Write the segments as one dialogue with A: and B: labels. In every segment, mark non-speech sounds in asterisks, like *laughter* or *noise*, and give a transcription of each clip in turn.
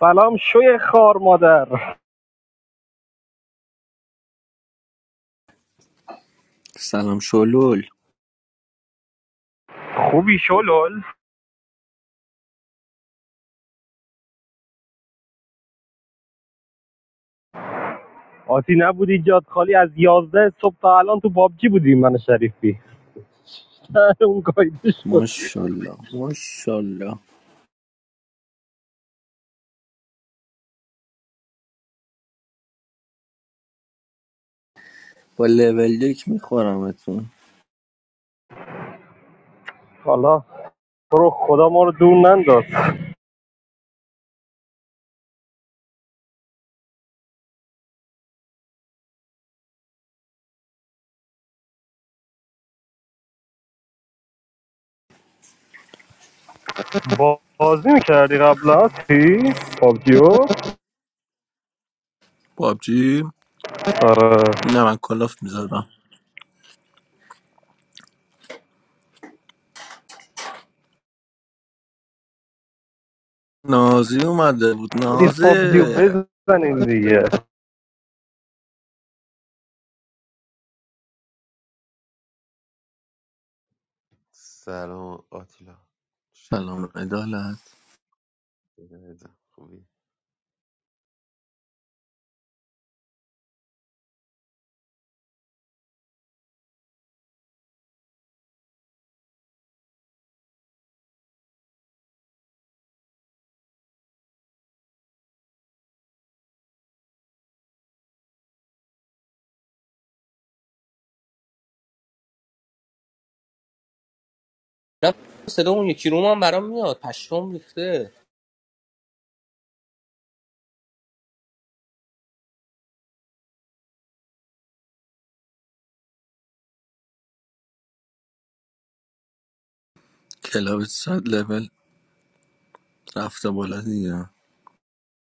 A: سلام شوی خار مادر
B: سلام شلول
A: خوبی شلول آتی نبودی جاد خالی از یازده صبح تا الان تو پابجی بودی من شریفی *laughs* سر اون گایده شد
B: ماشاءالله ماشاءالله با لول یک میخورمتون
A: حالا تو خدا ما رو دور ننداز بازی میکردی قبل آتی پابجیو
B: پابجی
A: آره
B: نه من کلاف میذارم نازی اومده بود
A: ریز
B: نازی
A: پابجیو بزنیم دیگه
B: سلام عدالت
C: نه صدا اون یکی روم هم برام میاد پشم ریخته
B: کلاب صد لول رفته بالا دیگه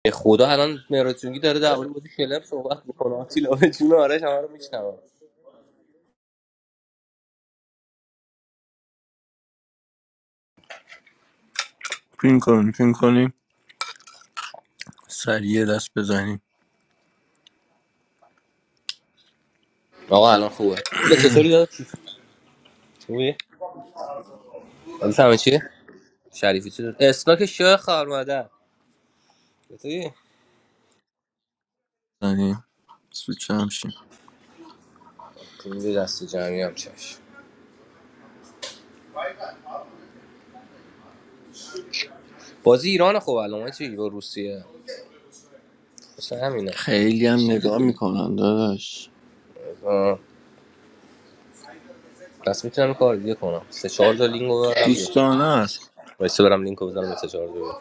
C: به خدا الان مهراتونگی داره در مورد بازی کلر صحبت میکنه آتیلا به جون آرش همه رو میشنوم
B: پین کنیم پین کنیم سریع دست بزنیم
C: آقا الان خوبه آتیلا چطوری داداش خوبی حالت همه چیه شریفی چطور اسناک شاه خواهر مادر چطوری
B: بزنیم سوچه همشیم
C: پول دست جمعی هم چش بازی ایران خوب الان ما چی با روسیه اصلا همینه
B: خیلی هم نگاه میکنن داداش
C: آه. پس میتونم کار دیگه کنم سه چهار تا لینک رو ببرم بیا
B: دوستانه است
C: وایسا برم لینک رو بزنم سه چهار تا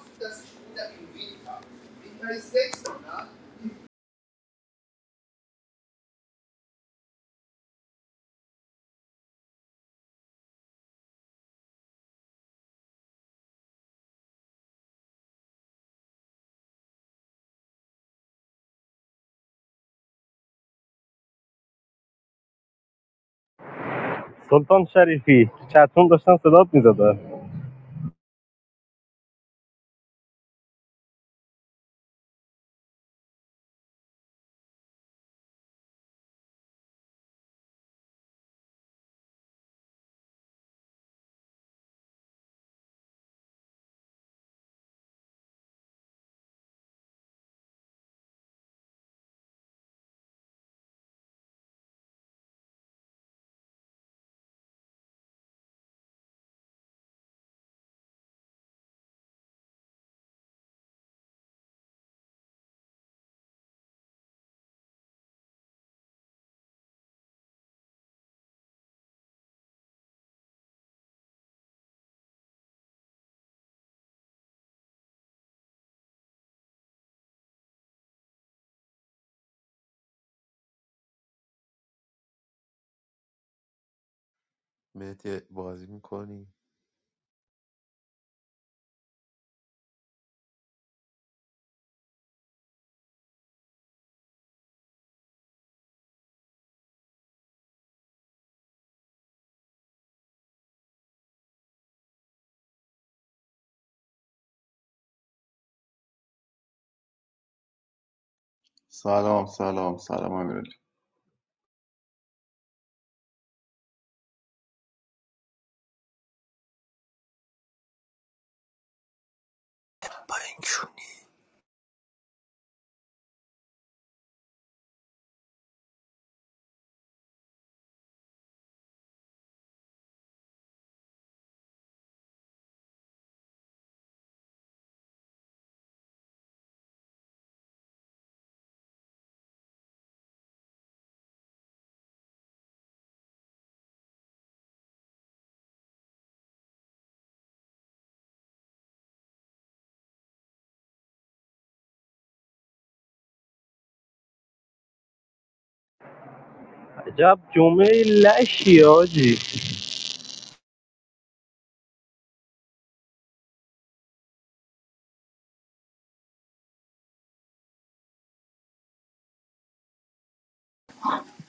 A: سلطان شریفی چتون داشتن صدات میزدن
D: سلام سلام سلام امیرعلی
B: با این چونی
A: عجب جمعه لشی آجی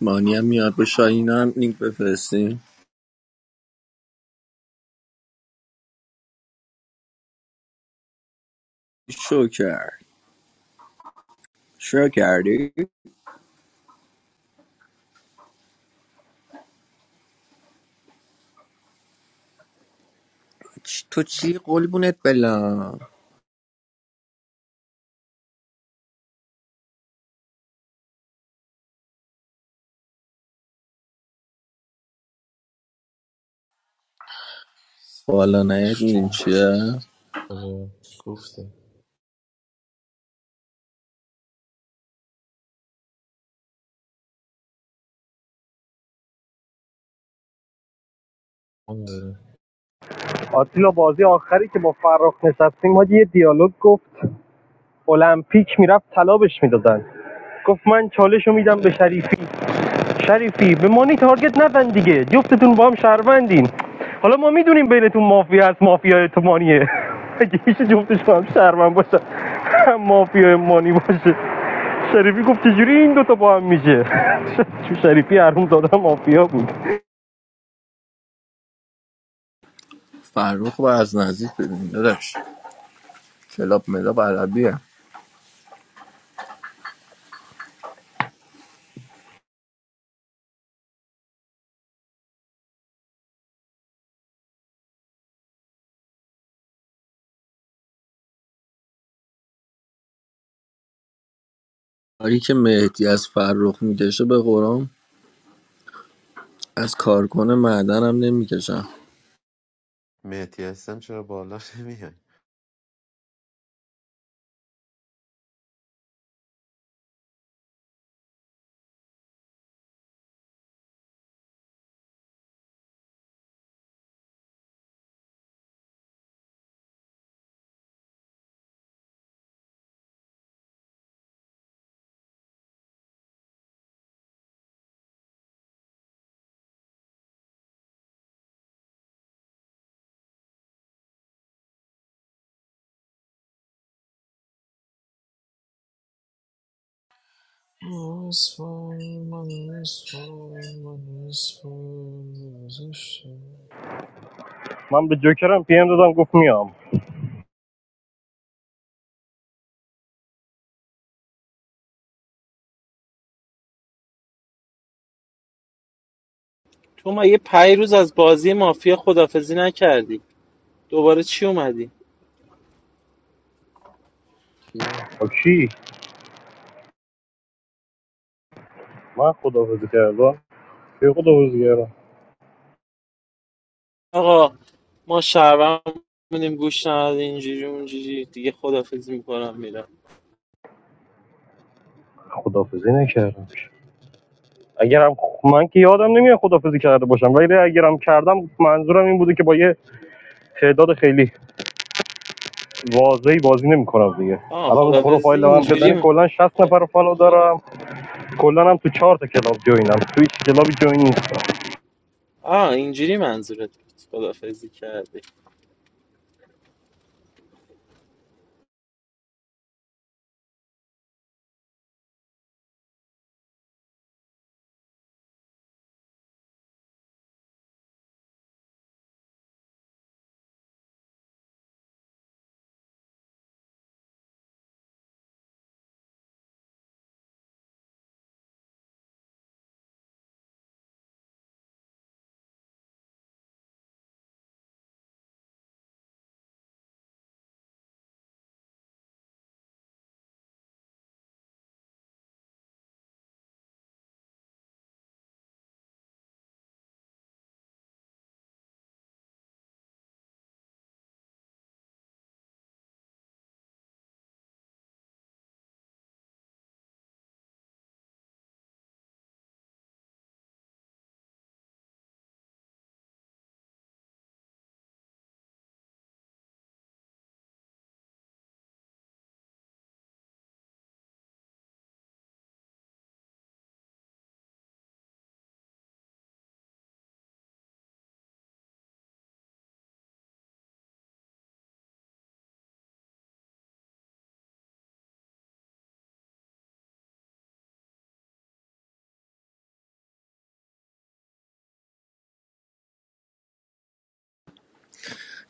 B: مانی هم میاد به شاهین هم لینک بفرستیم شکر شروع کردی؟ تو چی قلبونت بلم بالا نهت
E: قلمرویش
B: میدیم
E: چون
B: چیه
E: آره گفته اون داره
A: آتیلا بازی آخری که با فراخ نشستیم حاجی یه دیالوگ گفت المپیک میرفت طلا بهش میدادن گفت من چالش رو میدم به شریفی شریفی به مانی تارگت نزن دیگه جفتتون با هم شهروندین حالا ما میدونیم بینتون مافیا هست مافیا تو مانیه اگه هیچ جفتش با هم شهروند باشه هم مافیا مانی باشه شریفی گفت چجوری این دوتا با هم میشه *laughs* چون شریفی حروم دادم مافیا بود
B: فرخ و از نزدیک ببین داداش کلاب ملاب عربیه کاری که مهدی از فرخ میکشه به قرآن از کارکن معدنم نمیکشم
E: آسفال من اسفال من اسفال گذاشته.
A: من به جوکرم پیم دادم گفت میام
F: تو مگه پنج روز از بازی مافیا خدافزی نکردی دوباره چی اومدی
E: کیه؟
A: با کی من خدافزی کردم کی خدافزی کردم
F: آقا ما شهروند بودیم گوش نداد اینجوری اونجوری دیگه خدافزی میکنم میرم
A: خدافزی نکردم اگرم من که یادم نمیاد خدافزی کرده باشم ولی اگرم کردم منظورم این بوده که با یه تعداد خیلی واضحی بازی نمیکنم دیگه
F: آه
A: الان اون
F: خدافزی
A: پروفایل من
F: اینجوری
A: بزنی
F: می-
A: کلا 60 نفر رو فالو دارم کلا هم تو چهار تا کلاب جوینم تو هیچ کلابی جوین نیستم
F: آه اینجوری منظورت بود خدافزی کردی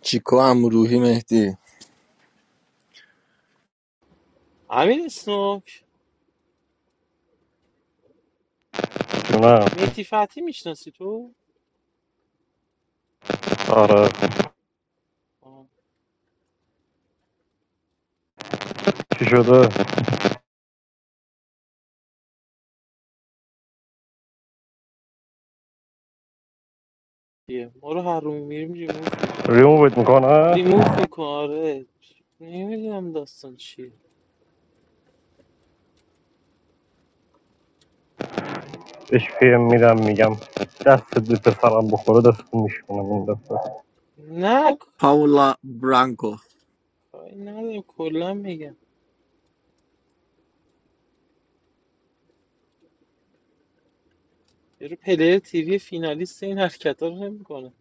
B: چیکو هم روحی مهدی
F: امیر اسنوک
A: نه
F: میتی فتی میشناسی تو
A: آره
F: آه،
A: چی شده
F: دیگه ما رو هر رو میریم ریموف میکن
A: ریمووت میکنه
F: ریموف میکن آره نمیدونم داستان چیه
A: بهش پیم میدم میگم دست به پسرم بخوره دست میشونم این دفعه
F: نه
B: پاولا برانکو
F: کاری ندارم کلا میگم یارو پلیر تیوی فینالیست این حرکت رو نمیکنه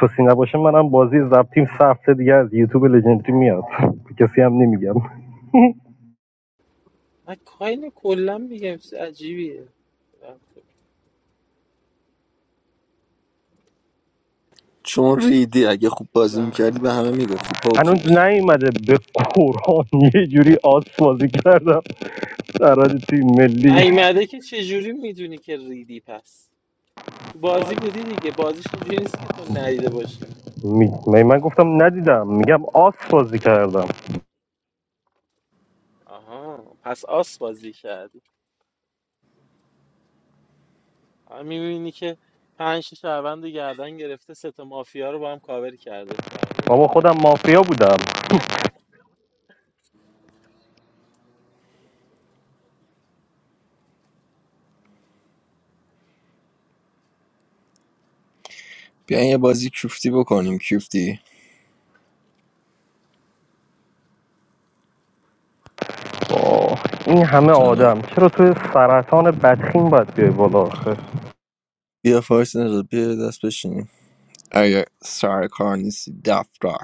A: چوسی نباشه منم بازی زبطیم سه هفته دیگه از یوتیوب لژندری میاد کسی هم نمیگم
F: من کاین کلا میگم چیز عجیبیه
B: چون ریدی اگه خوب بازی میکردی به همه میگفتی
A: هنوز
B: پافیوس
A: نیومده به قرآن *laughs* یه جوری آس بازی کردم در حد تیم ملی
F: نیومده که چجوری میدونی که ریدی پس تو بازی بودی دیگه بازیش اینجوری نیست که تو ندیده باشی که
A: می می- من گفتم ندیدم میگم آس بازی کردم
F: آها پس آس بازی کردی آها، میبینی که پنج تا شهروند رو گردن گرفته سه تا مافیا رو با هم کاور کرده
A: بابا خودم مافیا بودم
B: بیاین یه بازی کیفتی بکنیم کیفتی
A: آه، این همه
B: سلام
A: آدم چرا تو سرطان بدخیم باید بیای بالا آخه
B: بیا فارس نجات بیا یه دست بشینیم اگه سر کار نیستی دفتر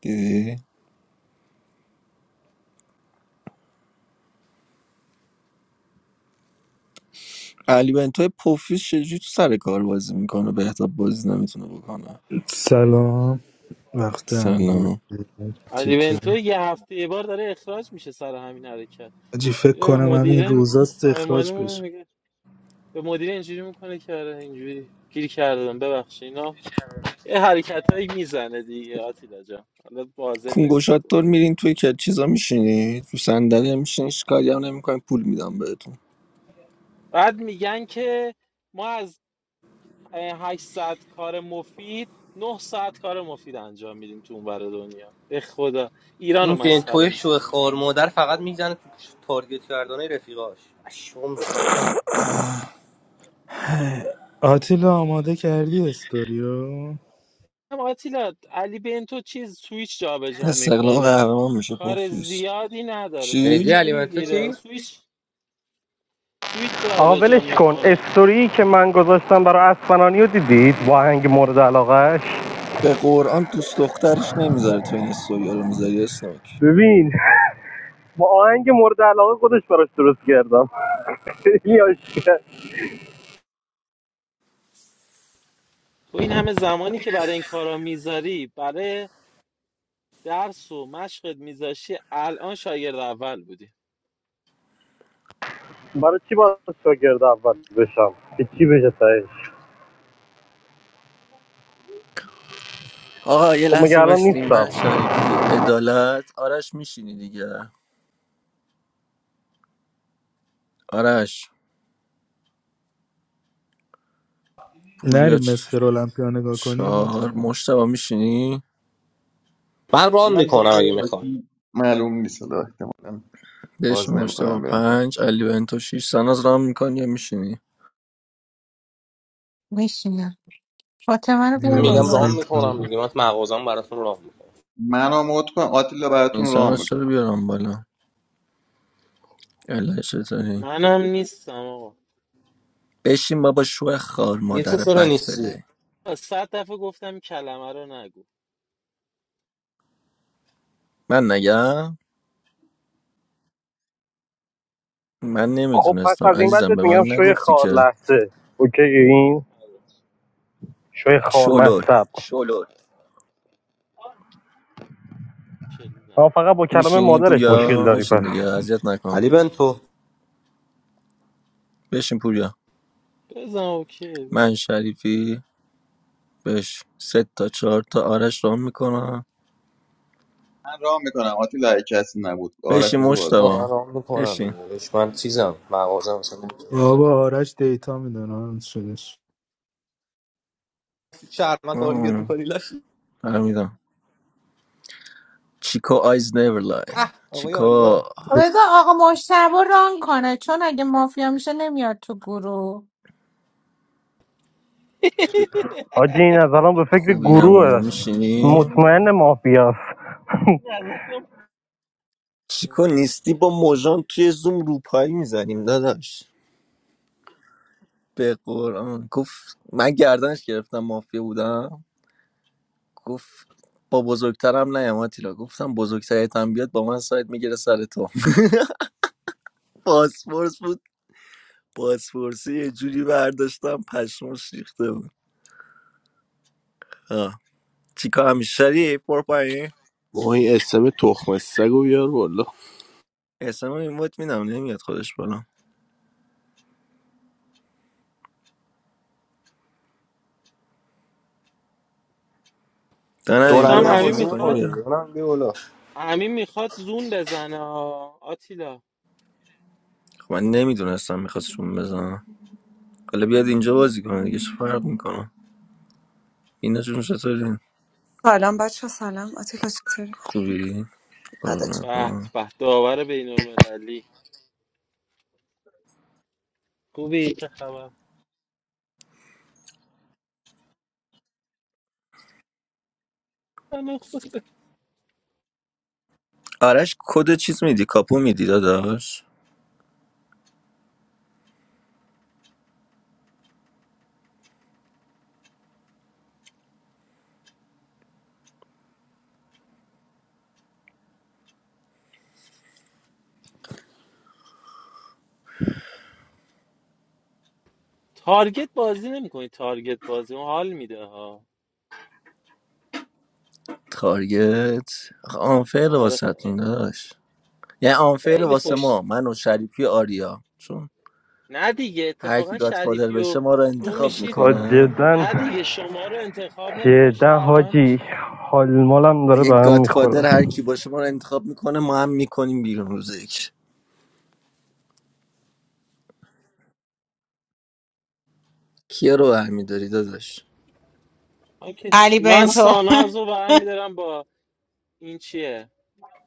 B: دیدی علی بنتای پوفیس چجوری تو سر کار بازی میکنه بهتاب بازی نمیتونه بکنه
G: سلام وقت همگی
B: سلام
G: بخیر.
F: علی
G: چطوری؟
F: بنتو یه هفته یه بار داره اخراج میشه سر همین حرکت
G: حاجی فکر
F: یه
G: کنم همین
F: مدیره
G: روزاست اخراج بشم؟
F: خواهمالمون به مدیر اینجوری میکنه که آره اینجوری گیر کردم ببخشید اینا یه حرکت هایی میزنه دیگه آتیلا جان حالا واضح نمیشه
B: کنگوشاتور
F: گفت
B: میرین توی که چیزا میشینی تو صندلی میشینی هیچ کاری هم نمیکنی پول میدم بهتون
F: بعد میگن که ما از اه، 8 ساعت کار مفید 9 ساعت کار مفید انجام میدیم تو اون ور دنیا به خدا ایرانو
C: این
F: مسخره
C: بنتوی شوه
F: میکنه
C: خوار مادر فقط میزنه تو تارگت کردن رفیقاش شوم میشه
G: آتیلا آماده کردی استوری رو
F: هم آتیلا علی بنتو چیز سویچ جابجا
B: استقلال
F: میکنه
B: قهرمان میشه
F: کار
B: پوفیس
F: زیادی نداره سویچ
C: میگه
B: چی
F: رو
C: علیمنتو
F: میگیره
C: چی
F: سویچ سویچ
A: آقا
F: جابجا
A: ولش کن
F: میکنه
A: استوری که من گذاشتم برای اسمنانی رو دیدید با آهنگ مورد علاقهش
B: به قرآن دوست دخترش نمیذاره تو این استوریو رو میذاری اسنوک
A: ببین با آهنگ مورد علاقه خودش براش درست کردم *laughs* خیلی *applause* آشکار.
F: تو این همه زمانی که برای این کارا میذاری برای درس و مشقت میذاشی الان شاگرد اول بودی
A: برای چی باید شاگرد اول بشم که چی بشه تهش
B: آقا یه
A: خب مگه
B: لحظه
A: الان
B: باشتی
A: نیستم
B: من شریفی عدالت آرش میشینی دیگه آرش پوریا
G: نریم
B: چ-
G: مستر المپیا نگاه کنیم
B: چهار
G: آتیلا
B: مشتبه میشینی
C: من ران
D: من یه
C: میکنم اگه
D: سری
C: میخوام
D: وقتی معلوم نیست حالا احتمالاً
B: بهش
D: باز
B: مشتاق
D: نمیکنم برم پایین
B: پنج علی بنتو شیش ساناز رام میکنی یا میشینی
H: میشینم فاطمه رو بیار
G: یا
C: میگم
H: بالا
C: ران
G: حضرت
C: میکنم
G: بابا
C: دیگه من مغازم براتون ران میکنم
D: من مود کن آتیلا
B: این
D: براتون رام
B: ساناز چرا
D: میکنم
B: بیارم بالا اله چطوری
F: منم *laughs* نیستم آقا
B: بشین بابا شو خار
C: یه تو
B: مادر
C: چرا
B: بد
C: نیستی
B: پله
F: صد دفعه گفتم کلمه رو نگو
B: من نگم من
A: خب پس
B: نمیدونستم
A: از این بعد
B: عزیزم به من
A: میگم شوی
B: نگفتی
A: خار
B: که
A: لحظه اوکی این شوی خار
B: شلول
A: مصب
F: کلی
A: اما
F: نداره
A: فقط با کلمه
B: میشینی
A: مادرش مشکل
B: پوریا
A: داری
B: بشین
A: پس
B: دیگه اذیت نکن
C: علی بنتو
B: بشین پوریا
F: بزن اوکی
B: من
F: باش
B: شریفی بش سه تا چهار تا آرش رام میکنم
D: من رام میکنم آتیلا اگه کسی نبود آرش
B: بشین
D: بذار بازی کن
B: مشتبه
C: من ران
B: بشین
C: میکنم اش من چیزم مغازم مثلا نمی‌تونم.
G: بابا، آرش دیتا میدونه شدش
C: شهر من تارگت
B: آه،
C: میکنی لش
B: فهمیدم چیکو آیز نیور لای
C: اه آقای
B: چیکو
C: آریا
H: بگو آقا مشتبه ران کنه چون اگه مافیا میشه نمیاد تو گروه
A: حاجی این از الان به فکر
B: خوبی همونو
A: گروه
B: میشینی؟
A: مطمئن مافیاست
B: چیکو نیستی با موژان توی زوم روپایی میزنیم داداش به قرآن گفت من گردنش گرفتم مافیا بودم گفت با بزرگترم نه آتیلا گفتم بزرگترت هم بیاد با من سایت میگیره سر تو *laughs* پاسپورت بود پاسپورتی یه جوری برداشتم پشمش ریخته بود آه. چیکار همی شریف برو پایین
I: ما این اسم تخم سگ رو بیار بالا
B: اسم این میدم نمیاد خودش بالا دانم
F: فکر
B: این بیا
F: کنم
C: دونمین هم
F: امین
B: بازی
C: بازی
B: میکنی
F: میخواد
C: میکنه
B: بیا
C: دیگه اونم بیا بالا
F: امین میخواد زون بزنه آه. آتیلا
B: خب من نمیدونستم میخواستشون بزنم حالا بیاد اینجا بازی کنه دیگه چه فرق میکنه اینا چون چطوری
J: Salam, Bacheh. Salam, Atik. Atikari.
B: خوبی
J: Padach.
B: قربونت
F: به
B: برم.
F: به داور بین المللی خوبی چه خبر من خوبه.
B: آرش کد چیز میدی کاپو میدی داداش
F: تارگت بازی نمیکنی تارگت بازی اون حال میده ها
B: تارگت آخه آنفیر
F: آره
B: واسهتون
F: خ-
B: داداش یعنی آنفیر
F: خیلی
B: واسه
F: خوش
B: ما من و شریفی و آریا چون
F: نه دیگه
B: هر کی
F: اتفاقا
B: گادفادر
F: شریفی و
B: بشه ما رو
F: تو
B: انتخاب
F: میشید
A: ها
B: میکنه
A: جدا
F: نه دیگه شما رو انتخاب نمیکن
A: جدا
F: شهروند
A: حاجی
F: میشید
A: حال مالم داره به
B: یک
A: هم
B: گادفادر
A: میخوره
B: هر کی باشه ما رو انتخاب میکنه ما هم میکنیم بیرون روز یک کیا رو برمیداری داداش
F: اوکی.
H: علی
F: من
H: بنتو *laughs*
F: ساناز رو برمیدارم با این چیه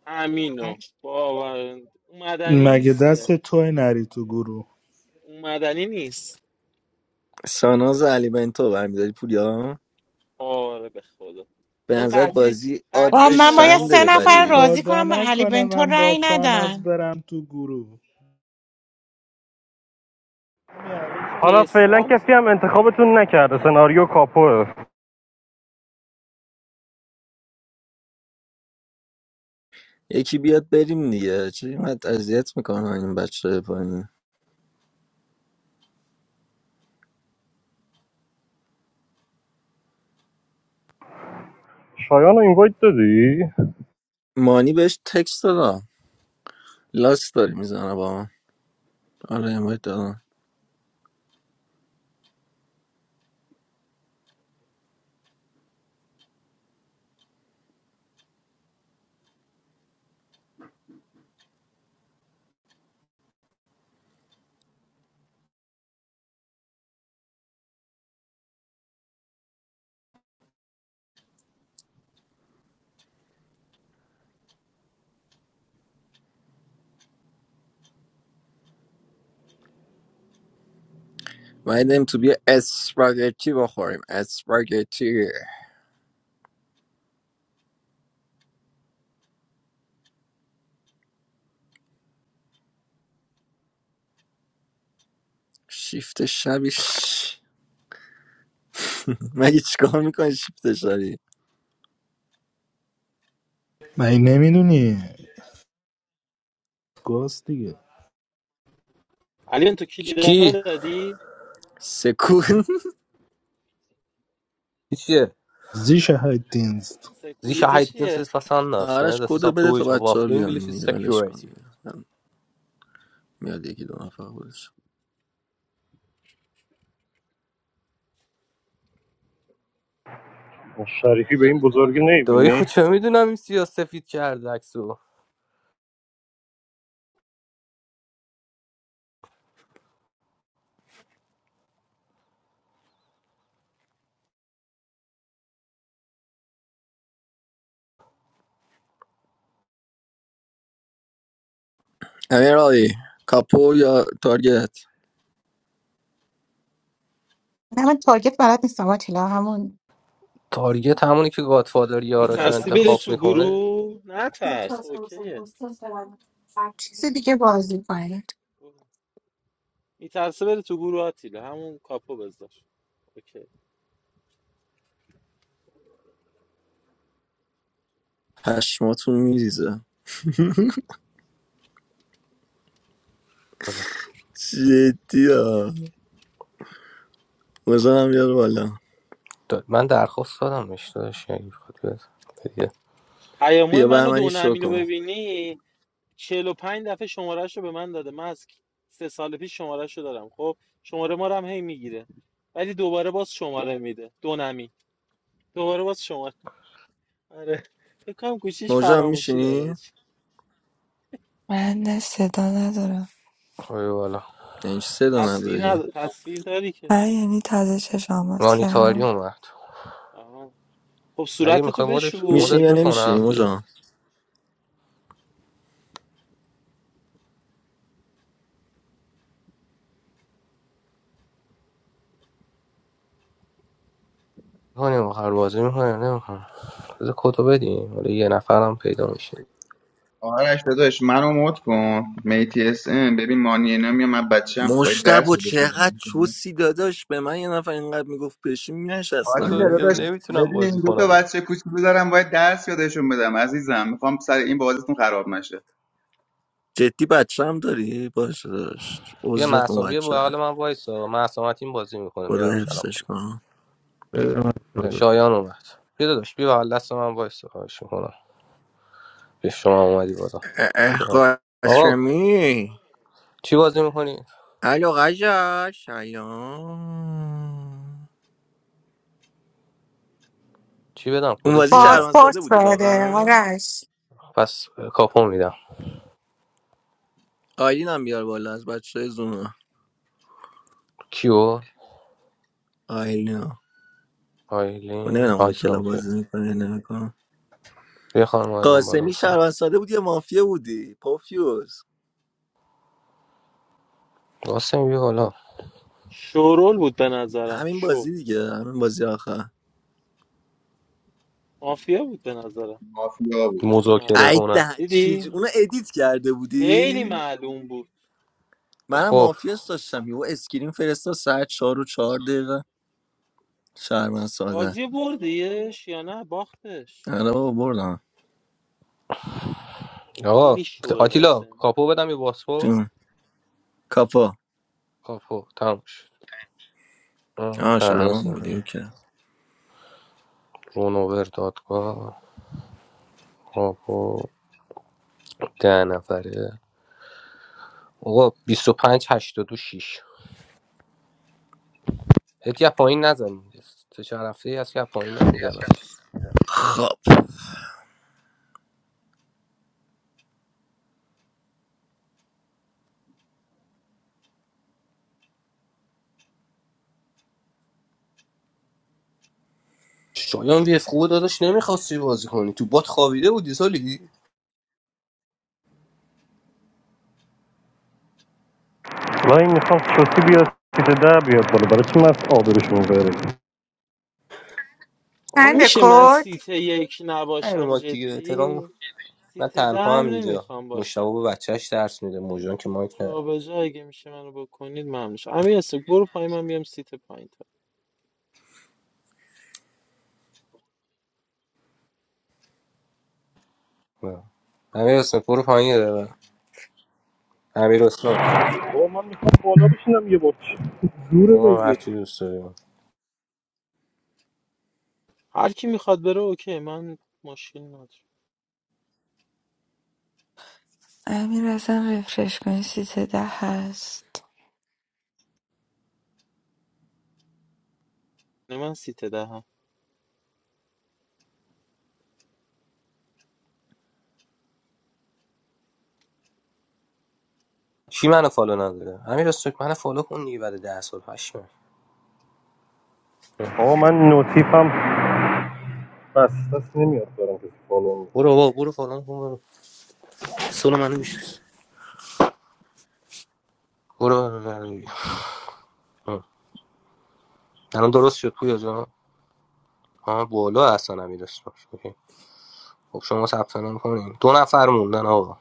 F: امینو با آورند اومدنی
G: مگه
F: نیست که
G: دست توی نری تو گروه
F: اومدنی نیست
B: ساناز و علی بنتو برمیداری پولیا
F: آره به خدا
B: به
F: چون
B: نظرت
F: قطعی
B: بازی
H: با
F: قطعی
H: من
B: آدزش
H: باید
F: شما
H: سه
B: چنده
F: تو
H: نفر رو
F: گروهید
B: ببری
H: راضی
G: خدا
H: کنم به علی
G: نکنه
H: بنتو
G: من با
H: رأی
G: ساناز
H: ندن
G: برم تو گروه
F: من
A: حالا فعلا
F: مثال
A: کسی هم
F: زدم
A: انتخابتون نکرده سناریو کاپوه
B: یکی بیاد بریم دیگه چرا اینقدر اذیت میکنه این بچه پایین
A: شایان رو اینوایت دادی
B: مانی بهش تکست دادم لاست داری میزنه با من آره امایت دادم وایدیم تو بیا اسپاگتی بخوریم اسپاگتی شیفت شبیش *laughs* مگه چیکار میکنی شیفت شبی
G: مگه نمیدونی گاز دیگه
F: علی تو کلیدا رو
C: کی
F: دادی
B: سکون *laughs*
C: چیه
G: زی شهد دینست
C: زی
F: سکوریتی
C: شهیدین
F: چیه
C: سیز پسند است نه
B: آرش
C: دسی
B: کد
C: ساب
B: بده تا
C: دویچ aber
B: بچه
C: auf
B: ها
C: Englisch
B: بیان
C: ist
B: دیگه ولش کن
C: Security
B: دیگه میاد یکی دو نفر خودش
A: شریفی به این بزرگی
C: دایی خود
A: نمیبینی؟
C: چه میدونم این سیاسفید کرد عکسو
B: امیر آقایی کاپو یا تارگت
H: نه من تارگت بلد نیستم آتیلا همون
C: تارگت همونی که گادفادر یاراشو
F: میترسی بری
C: انتخاب
B: باش.
F: تو
C: میکنه
F: گروه نه ترس اوکیه
H: چیز دیگه بازی کنید
F: میترسه بره تو گروه آتیلا همون کاپو بذار اوکی
B: پشماتون میریزه جدی ها موجا هم بیار بالا
C: دا- من درخواست دادم اشتادش اگه بخواد بیاد دیگه
F: پیامو
B: بیا بر
F: منو
B: من
F: دو
B: شو
F: نمینو
B: کن
F: ببینی چهل و پنج دفعه شمارهش رو به من داده من از سه سال پیش شمارهش رو دارم خب شماره ما رو هم هی میگیره ولی دوباره باز شماره میده دو نمی دوباره باز شماره آره فکر کنم گوشیش
B: موجا هم
F: فراموشی داره
B: میشینی؟
F: حاجی.
K: I need to download.
C: آی والا
B: یعنی چی صدا
F: تصویر
B: نداری؟
F: ند... تصویر داری که
K: I need to change my
C: مانیتاری
K: password.
C: اومد
F: آها خب
C: اگه
F: صورتتو
C: میخوای مدش
F: بشور
B: میشینی
C: مدت
B: یا
F: اوکی میشی
C: میکنم
B: نمیشینی
C: بیا
F: دیگه
B: موجا؟
C: میکنیم هر بازی میکنیم نمیکنم بذار کدو بدیم حالا یه نفرم پیدا میشه
D: آرش داداش منو مود کن میتی اس ام ببین مانی نمیام من بچم باید
B: مشتب
D: درس
B: و
D: یادش
B: چقدر
D: بدم
B: چوسی داداش به من یه نفر اینقدر میگفت بشین مینشستم
C: کدو
D: آتیلا
C: دیگه
D: داداش
B: یعنی
C: نمیتونم
D: ببین
C: بازی
D: این دو تا
C: کنم دیگه
D: بچه کوچولو دارم باید درس یادشون بدم عزیزم میخوام سر این بازیتون خراب نشه
B: جدی بچه هم داری؟ باشه داشت
C: بیا
B: عذرت
C: محسا بیا
B: موجه
C: بغل من وایسا محسا متین بازی میکنه
B: خدا
C: میارمش الان
B: حفظش
C: بالا
B: کنم
C: شایان اومد بیا داداش بیا بغل دست من وایسا خواهش می‌کنم. به شما اومدی بالا
B: اه، اه،
C: بیا. آقا
B: قاسمی
C: چی بازی میکنی؟
B: الو قجا سلام
C: چی بدم؟
B: اون
C: کد چی
B: بازی
C: بدم؟
B: شهروند ساده
H: پاسپورت
B: بودی
H: بده
B: واقعا
H: آرش
C: پس اه، کاپو میدم
B: آیلین هم بیار بالا از بچه زوم
C: کیو؟
B: آیلین ها
C: آیلین
B: نمیدونم حالا
C: آیسا
B: کلا
C: اوکی
B: بازی میکنه نمیکنه
C: بیا خانم آیلین بالا
B: قاسمی
C: بفهم
B: شهروند ساده بودی یا مافیا بودی پوفیوز
C: قاسم بیا حالا
F: شورول بود به نظرم
B: همین
F: شو
B: بازی دیگه همین بازی آخر
F: مافیا بود به نظرم
D: مافیا بود
F: خیلی معلوم
C: مذاکره
B: ای
C: کنه
B: ده
F: دیدی
B: چیزی اونو ادیت کرده
F: خیلی
B: بودی
F: معلوم بود
B: منم
C: خب
B: مافیاس داشتم یهو اسکرین فرستا ساعت چهار و چهار دقیقه شهروند ساده
F: بازی بردیش یا نه باختش
B: آره بابا بردم
C: آقا
F: خیلی شوه
C: آتیلا
F: قاسم
C: کاپو بدم یه پاسپورت
B: جون کاپا
C: کاپو تموم شد اه،
B: آه
C: همه
B: شهروند بودی
C: سن.
B: اوکی
C: رونوور دادگاه کاپو ده نفره آقا 25 82 6 هیچ پایین نزنی سه چهار هفته ای هست که از پایین هم میزنم
B: خب
C: شایان وی اف خوبه داداش نمیخواستی بازی کنی تو بات خوابیده بودی سالی
A: و این میخوام شوخی بیاد سیت ده بیاد بالا برای چی من از آبروشون بره
F: آقا
H: چند
F: میشه من
H: کد
F: سیت یک
C: نه رو
F: نباشم
C: مایک دیگه احترام
F: جدی
C: من
F: سیت ده
C: تنها
F: هم
C: هم اینجا
F: نمیخوام باشم
C: مشتبه به بچهش درس میده
F: من
C: موجان که مایک نه
F: جا به جا اگه میشه منو بکنید ممنون میشم امیر استوک برو پای من بیام سیت پایین تا
C: امیر اسمه برو پایین یه دقیقه امیر اسمه اوه هر چی دوست داری
F: هر کی میخواد بره اوکی من مشکل ندارم
K: I'm going to refresh my site.
F: من سیت ده هم
C: کی منو فالو نداره امیر اسمه منو فالو کن دیگه بعد ده سال هشت ماه. اه.
A: آقا من نوتیفم بس بس نمیاد دارم کسی فالو میکنه
C: برو بابا برو فالو کن برو سول منو میشه برو برو، برو. اه. الان درست شد پویا جان ها بالا هستن امیر اسمه خب شما ثبت نام کنین دو نفر موندن آقا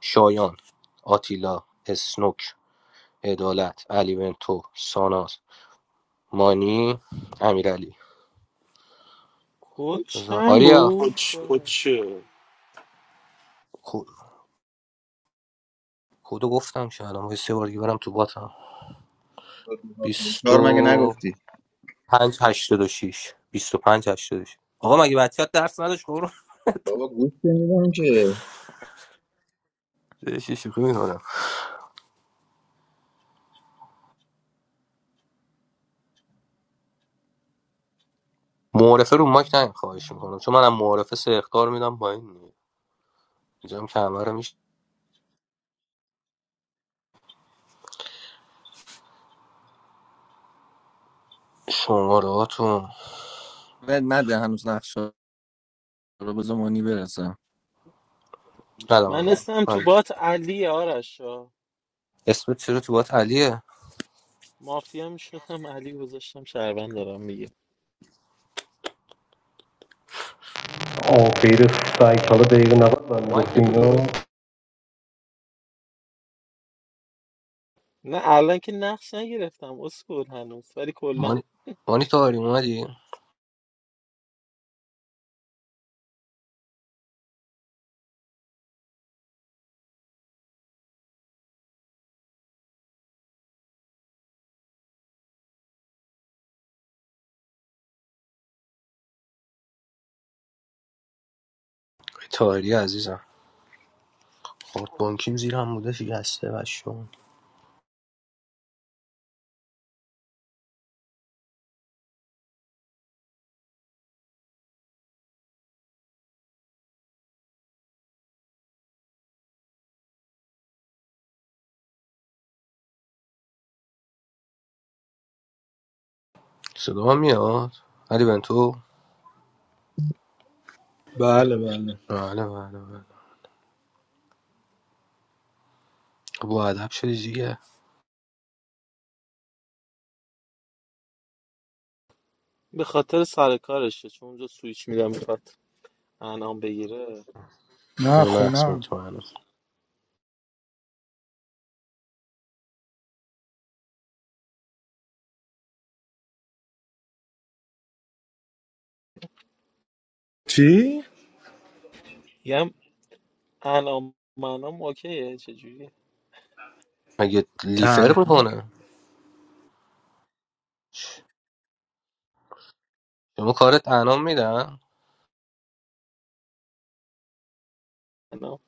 C: شایان آتیلا اسنوک عدالت علی بنتو ساناز مانی امیرعلی
F: کل چند
C: آریا
F: بود ببخش.
C: کو- کدو گفتم که الان باید سه بار دیگه برم تو باتم بیست
D: کار مگه
C: و
D: نگفتی
C: پنج هشتاد و شیش بیست و پنج هشتاد و شیش آقا مگه بچه‌ت درس نداشت قرون
D: بابا گوش نمیدم که
C: شوخی میکنم معارفه رو ماک نیم خواهش میکنم چون منم معارفه سه اختار میدم با این اینجام کمره میشه شمارهاتون
B: ول نده هنوز نقشه رو بذار مانی برسه
C: ندم
F: من
C: الان.
F: اسمم تو
C: من
F: بات علی آرشا.
C: اسمت چرا تو بات علیه
F: مافیا میشدم علی گذاشتم شهروند دارم میگه
A: آه غیر سایت حالا دقیقه نبود من گفتی مایک تو اینو ببند
F: نه الان که نقش نگرفتم اسکول هنوز ولی کلا
C: مانی مانی تاهری اومدی؟ تاهری عزیزم خورد بانکیم زیر هم بوده شکسته بشون صدا هم میاد علی بنتو
G: بله بله
C: بله بله بله با ادب شدی دیگه
F: به خاطر سر کارشه چون اونجا سویچ میدم میخواد انعام بگیره
G: نه
C: خونه است
G: خونه
C: مطمئنم
G: چی؟
F: میگم انعام منام اوکیه چجوری
C: مگه لیفر
G: تنها
C: میکنه شما کارت انام میدن
F: انعام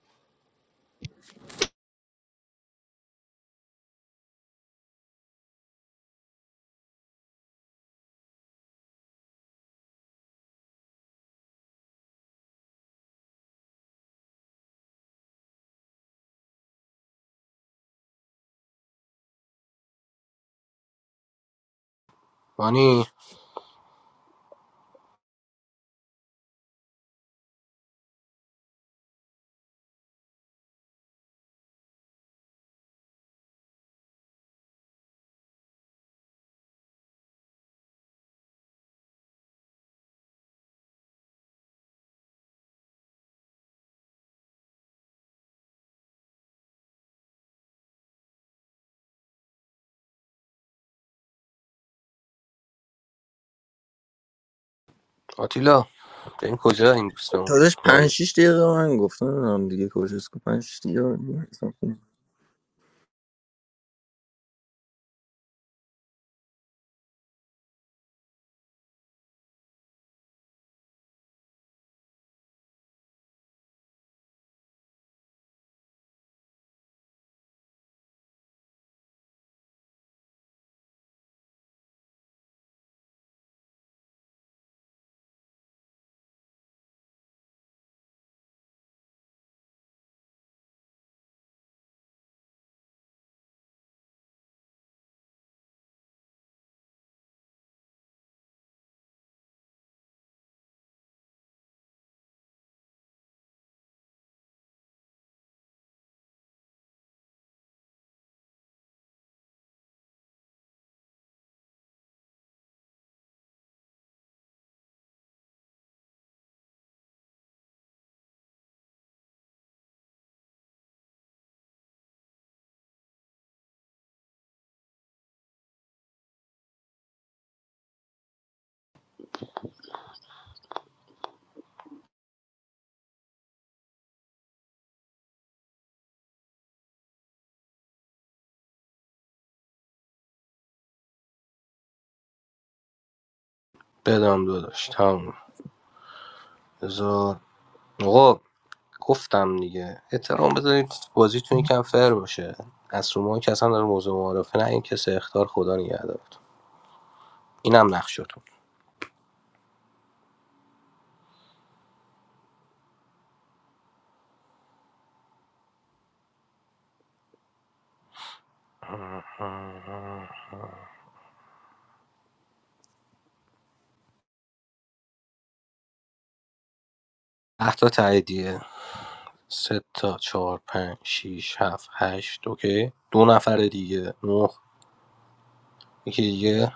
C: مانی آتیلا این کجا این دوستمون
B: داداش پنج
C: مانی
B: شیش دقیقه به من گفتن نمیدونم دیگه کجاست که پنج شیش دقیقه به من حساب کن.
C: بدم داداش تموم بذار آقا گفتم دیگه احترام بذارید بازیتون یکم فر باشه از شما که اصلا در موضوع معارفه نه این کسی اختار خدا نگهدارتون اینم نقشتون ده تا تاییدیه سه تا چهار پنج شیش هفت هشت اوکی دو نفر دیگه نه یکی دیگه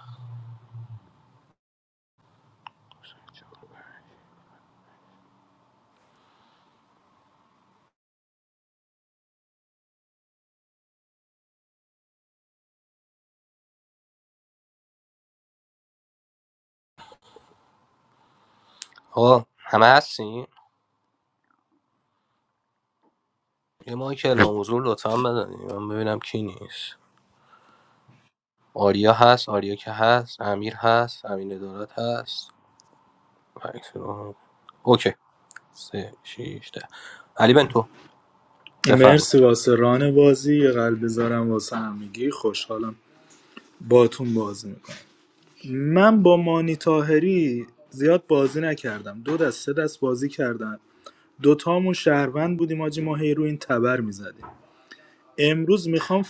C: آقا همه هستین یه ماهی که اعلام حضور لطفا بزنید من ببینم کی نیست آریا هست آریا که هست امیر هست امین ادارت هست اوکی سه شیش ده علی بنتو بفرم
G: مرسی واسه ران بازی یه قلب بذارم واسه همگی خوشحالم باتون بازی میکنم من با مانی تاهری زیاد بازی نکردم دو دست سه دست بازی کردم دوتامون شهروند بودیم آجی ما هی رو این تبر میزدیم امروز میخوام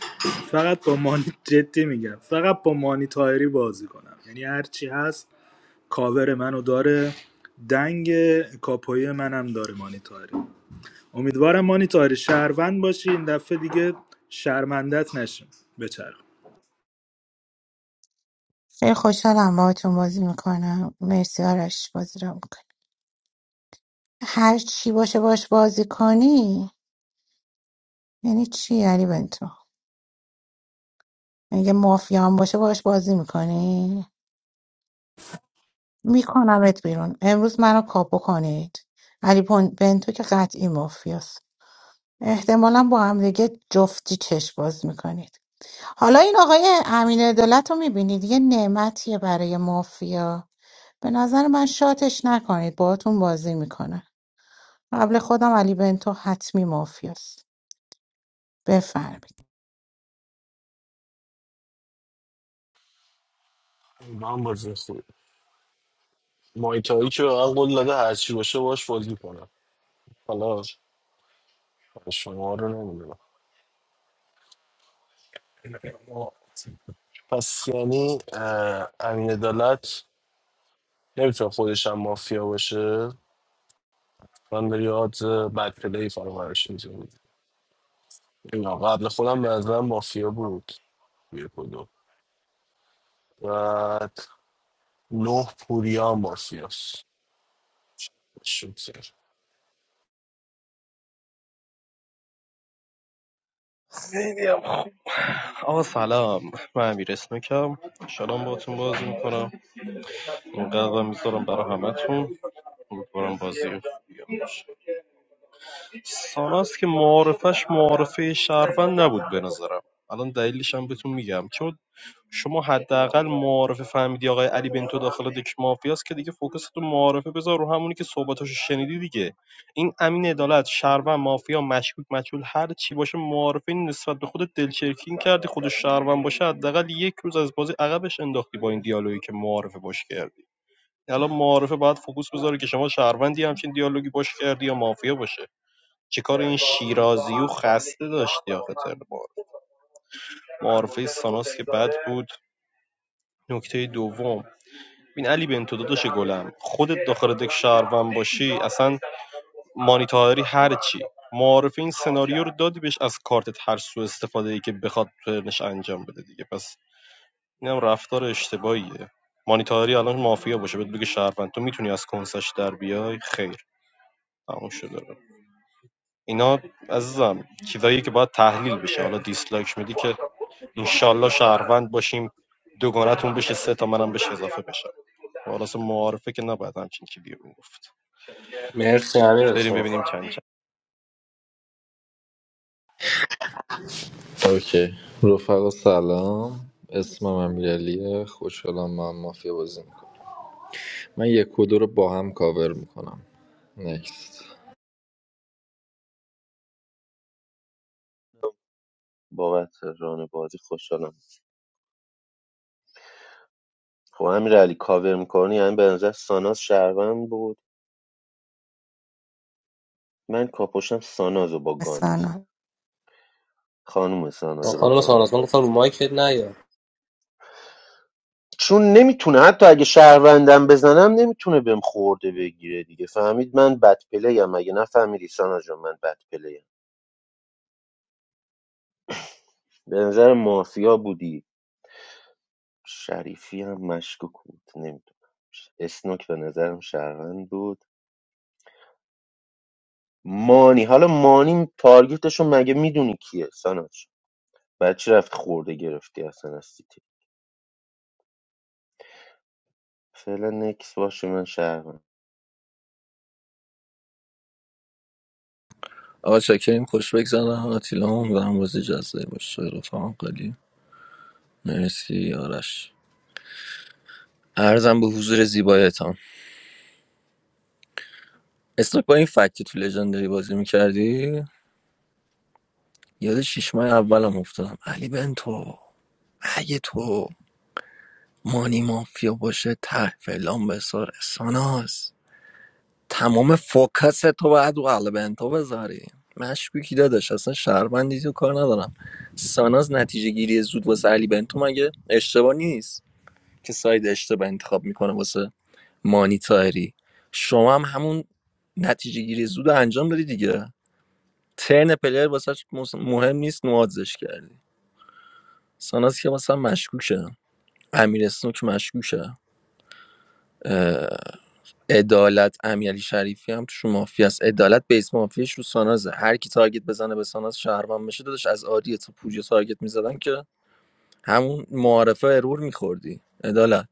G: فقط با مانی جدی میگم فقط با مانی تاهری بازی کنم یعنی هرچی هست کاور منو داره دنگ کاپوی منم داره مانی طاهری. امیدوارم مانی تایر شهروند باشی این دفعه دیگه شرمندت نشیم بچرخ
H: خیلی خوشحالم باهاتون بازی میکنم مرسی آرش بازی رو هر چی باشه باش بازی کنی یعنی چی علی بنتو اگه مافیا هم باشه باش بازی میکنی میکنمت بیرون امروز منو کاپو کنید علی پون- بنتو که قطعی مافیاست احتمالا با هم دیگه جفتی چشم باز میکنید حالا این آقای امین دولت رو میبینید یه نعمتیه برای مافیا به نظر من شاتش نکنید باهاتون بازی میکنه قبل خودم علی بنتو حتمی مافیاست بفرمایید
I: من بازی خوب مایتایی که به من قول داده هرچی باشه باش بازی کنم حالا شما رو نمیدونم پس یعنی اه، امین عدالت نمیتونه خودش هم مافیا باشه من داری آدز بد پلی فرامرش میزونی قبل خودم به نظرم مافیا بود یه کدوم بعد نه پوریا مافیاست شوکه.
A: خیلی هم خوب آقا سلام من امیر اسنوکم شلام باتون بازی میکنم این قدر میذارم برای همتون امیدوارم بازی ساناس که معارفش معارفه شهروند نبود به نظرم الان دلیلش هم بهتون میگم چون شما حداقل معارفه فهمیدی آقای علی بنتو داخل دک مافیاست که دیگه فوکس تو معارفه بذار رو همونی که صحبتاشو شنیدی دیگه این امین عدالت شهروند مافیا مشکوک مجهول هر چی باشه معارفه این نسبت به خودت دلچرکین کردی خودش شهروند باشه حداقل یک روز از بازی عقبش انداختی با این دیالوگی که معارفه باش کردی الان معارفه باید فوکس بذاره که شما شهروندی همچین دیالوگی باش کردی یا مافیا باشه چیکار این شیرازی و خسته داشتی آخه ترم معارفه ساناس که بد بود نکته دوم ببین علی بنتو داداش گلم خودت داخل دک شهروند باشی اصلا مانیتاری هر چی معارف این سناریو رو دادی بهش از کارتت هر سو استفاده ای که بخواد پرنش انجام بده دیگه پس اینم رفتار اشتباهیه مانیتاری الان مافیا باشه بهت بگه شهروند تو میتونی از کنسش در بیای خیر تموم شده رو. اینا عزیزم چیزایی که باید تحلیل بشه حالا دیسلایک میدی که انشالله شهروند باشیم دوگانتون بشه سه تا منم بهش اضافه بشم خلاص معارفه که نباید همچین چیزی رو گفت
C: مرسی امیر
A: بریم
C: اسلام
A: ببینیم چند چند
E: اوکی رفقا سلام اسمم امیرعلیه خوشحالم من مافیا بازی میکنم من یک و دو رو با هم کاور میکنم نکست
L: جدی خوشحالم خب امیر علی کاور میکنی همین به نظر ساناز شهروند بود من کاپوشم سانازو با گان میزن
H: مثلا
L: خانوم سانازو با
C: خانم
L: گان
C: سارازمان
L: میزن
C: گفتم رو مایکت نیا
L: چون نمیتونه حتی اگه شهروندم بزنم نمیتونه بهم خورده بگیره دیگه فهمید من بد پلیم اگه نفهمیدی ساناز جان من بد پلیم به نظر مافیا بودی شریفی هم مشکوک بود نمیدونم اسنوک به نظرم شهروند بود مانی حالا مانی تارگیتشون مگه میدونی کیه ساناز بعد چی رفتی خورده گرفتی اصلا از سیتی فعلا نکس باشه من شهرم
B: آقا چاکریم خوش بگذارم آتیلا هم دارم بازی جزایی باشه رفاقم قلی مرسی آرش ارزم به حضور زیبایتان اسنوک با این فکتی تو لژندری بازی میکردی یاد شیش ماه اولم افتادم علی بنتو اگه تو مانی مافیا باشه ته فلان بسار ساناز تمام فوکس تو باید رو البنتو بذاری مشکوکی داداش اصلا شهروندی تو کار ندارم ساناز نتیجه گیری زود واسه علی بنتو مگه اشتباه نیست که ساید اشتباه انتخاب میکنه واسه مانی تایری شما هم همون نتیجه گیری زود رو انجام دادی دیگه ترن پلیر واسه مهم نیست نوازش کردی ساناز که مثلا مشکوکه امیر اسنوک مشکوکه عدالت امیرعلی شریفی هم توش مافیا است عدالت بیس مافیاش رو سانازه هر کی تارگت بزنه به ساناز شهروند بشه داداش از آریه تا پوریا تارگت میزدن که همون معارفه ارور میخوردی عدالت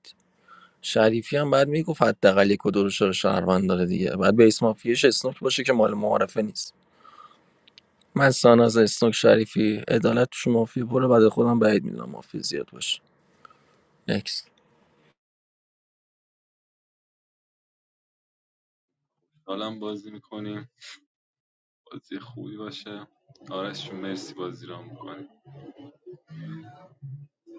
B: شریفی هم بعد میگفت حداقل یک و دو رو شهر- شهروند داره دیگه بعد بیس مافیاش اسنوک باشه که مال معارفه نیست من ساناز اسنوک شریفی عدالت توش مافیا بره بعد خودم بعید میدونم مافیا زیاد باشه اکس
M: خوشحالم بازی میکنیم بازی خوبی باشه آرش جون مرسی بازی را میکنیم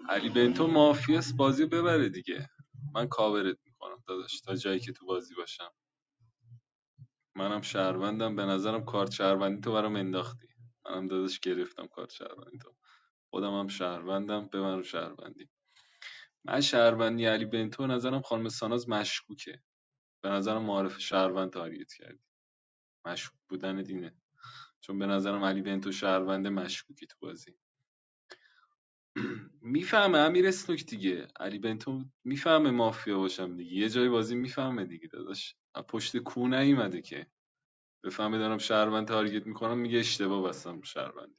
M: علی بنتو مافیاس بازی رو ببره دیگه من کاورت میکنم داداش تا جایی که تو بازی باشم منم شهروندم به نظرم کارت شهروندی تو برام انداختی منم داداش گرفتم کارت شهروندی تو خودم هم شهروندم به من رو شهروندی من شهروندی علی بنتو نظرم خانم ساناز مشکوکه به نظرم معارف شهروند تاریت کردی مشکوک بودن دینه چون به نظرم علی بنتو شهروند مشکوکی تو بازی میفهمه امیر اسنوک دیگه علی بنتو میفهمه مافیا باشم دیگه یه جای بازی میفهمه دیگه داداش پشت کو نیومده که بفهمه دارم شهروند تارگت میکنم میگه اشتباه بستم شهروند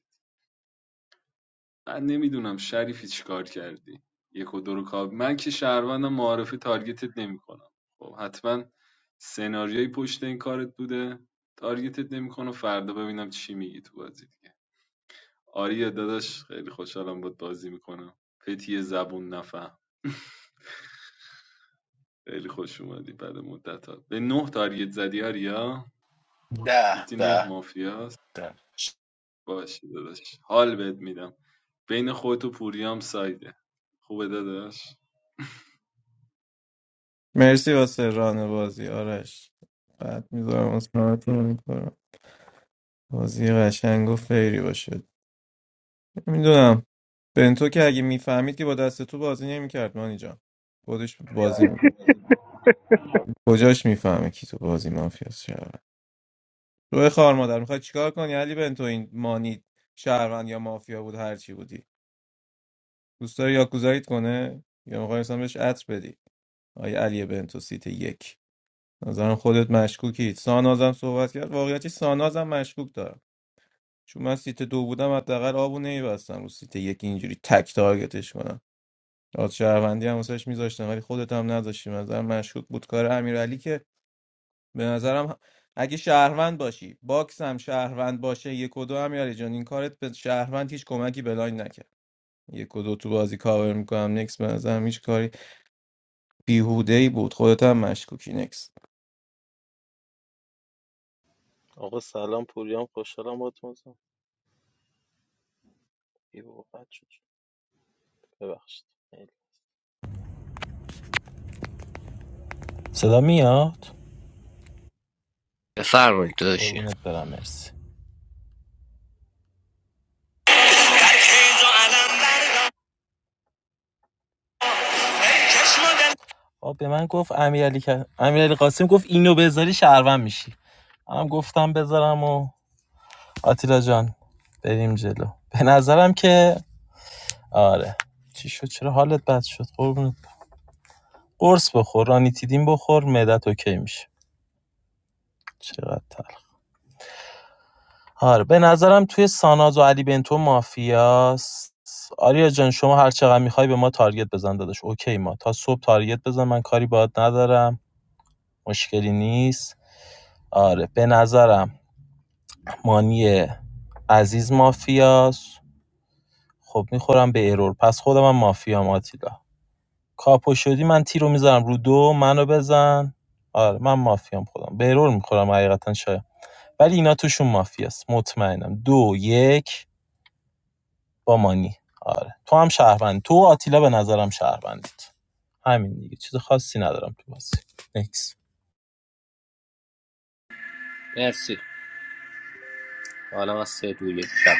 M: من نمیدونم شریفی چیکار کردی یک و دو رو کاب من که شهروندم معارفه تارگتت نمیکنم خب حتما سناریوی پشت این کارت بوده تارگتت نمیکنم فردا ببینم چی میگی تو بازی دیگه آریا داداش خیلی خوشحالم بود بازی میکنم پتی زبون نفهم *laughs* خیلی خوش اومدی بعد مدت ها به نه تارگت زدی آریا
I: ده
M: گفتی نه
I: ده
M: مافیاست
I: ده
M: باشه داداش حال بهت میدم بین خودت و پوریام سایده خوبه داداش
N: مرسی واسه ران بازی آرش بعد میذارم اسمارتون رو میکنم بازی قشنگ و فیری باشه میدونم بنتو که اگه میفهمید که با دست تو بازی نمیکرد مانی جان خودش بازی می... کجاش میفهمه کی تو بازی مافیاست شهروند روی خار مادر میخوای چیکار کنی علی بنتو این مانی شهروند یا مافیا بود هر چی بودی دوست داری یاکوزاییت کنه یا میخوای اصلا بهش عطر بدی آیا علی بنتو سیت یک نظرم خودت مشکوکی سانازم صحبت کرد واقعیتش سانازم مشکوک دارم چون من سیت دو بودم حداقل آبو نمیبستم رو سیت یک اینجوری تک تارگتش کنم آز شهروندی هم واسش میذاشتم ولی خودت هم نذاشتی به نظرم مشکوک بود کار امیرعلی که به نظرم اگه شهروند باشی باکس هم شهروند باشه یک و دو امیرعلی جان این کارت به شهروند هیچ کمکی بلاین نکرد یک و دو تو بازی کاور میکنم نکس به نظرم هیچ کاری بیهوده ای بود خودت هم مشکوکی نکس
F: آقا سلام پوریام خوشحالم با تو ای بابا بد شد ببخشید صدا میاد
C: بفرمایید داداشی
F: قربونت برم مرسی آب به من گفت امیرعلی ک- امیرعلی قاسم گفت اینو بذاری شهروند میشی منم گفتم بذارم و آتیلا جان بریم جلو به نظرم که آره چی شد چرا حالت بد شد قربونت قرص بخور رانیتیدین بخور معدت اوکی میشه چقدر تر آره به نظرم توی ساناز و علی بنتو مافیاست آریا جان شما هر چقدر میخوای به ما تارگت بزن داداش اوکی ما تا صبح تارگت بزن من کاری باهات ندارم مشکلی نیست آره به نظرم مانی عزیز مافیاست خب میخورم به ایرور. پس خودم هم مافیام آتیلا کاپو شدی من تیرو میذارم رو دو منو بزن آره من مافیام خودم به ارور میخورم حقیقتا شاید ولی اینا توشون مافیاست مطمئنم دو یک با مانی آره تو هم شهروند تو و آتیلا به نظرم شهروندید همین دیگه چیز خاصی ندارم تو بازی نکس
C: مرسی حالا از سه دو یک شب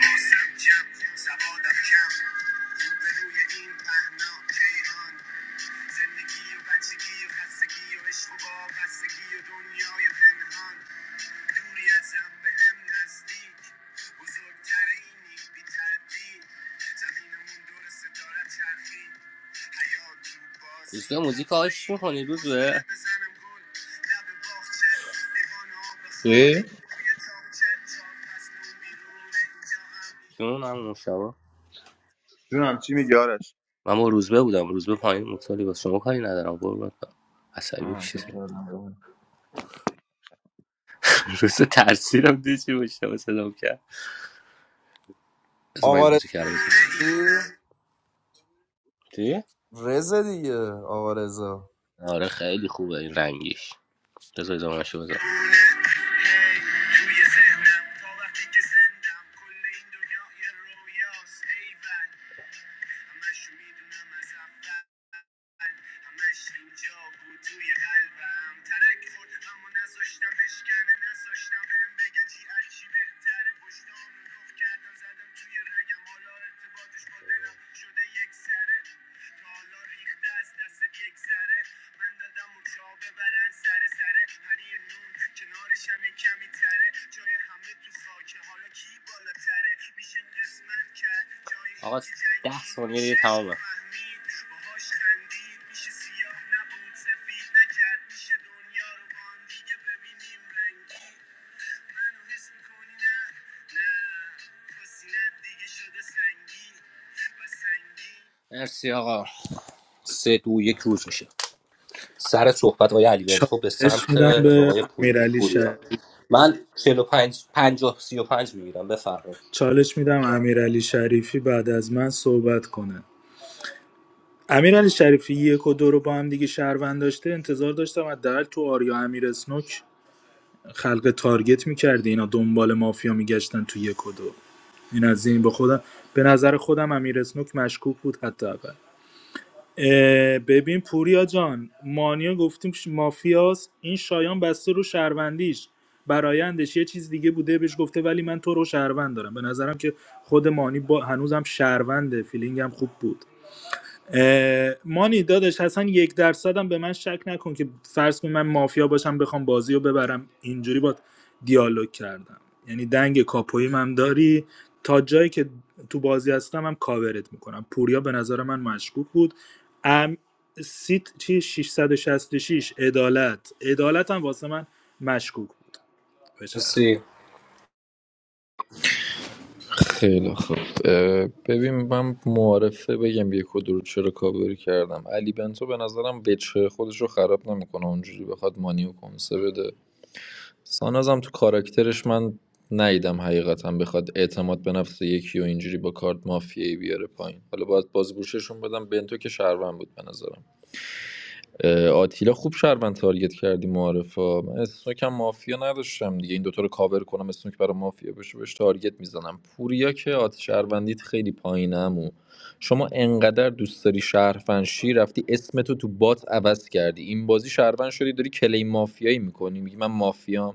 C: دوستان موزیک آهش میکنی روزه
D: چی؟
C: جون هم مشتبه
D: جونم چی میگی آرش
C: من با روزبه بودم روزبه پایین مطالی با شما کاری ندارم قربونت برم عصبی
D: آه، فکر
C: میشه
D: کردم ببین.
C: روز *laughs* ترسیدم دیدی چی مشتبه صدام کرد بذار من این
O: آقا
C: موزیک رو بزنم
O: رضا
C: چی؟
O: رضا دیگه آقا رضا
C: آره خیلی خوبه این رنگیش بذار ادامه‌شو بزنم آقا ده ثانیه دیگه تمامه مرسی آقا سه دو یک روز میشه سر صحبت آقای علی بنتو به
G: چالش
C: سمت
G: میدم به
C: آقای پول-
G: امیرعلی شریف.
C: پوریا من 45 50 35 میگیرم بفرمایید
G: چالش میدم امیرعلی شریفی بعد از من صحبت کنه امیرعلی شریفی یک و دو رو با هم دیگه شهروند داشته انتظار داشتم حداقل تو آریا امیر اسنوک خلق تارگت میکردی اینا دنبال مافیا میگشتن تو یک و دو این از این به خودم به نظر خودم امیر اسنوک مشکوک بود حداقل اه، ببین پوریا جان مانیا گفتیم ش- مافیاست این شایان بسته رو شهروندیش برایندش یه چیز دیگه بوده بهش گفته ولی من تو رو شهروند دارم به نظرم که خود مانی با هنوزم شهرونده فیلینگم خوب بود اه، مانی دادش اصلا یک درصدم به من شک نکن که فرض کن من مافیا باشم بخوام بازی رو ببرم اینجوری با دیالوگ کردم یعنی دنگ کاپویم هم داری تا جایی که تو بازی هستم هم کاورت میکنم پوریا به نظر من مشکوک بود ام سیت چی 666 عدالت عدالت هم واسه من مشکوک بود بچرا
E: خیلی خوب اه، ببین من معارفه بگم یک و دو رو چرا کاوری کردم علی بنتو به نظرم بچه خودش رو خراب نمیکنه اونجوری بخواد مانیو کنسه بده سانازم تو کاراکترش من نیدم حقیقتا بخواد اعتماد به نفس یکی و اینجوری با کارت مافیایی بیاره پایین حالا باید بازگوششون بدم بنتو که شهروند بود به نظرم آتیلا خوب شهروند تارگت کردی معارفا من اسنوک هم مافیا نداشتم دیگه این دوتا رو کاور کنم اسنوک برای مافیا بشه بهش تارگت میزنم پوریا که آت شهروندیت خیلی پایینم و شما انقدر دوست داری شهروندشی رفتی اسمتو تو بات عوض کردی این بازی شهروند شدی داری کلی مافیایی میکنی میگی من مافیام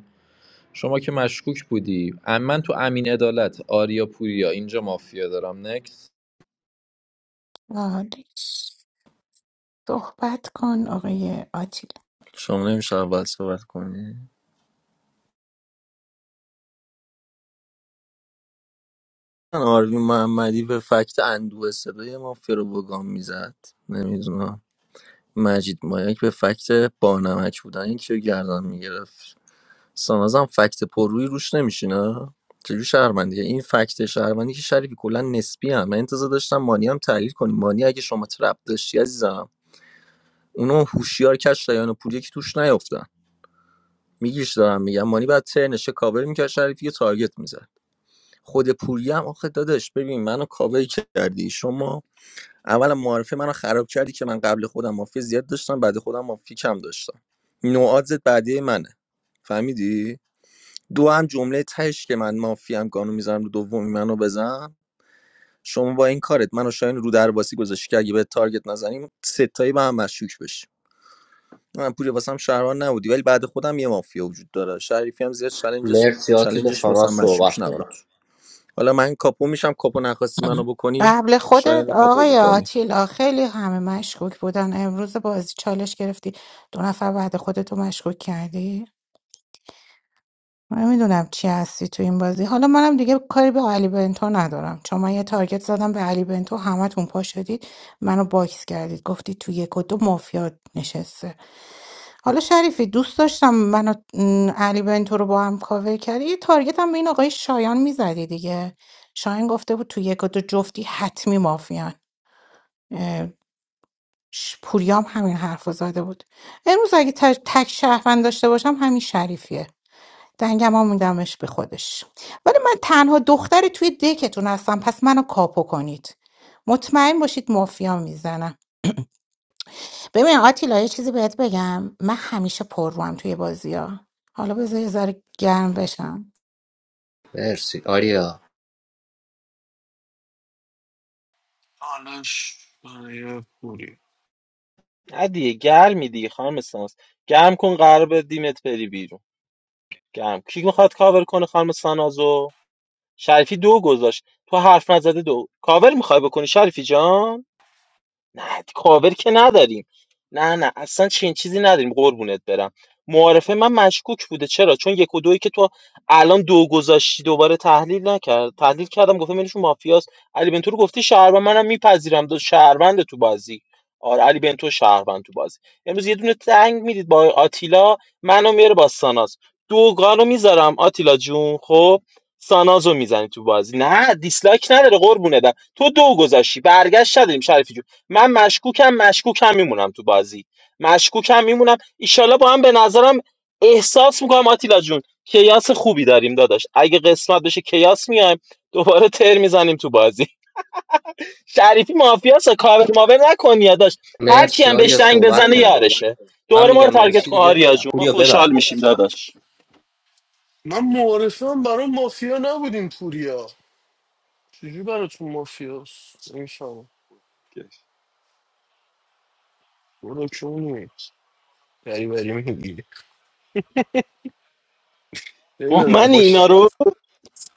E: شما که مشکوک بودی ام- من تو امین عدالت آریا پوریا اینجا مافیا دارم نکس
H: آره، صحبت کن آقای آتیل
B: شما نمیشه اول صحبت کنی آروین محمدی به فکت اندوه صدای مافیا رو بگام میزد نمیدونم مجید مایک به فکت بانمک بودن یکی رو گردن میگرفت سانازم فکت پروی روش نمیشینه چجور شهرمندیه این فکت شهرمندی که شریفی کلا نسبی هم من انتظار داشتم مانی هم تحلیل کنیم مانی اگه شما ترپ داشتی عزیزم اونو هوشیار کش شایان و پولی که توش نیافتن میگیش دارم میگم مانی بعد ترنشه کاور میکرد شریفی یه تارگت میزد خود پوری هم آخه دادش ببین منو کاور کردی شما اولا معارفه منو خراب کردی که من قبل خودم مافیا زیاد داشتم بعد خودم مافیا کم داشتم نوعازت بعدی منه فهمیدی دو هم جمله تهش که من مافیا هم قانون میذارم رو دومی منو بزن شما با این کارت منو شاین رو درواسی گذاشتی که اگه به تارگت نزنیم ستایی به هم مشکوک بشی من پوری واسم شهران نبودی ولی بعد خودم یه مافیا وجود داره شریفی هم زیاد چالنجش
C: مرسی آتی
B: چالنجش
C: بسم من
B: واسم مشکوک
C: صحبت
B: نبود
C: کنم
B: حالا من کاپو میشم کاپو نخواستی منو بکنی
H: قبل خودت
B: شاید کاپو
H: آقای
B: بکنی
H: آتیلا خیلی همه مشکوک بودن امروز بازی چالش گرفتی دو نفر بعد خودتو مشکوک کردی من میدونم چی هستی تو این بازی حالا منم دیگه کاری به علی بنتو ندارم چون من یه تارگت زدم به علی بنتو همتون پا شدید منو باکس کردید گفتید تو یک و دو مافیا نشسته حالا شریفی دوست داشتم منو م، علی بنتو رو با هم کاور کردی یه تارگت هم به این آقای شایان میزدی دیگه شایان گفته بود تو یک و دو جفتی حتمی مافیان اه، ش- پوریام همین حرف رو زده بود امروز اگه تک تک شهروند داشته باشم همین شریفیه دنگم هم میدمش به خودش ولی من تنها دختری توی دکتون هستم پس منو کاپو کنید مطمئن باشید مافیا میزنم ببین آتیلا یه چیزی بهت بگم من همیشه پر روم توی بازی ها حالا بذار یه ذره گرم بشم
C: مرسی آریا
I: آنش برای پوری
F: نه دیگه گرمی دیگه خانم ساناز گرم کن قرار به دیمت بری بیرون گرم کی میخواد کاور کنه خانم سانازو شریفی دو گذاشت تو حرف نزده دو کاور میخوای بکنی شریفی جان نه کاور که نداریم نه نه اصلا چنین چیزی نداریم قربونت برم معارفه من مشکوک بوده چرا چون یک و دویی که تو الان دو گذاشتی دوباره تحلیل نکرد تحلیل کردم گفتم بینشون مافیاست علی بنتو رو گفتی شهروند منم میپذیرم دو شهروند تو بازی آره علی بنتو شهروند تو بازی امروز یه دونه تنگ میدید با آتیلا منو میاره با ساناز دوگانو میذارم آتیلا جون خب سانازو میزنی تو بازی نه دیسلایک نداره قربونه دم، تو دو گذاشتی برگشت نداریم شریفی جون. من مشکوکم مشکوکم میمونم تو بازی مشکوکم میمونم ایشالا با هم به نظرم احساس میکنم آتیلا جون کیاس خوبی داریم داداش اگه قسمت بشه کیاس میایم دوباره تر میزنیم تو بازی شریفی مافیاسا کاور ماور نکن یا داداش هر کی
C: مرسی
F: هم
C: آریا
F: بهش دنگ
C: صحبت
F: بزنه
C: کن
F: یارشه
C: من
F: دوباره ما رو
C: میگم
F: تارگت
C: مرسی
F: کن
C: دیگه
F: آریا جون ما
C: پوریا
F: خوشحال میشیم
C: ببندش
F: داداش
I: من معارفه هم برای مافیا نبودیم پوریا چجوری براتون مافیاست این شما
M: گشت.
I: برو چونی بری بری میگی
F: با
I: نمیدونم
F: من
I: باش
F: اینا رو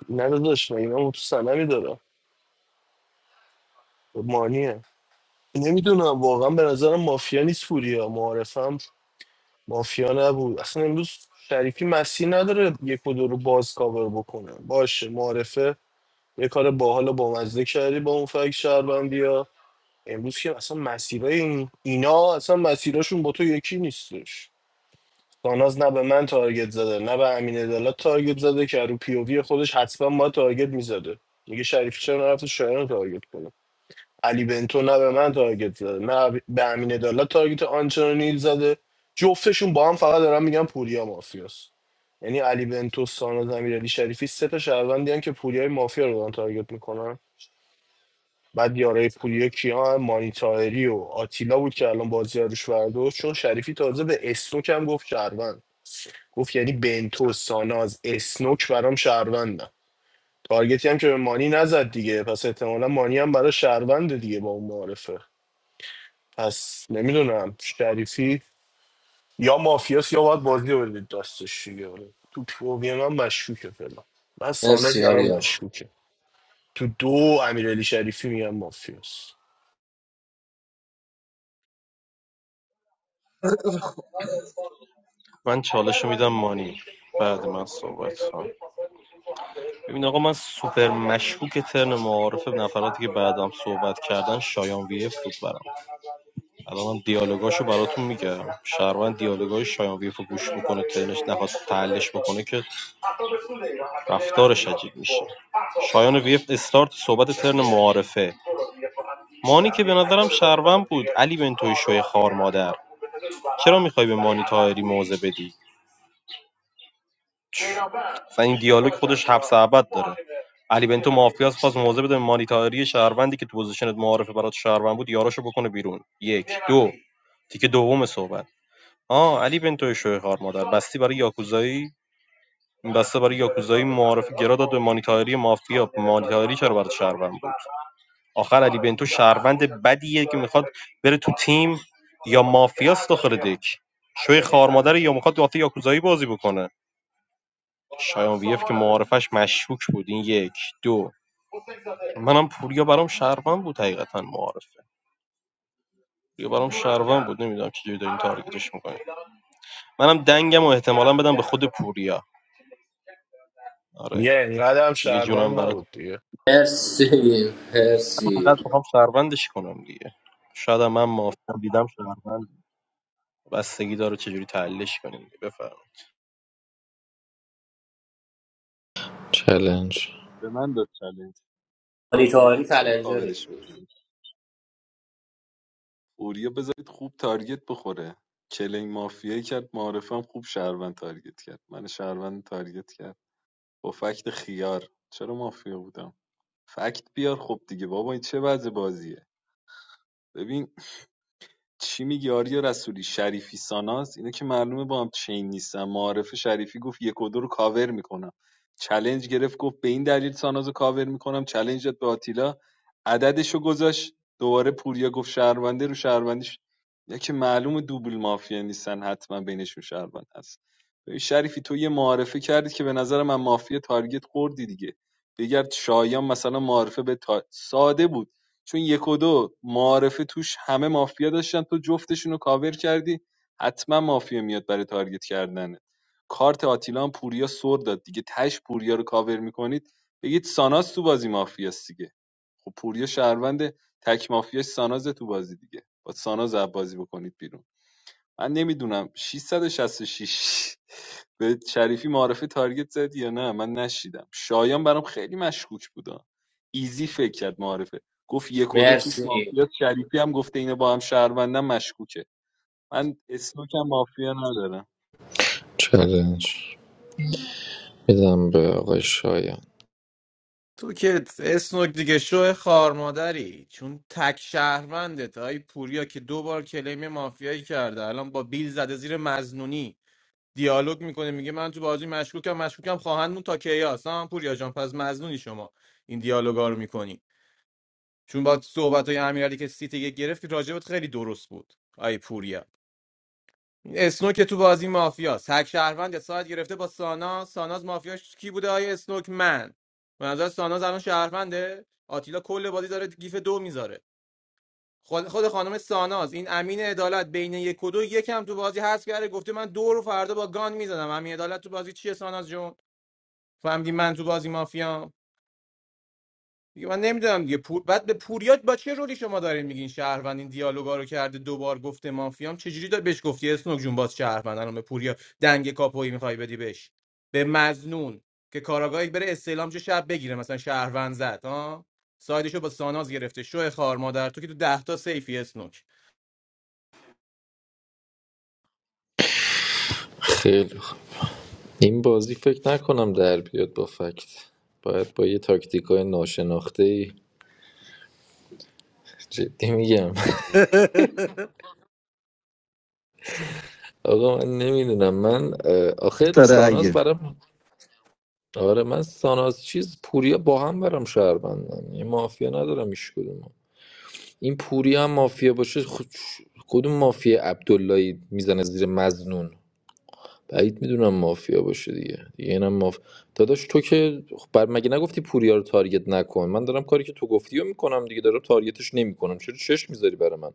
I: نداداش مگه من اینا تو سنمی دارم مانیه نمیدونم واقعا به نظرم مافیا نیست پوریا معارفه هم مافیا نبود اصلا امروز شریفی مسیر نداره یک و دو رو باز کاور بکنه باشه معارفه یه کار باحال و بامزه کردی با اون فکر شهروندی امروز که اصلا مسیرای این اینا اصلا مسیراشون با تو یکی نیستش ساناز نه به من تارگت زده نه به امین عدالت تارگت زده که رو پی او وی خودش حتما ما تارگت میزده میگه شریف چرا نرفت شایان رو تارگت کنه علی بنتو نه به من تارگت زده نه به امین عدالت تارگت آنچنانی زده جفتشون با هم فقط دارن میگن پوریا مافیاست یعنی علی بنتو ساناز امیرعلی شریفی سه تا شهروندی هن که پوریای مافیا رو دارن تارگت میکنن بعد یارای پولی کیا هم مانی تاهری و آتیلا بود که الان بازی ها روش برداشت چون شریفی تازه به اسنوک هم گفت شهروند گفت یعنی بنتو ساناز اسنوک برام شهروندن تارگتی هم که به مانی نزد دیگه پس احتمالا مانی هم برای شهرونده دیگه با اون معارفه پس نمیدونم شریفی یا مافیاس یا باید بازی رو بدید دستش دیگه آره. تو پووی من مشکوکه فعلا من ساناز
C: مرسی
I: برام
C: آریا
I: مشکوکه تو دو امیرعلی شریفی میگم مافیاس
A: من چالش رو میدم مانی بعد من صحبت کنم ببین آقا من سوپر مشکوک ترن معارفه نفراتی که بعدم صحبت کردن شایان وی اف بود برام الان من دیالوگاشو براتون میگم شهروند دیالوگای شایان وی اف رو گوش میکنه ترنش نخواست تعلش بکنه که رفتارش عجیب میشه شایان وی اف استارت صحبت ترن معارفه مانی که به نظرم شهروند بود علی بنتوی شوی خار مادر چرا میخوای به مانی تایری موزه بدی اصلا این دیالوگ خودش حبس ابد داره علی بنتو مافیاس خواست موضع بده به مانیتاری شهروندی که تو پوزیشنت معارفه برات شهروند بود یاراشو بکنه بیرون یک دو تیکه دوم صحبت آه علی بنتو شوی خار مادر بستی برای یاکوزایی بسته برای یاکوزایی معارفه گرا داد به مانیتاری مافیا مانیتاری چرا برات شهروند بود آخر علی بنتو شهروند بدیه که میخواد بره تو تیم یا مافیاس داخل دک شوی خار مادر یا میخواد داخل یاکوزایی بازی بکنه شایان ویف که معارفش مشکوک بود این یک دو منم پوریا برام شهروند بود حقیقتا معارف پوریا برام شهروند بود نمیدونم چه جوری دارین تارگتش میکنین منم دنگم و احتمالا بدم به خود پوریا آره
I: یه اینقدر هم
A: دیگه جونم
I: شهروند
A: برات
I: نبود دیگه
C: مرسی مرسی
A: فقط میخوام شهروندش کنم دیگه شاید هم من موافقم دیدم شهروند بستگی داره چه جوری تحلیلش کنین بفرمایید
E: چلنج
M: به من داد چلنج پوریا
C: مانیتاری
M: چرا
C: کلنجری
M: کاورش میکنی پوریا بذارید خوب تارگت بخوره چلنگ مافیایی کرد معارفم خوب شهروند تارگت کرد من شهروند تارگت کرد با فکت خیار چرا مافیا بودم فکت بیار خب دیگه بابا این چه وضع بازیه ببین چی میگی آریا رسولی شریفی ساناز اینا که معلومه با هم چین نیستن معارف شریفی گفت یک و دو رو کاور میکنم چلنج گرفت گفت به این دلیل ساناز رو کاور میکنم چلنج داد به آتیلا عددش رو گذاشت دوباره پوریا گفت شهرونده رو شهروندیش یا که معلومه دوبل مافیا نیستن حتما بینشون شهروند هست ببین شریفی تو یه معارفه کردی که به نظر من مافیا تارگت خوردی دیگه بگرد شایان مثلا معارفه به تا... ساده بود چون یک و دو معارفه توش همه مافیا داشتن تو جفتشون رو کاور کردی حتما مافیا میاد برای تارگت کردنه کارت آتیلا هم پوریا سر داد دیگه تش پوریا رو کاور میکنید بگید ساناز تو بازی مافیاست دیگه خب پوریا شهروند تک مافیاش ساناز تو بازی دیگه با ساناز از بازی بکنید بیرون من نمیدونم 666 به شریفی معرفی تارگت زدی یا نه من نشیدم شایان برام خیلی مشکوک بودا ایزی فکر کرد معرفه گفت یک و دو توش
C: مرسی
M: مافیاست شریفی هم گفته اینا با هم شهروندن مشکوکه من اسنوکم مافیا ندارم
E: چلنج میدم به آقای شایان
N: تو که اسنوک دیگه شو خار مادری چون تک شهروندت آی پوریا که دو بار کلیم مافیایی کرده الان با بیل زده زیر مزنونی دیالوگ میکنه میگه من تو بازی مشکوکم مشکوکم خواهندمون تا کیاس نه من پوریا جان پس مزنونی شما این دیالوگا رو میکنی چون با صحبت های امیرعلی که سیت یک گرفت که راجبت خیلی درست بود آی پوریا اسنوک تو بازی مافیاست هک شهروند ساعت گرفته با سانا ساناز مافیاش کی بوده آیه اسنوک من به نظر ساناز الان شهرونده آتیلا کل بازی داره گیف دو میذاره خود خود خانم ساناز این امین عدالت بین یک و دو یکم تو بازی هست کرده گفته من دو رو فردا با گان میزنم امین عدالت تو بازی چیه ساناز جون فهمیدی من تو بازی مافیام دیگه من نمیدونم دیگه پور بعد به پوریات با چه رولی شما دارین میگین شهروند این دیالوگا رو کرده دوبار گفته مافیام چجوری داری بهش گفتی اسنوک جون باز شهروند الان به پوریا دنگ کاپویی میخوای بدی بهش به مزنون که کاراگاهی بره استعلام چه شب بگیره مثلا شهروند زد ها سایدشو با ساناز گرفته شو خار مادر تو که تو ده تا سیفی اسنوک
E: خیلی خوب این بازی فکر نکنم در بیاد با فکت باید با یه تاکتیک های ناشناخته ای جدی میگم
G: *laughs*
E: *laughs* آقا من نمیدونم من اه، آخه
P: داره
E: ساناز
P: اگه
E: برام آره من ساناز چیز پوریا با هم برام شهر بندن یه مافیا ندارم ایش کدوم. این پوری هم مافیا باشه خود- کدوم مافیا عبداللهی میزنه زیر مزنون بعید میدونم مافیا باشه دیگه دیگه اینم ماف... داداش تو که خب بر مگه نگفتی پوریا رو تارگت نکن من دارم کاری که تو گفتی رو میکنم دیگه دارم تارگتش نمیکنم چرا چش میذاری برای من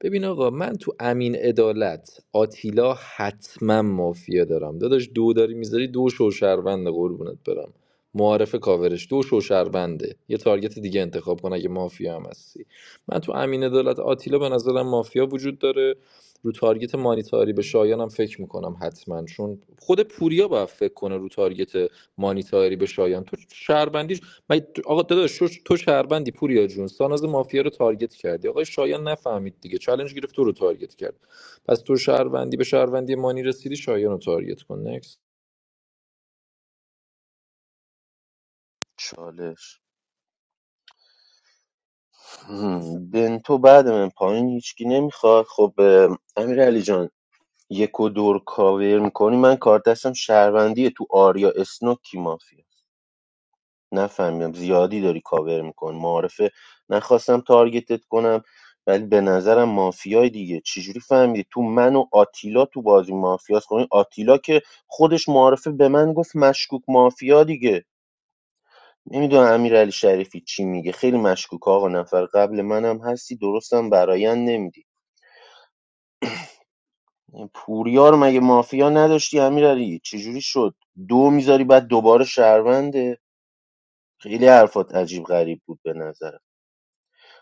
E: ببین آقا من تو امین عدالت آتیلا حتما مافیا دارم داداش دو داری میذاری دو شوشهرونده قربونت برم معارف کاورش دو شوشهرونده یه تارگت دیگه انتخاب کن اگه مافیا هم هستی من تو امین عدالت آتیلا به نظرم مافیا وجود داره رو تارگت مانیتاری به شایانم فکر میکنم حتما چون خود پوریا باید فکر کنه رو تارگت مانیتاری به شایان تو شهروندیش مگه تو- آقا داداش تو تو شهروندی پوریا جون ساناز مافیا رو تارگت کردی آقای شایان نفهمید دیگه چالش گرفت تو رو تارگت کرد پس تو شهروندی به شهروندی مانی رسیدی شایان رو تارگت کن نکس
L: چالش هم، بنتو بعد من پایین هیچکی نمیخواد خب اه، امیر علی جان یک و دور کاور میکنی من کار دستم شهروندیه تو آریا اسنوک کی مافیا نفهمیدم زیادی داری کاور میکن معارفه نخواستم تارگتت کنم ولی به نظرم مافیای دیگه چجوری فهمیدی تو من و آتیلا تو بازی مافیاس کنی آتیلا که خودش معارفه به من گفت مشکوک مافیا دیگه نمیدونم امیرعلی شریفی چی میگه خیلی مشکوک آقا نفر قبل منم هستی درستم برایند نمیدی پوریار مگه مافیا نداشتی امیرعلی چجوری شد دو میذاری بعد دوباره شهرونده خیلی حرفات عجیب غریب بود به نظرم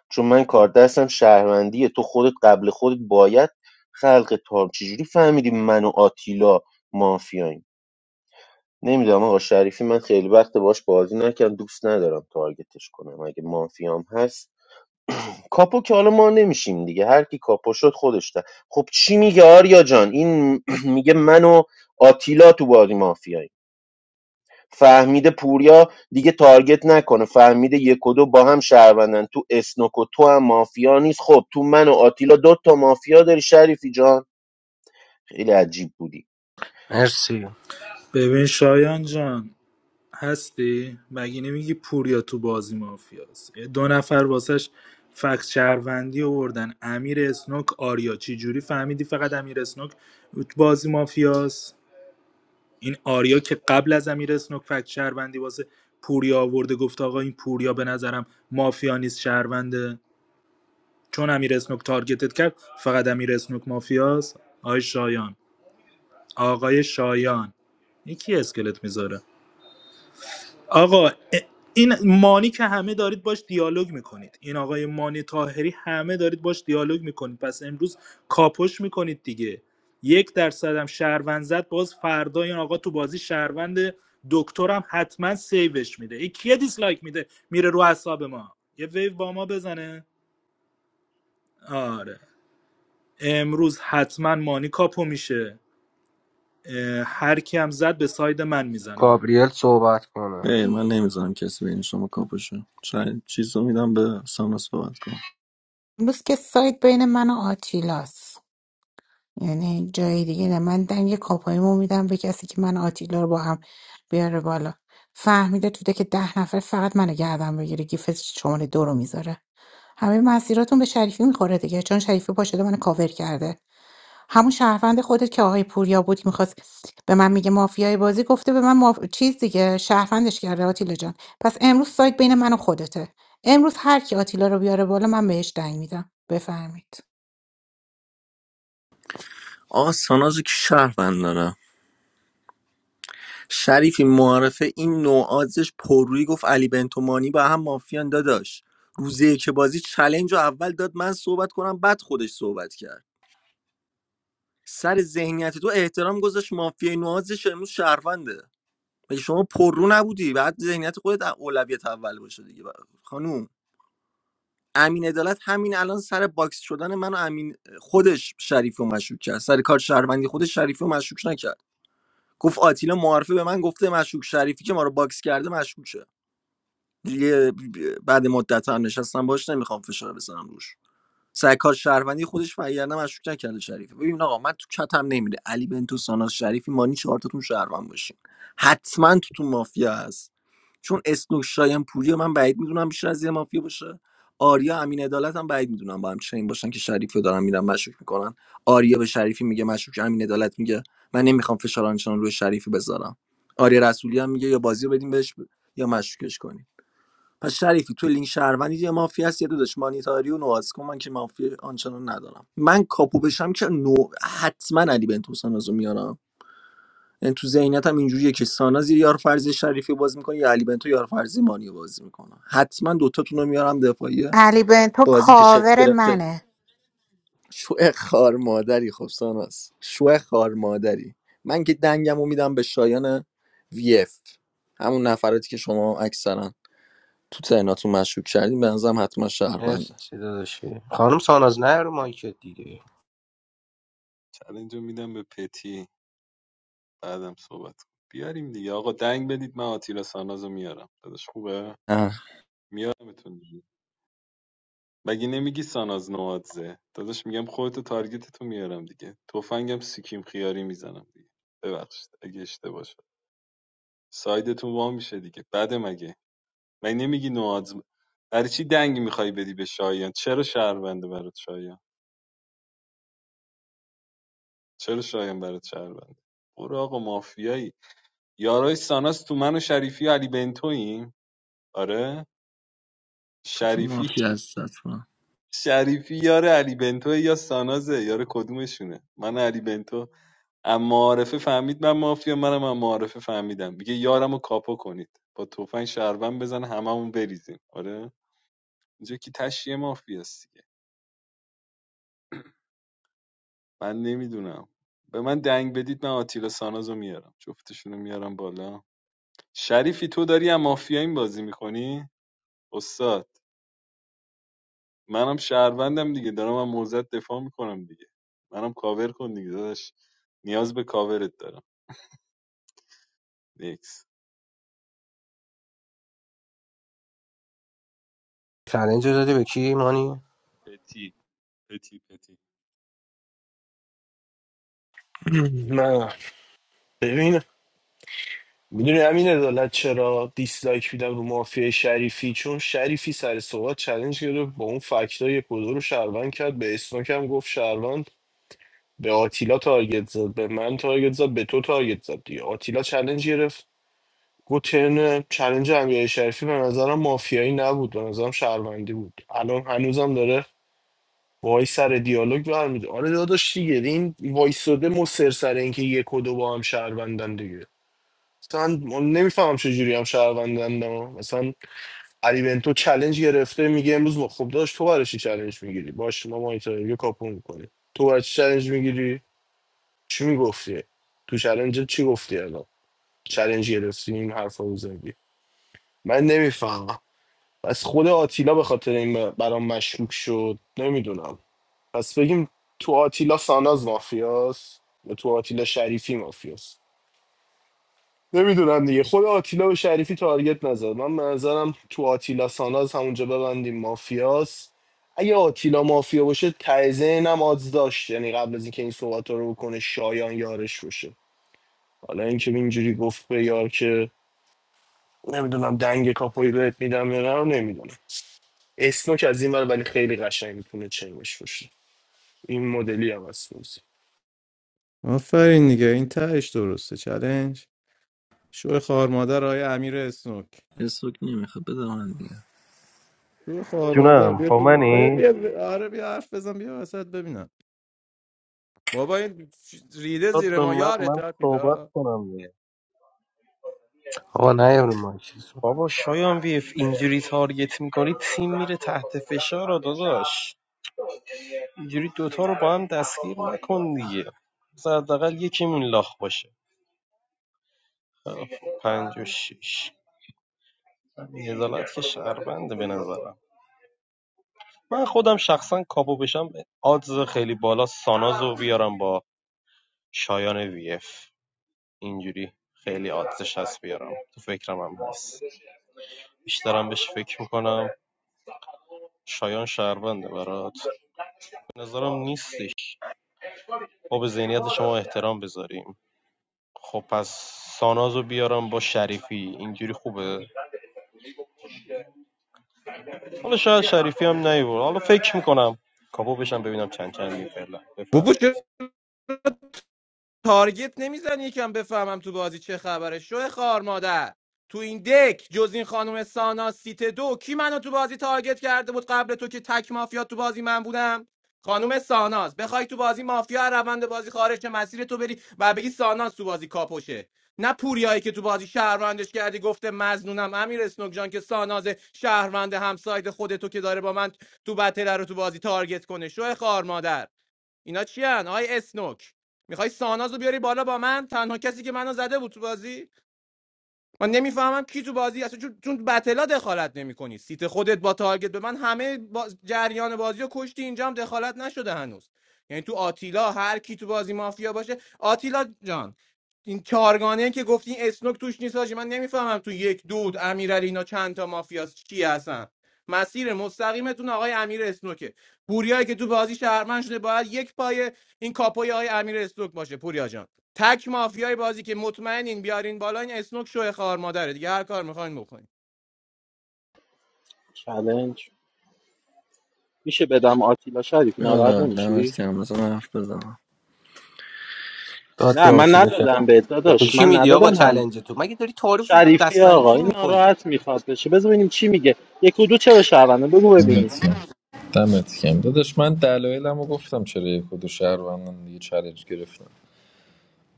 L: چون من کار دستم شهروندیه تو خودت قبل خودت باید خلق تام چجوری فهمیدی من و آتیلا مافیاییم نمیدونم آقا شریفی من خیلی وقت باش بازی نکردم دوست ندارم تارگتش کنم اگه مافیام هست کاپو که حالا ما نمیشیم دیگه هر کی کاپو شد خودش ده خب چی میگه آریا جان این *clears throat* میگه من و آتیلا تو بازی مافیایی فهمیده پوریا دیگه تارگت نکنه فهمیده یک و دو با هم شهروندن تو اسنوک و تو هم مافیا نیست خب تو من و آتیلا دو تا مافیا داری شریفی جان خیلی عجیب بودی
C: مرسی
G: ببین شایان جان هستی؟ مگه نمیگی پوریا تو بازی مافیاست دو نفر واسش فکت شهروندی آوردن امیر اسنوک آریا چی جوری فهمیدی فقط امیر اسنوک تو بازی مافیاست این آریا که قبل از امیر اسنوک فکت شهروندی واسه پوریا آورده گفت آقا این پوریا به نظرم مافیا نیست شهرونده چون امیر اسنوک تارگتت کرد فقط امیر اسنوک مافیاست آقای شایان آقای شایان یکی اسکلت میذاره آقا ا- این مانی که همه دارید باش دیالوگ میکنید این آقای مانی تاهری همه دارید باش دیالوگ میکنید پس امروز کاپوش میکنید دیگه یک درصد هم شهروند زد باز فردا این آقا تو بازی شهروند دکترم حتما سیوش میده ای کیه دیسلایک میده میره رو حساب ما یه ویو با ما بزنه آره امروز حتما مانی کاپو میشه اه، هر کی هم زد به ساید من میزنه
C: گابریل صحبت کنه
B: ای من نمیذارم کسی بین شما کاپوشه چ- چیز رو میدم به ساناز صحبت کنم
H: امروز که سایت بین من و آتیلاست یعنی جای دیگه نه من دنگ کاپاییمو میدم به کسی که من و آتیلا رو با هم بیاره بالا فهمیده توده که ده نفر فقط منو گردن بگیره گیف شماره دو رو میذاره همه مسیراتون به شریفی میخوره دیگه چون شریفی پا شده منو کاور کرده همون شهروند خودت که آقای پوریا بود که میخواست به من میگه مافیای بازی گفته به من ماف... چیز دیگه شهروندش کرده آتیلا جان پس امروز سایت بین من و خودته امروز هر کی آتیلا رو بیاره بالا من بهش دنگ میدم بفرمایید
B: آقا ساناز که شهروند دارم شریفی معرفه این نوعازش پررویی گفت علی بنتومانی با هم مافیان داداش روزه که بازی چلنج رو اول داد من صحبت کنم بعد خودش صحبت کرد سر ذهنیت تو احترام گذاشت مافیای نوازش امروز شهرونده مگه شما پررو نبودی بعد ذهنیت خودت اولویت اول باشه دیگه خانوم امین عدالت همین الان سر باکس شدن من و امین خودش شریف و مشکوک کرد سر کار شهروندی خودش شریف و مشکوک نکرد گفت آتیلا معارفه به من گفته مشکوک شریفی که ما رو باکس کرده مشکوکه دیگه بعد مدت هم نشستم باش نمیخوام فشار بزنم روش سر کار شهروندی خودش وگرنه مشکوک نکرده شریف. ببین آقا من تو کتم نمیره علی بنتو ساناز شریفی مانی چهارتاتون شهروند باشین حتما تو مافیا هست چون اسنوک شایان پوری رو من بعید میدونم بیشتر از یه مافیا باشه آریا امین عدالت هم بعید میدونم با هم چنین باشن که شریفی رو دارن میرن مشکوک میکنن آریا به شریفی میگه مشکوک امین عدالت میگه من نمیخوام فشار آنچنان روی شریفی بذارم آریا رسولی هم میگه یا بازی رو بدیم بهش ب... یا مشکوکش کنیم پس شریفی تو لینک شهروندی یه مافیا هست یه داداش مانیتاری و نواز کن من که مافیا آنچنان ندارم من کاپو بشم که نو حتما علی بنتو سانازو میارم یعنی تو ذهنیتم اینجوریه که ساناز یه یار فرضی شریفی بازی میکنه یا علی بنتو یار فرضی مانی بازی میکنه حتما دوتاتون رو میارم دفاعیه
H: علی بنتو
B: بازی که شکل
H: کاور
B: گرفته
H: منه
B: شو خار مادری خب ساناز شو خار مادری من که دنگمو میدم به شایان وی اف همون نفراتی که شما اکثرا تو ترناتون مشکوک کردیم به نظرم حتما شهروند
C: مرسی داداشی خانم ساناز نه رو مایکت دیگه
M: چلنج رو میدم به پتی بعدم صحبت کن بیاریم دیگه آقا دنگ بدید من آتیلا سانازو میارم داداش خوبه
B: نه
M: میارمتون مگه نمیگی ساناز نوادزه داداش میگم خودتو تارگتتو میارم دیگه تفنگم سیکیم خیاری میزنم دیگه ببخشید اگه اشتباه شد سایدتون وا میشه دیگه بعد مگه مگه نمیگی نوادز برای چی دنگ میخوای بدی به شایان چرا شهرونده برات شایان چرا شایان برات شهرونده برو آقا مافیایی یارای ساناز تو من و شریفی و علی بنتویم آره
B: تو تو
M: شریفی
B: مافیا هست حتما
M: شریفی یار علی بنتو یا سانازه یار کدومشونه من و علی بنتو اما معارفه فهمید من مافیا منم اما معارفه فهمیدم میگه یارم رو کاپا کنید با تفنگ شهروند بزن هممون بریزیم آره اینجا که تشیه مافیاست دیگه من نمیدونم به من دنگ بدید من آتیلا سانازو میارم جفتشونو میارم بالا شریفی تو داری هم مافیا این بازی میکنی استاد منم شهروندم دیگه دارم من موزت دفاع میکنم دیگه منم کاور کن دیگه داداش نیاز به کاورت دارم نیکس
C: چلنج رو دادی به کی مانی
M: پتی پتی پتی
I: *clears throat* نه ببین میدونی همین عدالت چرا دیسلایک میدم رو مافیای شریفی چون شریفی سر صحبت چلنج گرفت با اون فکتا یک و دو رو شهروند کرد به اسنوک هم گفت شهروند به آتیلا تارگت زد به من تارگت زد به تو تارگت زد دیگه آتیلا چلنج گرفت گفت ترن چلنج امیرعلی شریفی به نظرم مافیایی نبود به نظرم شهروندی بود الان هنوزم داره وای سر دیالوگ برمیده آره داداش دیگه این وایساده مصر سر اینکه یک و دو با هم شهروندن دیگه مثلا من نمیفهمم چجوری هم شهروندن ها. مثلا علی بنتو چلنج گرفته میگه امروز ما خب داشت تو برای چی چلنج میگیری باش ما مایتایگه کاپو میکنی تو برای چی چلنج میگیری چی میگفتی تو چلنج چی گفتی الان چلنج گرفتی این حرفا رو زدی من نمیفهمم از خود آتیلا به خاطر این برام مشکوک شد نمیدونم پس بگیم تو آتیلا ساناز مافیاست یا تو آتیلا شریفی مافیاست نمیدونم دیگه خود آتیلا و شریفی تارگت نزد من به نظرم تو آتیلا ساناز همونجا ببندیم مافیاست اگه آتیلا مافیا باشه تایزین هم آدز داشت یعنی قبل از اینکه این صحبت رو بکنه شایان یارش باشه حالا اینکه اینجوری گفت به یار که نمیدونم دنگ کاپوی بهت میدم یا نه نمیدونم اسنوک از این ور ولی خیلی قشنگ میتونه چنگش باشه این مدلی هم هست
N: آفرین دیگه این تهش درسته چلنج شو خوار مادر آیا امیر اسنوک
B: اسوک نمیخواد بده من دیگه
N: شو خوار مادر
A: جونم
N: بیا
A: با
N: تو- بیا
A: منی
N: بیا- آره بیا حرف بزن بیا وسط ببینم بابا این ریده
A: داد
N: زیر
A: به
N: ما
A: من
N: یارت
A: من صحبت
N: آتیلا
A: کنم دیگه
C: آقا نه رو مایکت
A: بابا شایان ویف اینجوری تارگت میکنی تیم میره تحت فشار داداش اینجوری دوتا رو با هم دستگیر نکن دیگه مثلا حداقل یکیمون لاخ باشه پنج و شیش هزالت که شهربنده به نظرم من خودم شخصا کاپو بشم آدز خیلی بالا سانازو بیارم با شایان وی اف اینجوری خیلی آدزش هست بیارم تو فکرم هم هست من بشینم شایان شهربنده برات به نظرم نیستش ما به ذهنیت شما احترام بذاریم خب پس سانازو بیارم با شریفی اینجوری خوبه حالا شاید شریفی هم نیبور حالا فکر میکنم کاپو بشم ببینم چند چند میفعلا
N: بابا چرا تارگت نمیزن یکم بفهمم تو بازی چه خبره شو خار مادر تو این دک جز این خانم سانا سیت دو کی منو تو بازی تارگت کرده بود قبل تو که تک مافیا تو بازی من بودم خانم ساناز بخوای تو بازی مافیا از روند بازی خارج شه، مسیر تو بری و بگی ساناز تو بازی کاپوشه نه پوریایی که تو بازی شهروندش کردی گفته مزنونم امیر اسنوک جان که ساناز شهروند همساید خودتو که داره با من تو بتله رو تو بازی تارگت کنه شو خار مادر اینا چی هن؟ آقای اسنوک میخوای ساناز رو بیاری بالا با من تنها کسی که منو زده بود تو بازی من نمیفهمم کی تو بازی اصلا چون چون بتلا دخالت نمیکنی سیت خودت با تارگت به من همه با... جریان بازی رو کشتی اینجا هم دخالت نشده هنوز یعنی تو آتیلا هر کی تو بازی مافیا باشه آتیلا جان این چهارگانه که گفتی این اسنوک توش نیست حاجی. من نمیفهمم تو یک دود امیرعلی اینا چند تا مافیاست چی هستن مسیر مستقیمتون آقای امیر اسنوکه پوریایی که تو بازی شهرمند شده باید یک پای این کاپوی های امیر اسنوک باشه پوریا جان تک مافیای بازی که مطمئنین بیارین بالا این اسنوک شوه خار مادره دیگه هر کار میخواین بکنین
F: چالنج میشه بدم آتیلا شریف ناراحت
B: آره دمت
F: نمیشی
B: گرم بزن حرف بزنم
C: داد به
F: نه من
C: آتیلا شد
F: ندادم به
C: به
F: داداش
C: کی
F: من
C: میدی آقا
F: ندادم هنوز
C: چلنج تو مگه داری تعارف
F: شریفی
C: بستانی
F: آقا
C: کی
F: این
C: میکنی
F: ناراحت میخواد بشه بذار ببینیم چی میگه یک و دو چرا شهرونده بگو ببینیم
E: دمت گرم. دمت گرم. داداش من دلایلمو گفتم چرا یک و دو شهروندم دیگه چالش گرفتم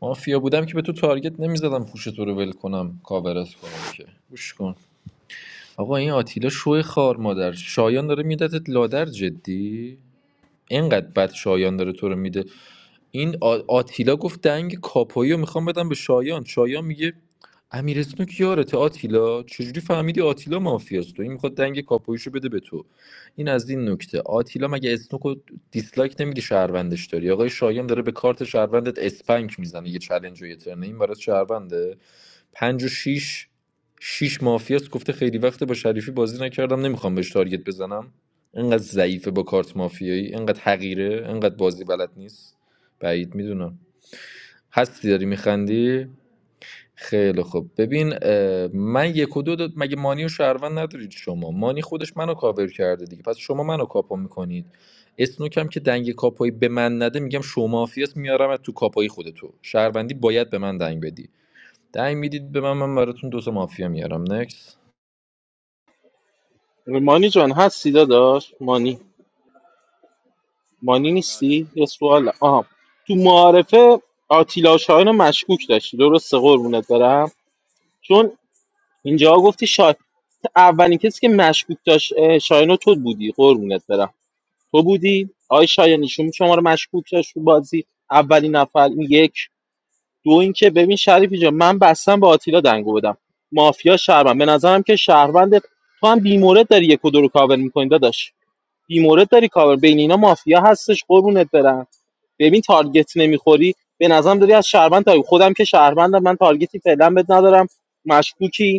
E: مافیا بودم که به تو تارگت نمیزدم پوش تو رو ول کنم کاورت کنم که گوش کن آقا این آتیلا شوی خار مادر شایان داره میدتت لادر جدی اینقدر بد شایان داره تو رو میده این آ- آتیلا گفت دنگ کاپویی رو میخوام بدم به شایان شایان میگه امیر اسنوک یارته آتیلا چجوری فهمیدی آتیلا مافیاست تو این میخواد دنگ کاپویشو بده به تو این از این نکته آتیلا مگه اسنوک رو دیسلایک نمیدی شهروندش داری آقای شایان داره به کارت شهروندت اسپنک میزنه یه چلنج و یه ترنه این برای شهرونده پنج و شیش شیش مافیاست گفته خیلی وقته با شریفی بازی نکردم نمیخوام بهش تارگت بزنم اینقدر ضعیفه با کارت مافیایی اینقدر حقیره اینقدر بازی بلد نیست بعید میدونم هستی داری میخندی خیلی خوب ببین اه، من یک و دو داد- مگه مانی و شهروند ندارید شما مانی خودش منو کاور کرده دیگه پس شما منو کاپو میکنید اسنوکم که دنگ کاپایی به من نده میگم شما مافیاست میارم تو کاپایی خودتو شهروندی باید به من دنگ بدی دنگ میدید به من من براتون دو تا مافیا میارم نکس
F: مانی جان هستی داداش مانی مانی
M: بله
F: نیستی
M: بله
F: یه سوال آها تو معارفه آتیلا شاهین رو مشکوک داشتی درسته قربونت برم چون اینجا گفتی شا... اولین کسی که مشکوک داشت اه، شاهین رو تو بودی قربونت برم تو بودی آی شاهین ایشون شما رو مشکوک داشت تو بازی اولین نفر این یک دو اینکه ببین شریفی جان من بستم با آتیلا دنگو بدم مافیا شهروند به نظرم که شهروند تو هم بیمورد داری یک و دو رو کاور میکنی داداش بیمورد داری کاور بین اینا مافیا هستش قربونت برم ببین تارگت نمیخوری به نظرم داری از شهروند تا خودم که شهروندم من تارگتی فعلا بد ندارم مشکوکی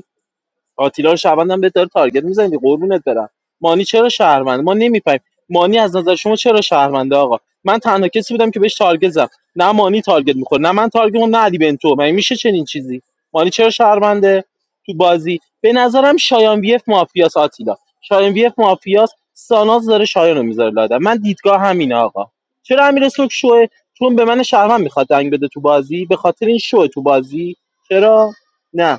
F: آتیلا رو شهروند هم به داره تارگت میزنی قربونت برم مانی چرا شهروند ما نمیفهمیم مانی از نظر شما چرا شهرونده آقا من تنها کسی بودم که بهش تارگت زدم نه مانی تارگت میخوره نه من تارگت می‌خورم، نه علی بنتو من میشه چنین چیزی مانی چرا شهرونده تو بازی به نظرم شایان وی اف مافیاس آتیلا شایان وی اف مافیاس ساناز داره شایان رو میذاره لادن من دیدگاه همینه آقا چرا امیر سوک شوه چون به من شهروند میخواد دنگ بده تو بازی به خاطر این شوه تو بازی چرا نه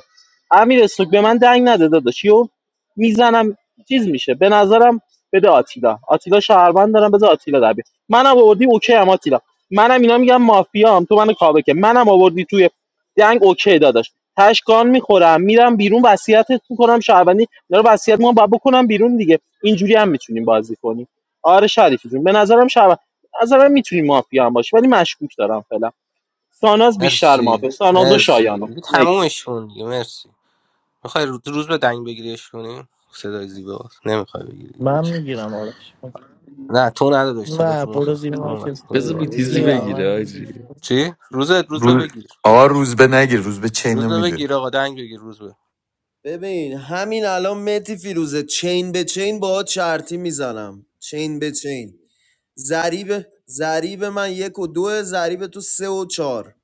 F: امیر استوک به من دنگ نده داداش یو میزنم چیز میشه به نظرم بده آتیلا آتیلا شهروند دارم بذار آتیلا در بیاد منم آوردی اوکی هم آتیلا منم اینا میگم مافیام تو منو کابه که منم آوردی توی دنگ اوکی داداش تشکان میخورم میرم بیرون وصیتت میکنم شهروندی اینا رو وصیت میکنم باید بکنم بیرون دیگه اینجوری هم میتونیم بازی کنیم آره شریفی جون به نظرم شهروند به نظرم میتونی مافیا هم باشی ولی مشکوک دارم فعلا ساناز بیشتر
C: مرسی
F: مافیا ساناز و
C: مرسی
F: شایانو
C: دیگه
F: نکس
C: تمومش کن دیگه مرسی میخوای روز روز به دنگ بگیریش کنی صدای زیبا نمیخوای بگیری دیگه،
Q: من
C: اوکی.
Q: میگیرم آرش
C: نه تو نداداش صدا
Q: نه
C: تو
Q: برو زیر
C: مخه اون
Q: من
C: اونور،
Q: که
C: روز
E: بذار
C: زیبا.
E: بیتیزی
Q: میگیرم
O: بگیرم
E: بگیره
Q: من
E: آجی
C: چی روزت روز به
P: رو...
C: بگیر
P: آقا روز به نگیر روز به
C: روز
P: چینو
C: به
P: میدون
C: بگیر آقا دنگ بگیر روز به
O: ببین همین الان متی فیروزه چین به چین باهات چرتی میزنم چین به چین ضریب ضریب من یک و دو ضریب تو سه و چهار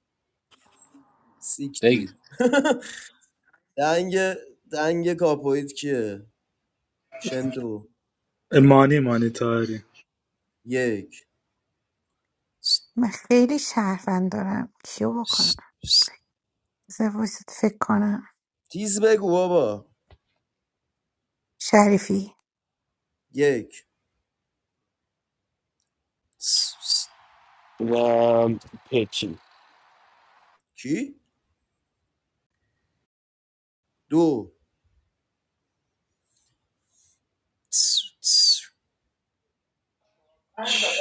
C: بگی
O: سیکتیر *laughs* دنگ دنگ کاپویت کیه شنتو
G: مانی مانی تاهری
O: یک
H: من خیلی شهروند دارم کیو بکنم بذار وایسات فکر کنم
O: تیز بگو بابا
H: شریفی
O: یک
I: و پتی
O: کی دو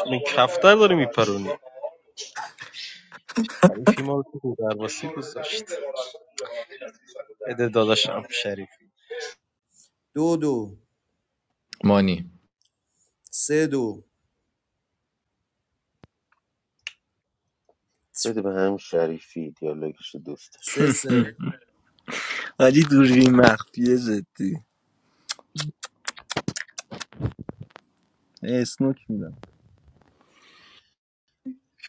A: این کفتر داری میپرونی این فیلم ها رو تو درواسی گذاشت بده داداشم شریف
O: دو دو
E: مانی
O: سه دو
L: بده به هم شریفی دیالوگش رو دوست داشت
O: سه سه
B: ولی دوربین مخفیه جدی اسنوک میدم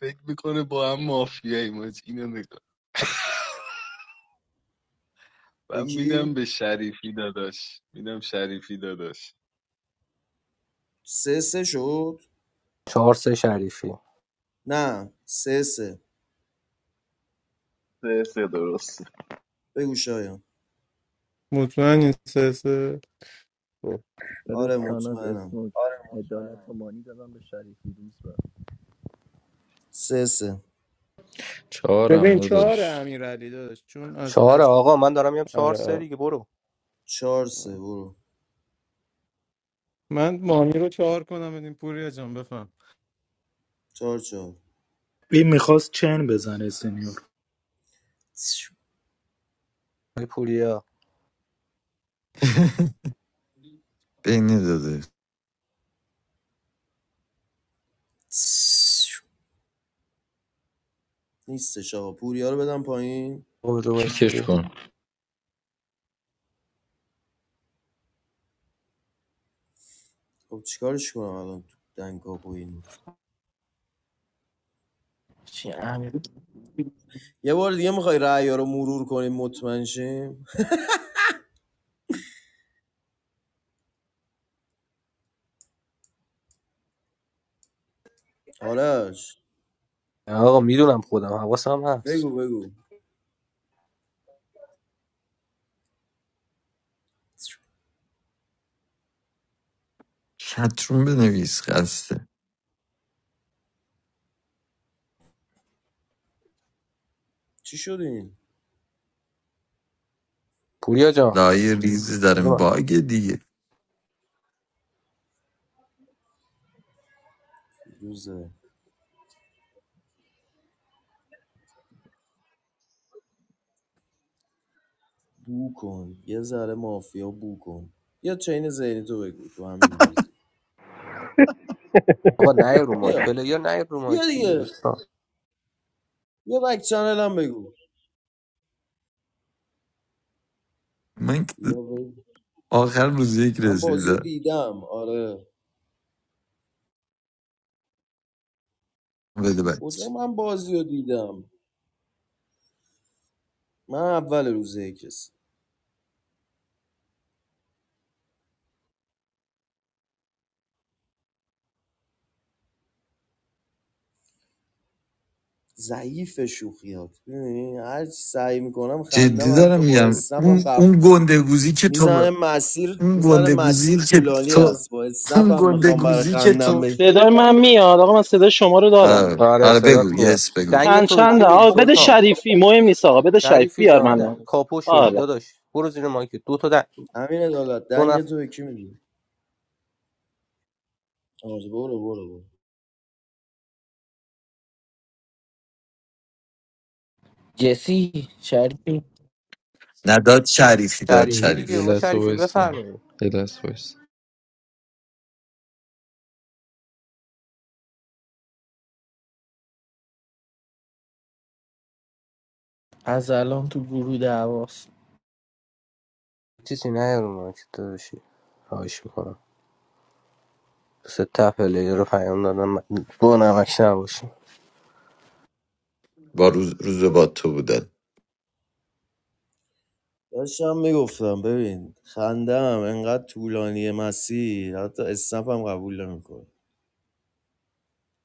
M: فکر میکنه با هم مافیایی ماج اینو نگاه من میدم
O: یکی
M: به شریفی داداش میدم شریفی داداش
O: سه سه شد
C: چهار سه شریفی
O: نه سه سه
D: سه سه درست
O: بگو شایان
N: مطمئنی سه سه خب.
B: داداش
O: آره
B: ساناز
O: مطمئنم
B: اسنوک آره، عدالت و مانی دادم به شریفی روز بعد
O: سه سه
N: ببین
E: چهارم
N: چهار
E: نداشت
N: امیرعلی داداش چون از
C: چهار
N: از
C: آقا من دارم میام چهار
N: آره
C: سه
N: آره.
C: دیگه برو
O: چهار سه برو
N: من مانی رو چهار کنم بدین پوریا جان بفهم.
O: چهار چهار
G: این میخواست چن بزنه سینیور
C: ای پوریا
P: *laughs* بینی داده
O: نیستش آقا پوریا رو بدم پایین
C: آقا بذار وایسا
E: کیکش
C: ببینم.
E: کن
O: خب چیکارش کنم الان تو دنگ کاپویی نیست
Q: چی امیر
O: یه بار دیگه میخوای رعیا رو مرور کنیم مطمئن شیم آرش
C: آقا میدونم خودم حواسم هست
O: بگو بگو
P: چترون بنویس خسته
O: چی شد این؟
C: پوریا جان
P: لایه ریزی دارم
C: بذار من-
P: باگ دیگه
O: روزه؟ بو کن یه ذره مافیا بو کن بیا چین ذهنی تو بگو تو همین بازی
C: آقا نه رو مایک
O: بیا
C: پلیر نه رو
O: بیا
C: مایک دیگه
O: دیگه
C: دوستان
O: بیا بک چنل هم بگو
P: من که
O: بیا بگو.
P: آخر روز یک
O: من بازی رو
P: رسیدم
O: دیدم آره
P: بده
O: کجا
P: بچه
O: من بازی رو دیدم من اول روزه کسی ضعیف شوخیات ببین، هر چی سعی میکنم
P: جدی
O: خندم
P: دارم
O: حتی با
P: میگم
O: اسنپم
P: اون
O: قبل
P: اون گندگوزی که
O: میزنه
P: تو
O: مسیر
P: اون
O: میزنه
P: گندگوزی
O: مسیر
P: که
O: طولانی
P: تو
O: است با
P: اون
O: اسنپم میخوام برای
P: گندگوزی که
O: خندم
P: تو
O: بی.
F: صدای من میاد آقا من صدای شما رو دارم
O: بگو
P: آره,
C: آره
P: آره
C: صدات
P: بگو
C: میاد
P: یس بگو
C: دنگ
F: چند
C: تو به کی
F: چنده
C: میدی
F: آقا بده
C: سلطان
F: شریفی مهم نیست آقا بده شریف
C: شریفی
F: بیار
C: جان د...
F: من
C: کاپو شدی
F: آره
C: داداش برو زیر مایک دو تا دن...
O: همین عدالت
C: دو
O: دنگ
C: نفر
O: تو به کی میدی آره برو برو برو
Q: جسی شریفی
P: نداد شریفی داد
E: یه
C: شریفی دیگه
E: یه
P: شریف
C: آقا
E: لحظه
C: شریفی
E: وایسا
C: بفرمایید
E: یه لحظه وایسا
Q: از الان تو گروه دعواست
C: چیزی نه رو مایک داداشی خواهش میکنم سه تا پلیر رو پیام دادم من- دو نمک نباشی
P: با روز روز با تو بودن
O: داشتم میگفتم ببین خندم انقدر طولانی مسیر حتی اسنپم قبول نمیکنه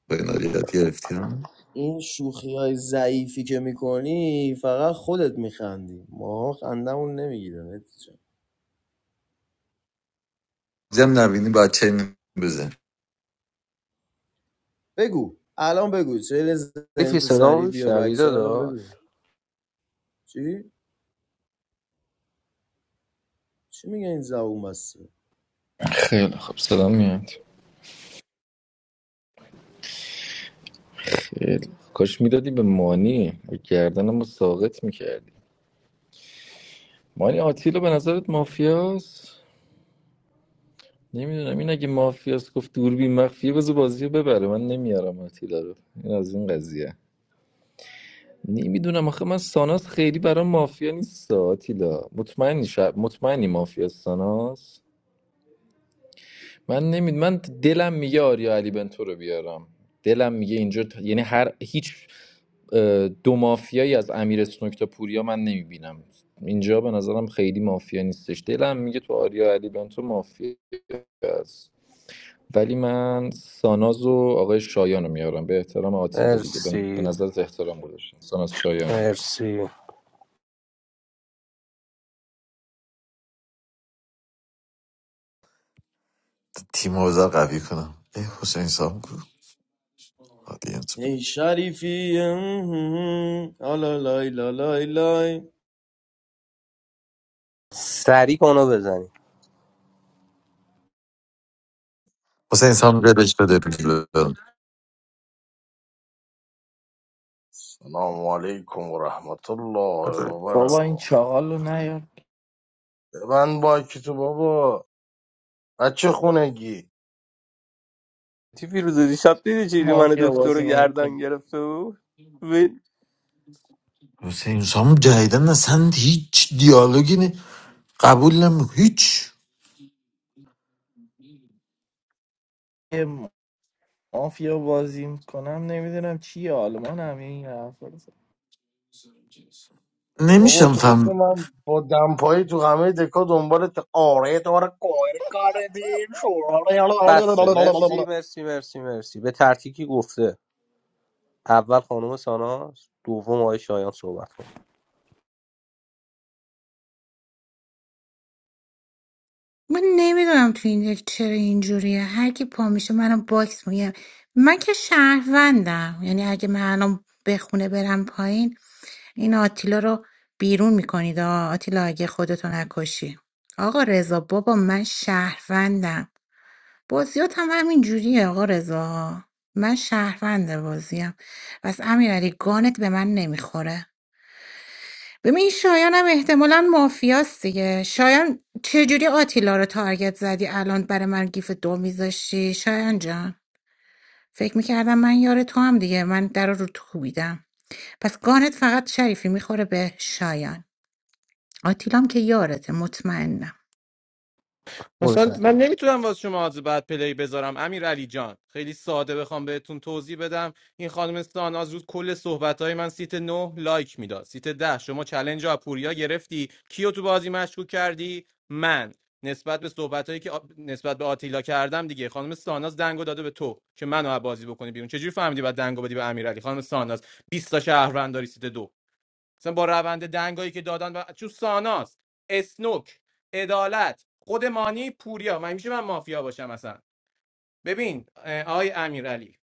P: با این آریت گرفتی
O: این شوخی های ضعیفی که میکنی فقط خودت میخندی ما خندمون نمیگیره نتیجه
P: زم نبینی بچه چین بزن
O: بگو الان بگو چه زنی
C: شریفی
O: تو
C: صدا
O: سری بیا
C: میشنوی
O: بچه الان
C: داداش
O: بگو چی؟ چی میگه این زبون بسته
E: خیلی خب سلام میاد خیلی. کاش میدادی به مانی به گردنم رو ساقط میکردی مانی آتیلا به نظرت مافیاست نمیدونم این اگه مافیاست گفت دوربین مخفیه بذار بازی رو ببره من نمیارم آتیلا رو این از این قضیه نمیدونم آخه من ساناس خیلی برام مافیا نیست آتیلا مطمئنی شب مطمئنی مافیا ساناس من نمید من دلم میگه آریا علی بنتو رو بیارم دلم میگه اینجا ت- یعنی هر هیچ اه، دو مافیایی از امیر اسنوک تا پوریا من نمیبینم اینجا به نظرم خیلی مافیا نیستش دلم میگه تو آریا علی بنتو مافیا است ولی من ساناز و آقای شایان رو میارم به احترام آتیلا دیگه به به
C: مرسی
E: نظرت احترام گذاشتم ساناز شایان رو میارم
C: مرسی
P: تیم اوزار قوی کنم ای حسین سام کو آدینس بود.
O: این شریفی آلا لای لای لای
C: سریع کنو بزنی
P: حسین سام دلش بده بیرون.
R: سلام علیکم و رحمت الله و
Q: بابا این
R: برکاته
Q: چاقال رو نیار
R: ببند باکی تو بابا بچه خونگی
C: تی فیروزه دیشب دیدی چیلی من
Q: مافیا
C: دکتر رو
Q: بازی
C: گردن
Q: نمیکنه
C: گرفته بود
P: حسین سام جدیدن اصلا هیچ دیالوگی نه قبول نمی هیچ
Q: مافیا بازی میکنم نمیدونم چی آلمان هم این حرفا رو زد.
R: بابا
P: نمیشم
R: تو رو که
P: فهم
R: من با دمپایی تو همه دکا دنبالت آره تو آره کویر کاره دین
C: بسه مرسی
R: شورا
C: مرسی مرسی مرسی به ترتیبی گفته اول خانم ساناز دوم آقای شایان صحبت کن
H: من نمیدونم تو این دک چرا اینجوریه هر کی پا میشه منم باکس میگم من که شهروندم یعنی اگه من الان به خونه برم پایین این آتیلا رو بیرون میکنید آه. آتیلا اگه خودتو نکشی آقا رضا بابا من شهروندم بازیات هم همین جوریه آقا رضا من شهروند بازیم پس امیرعلی گانت به من نمیخوره ببین شایان هم احتمالا مافیاست دیگه شایان چجوری آتیلا رو تارگت زدی الان برای من گیف دو میذاشتی شایان جان فکر میکردم من یار تو هم دیگه من در رو تو کوبیدم پس گانت فقط شریفی میخوره به شایان آتیلام که یارته مطمئنم
C: برو
N: مثلا
C: شایان
N: من نمیتونم واسه شما از بعد پلی بذارم امیر علی جان خیلی ساده بخوام بهتون توضیح بدم این خانم ساناز روز کل صحبت های من سیت 9 لایک میداد سیت ده شما چلنج رو از پوریا گرفتی کیو تو بازی مشکوک کردی من نسبت به صحبت هایی که آ- نسبت به آتیلا کردم دیگه خانم ساناز دنگو داده به تو که منو از بازی بکنی بیرون چجوری فهمیدی بعد دنگو بدی به امیرعلی خانم ساناز 20 تا شهروند داری سیت دو مثلا با روند دنگایی که دادن و چون ساناس اسنوک عدالت خود مانی پوریا من میشه من مافیا باشم مثلا ببین اه، آقای امیرعلی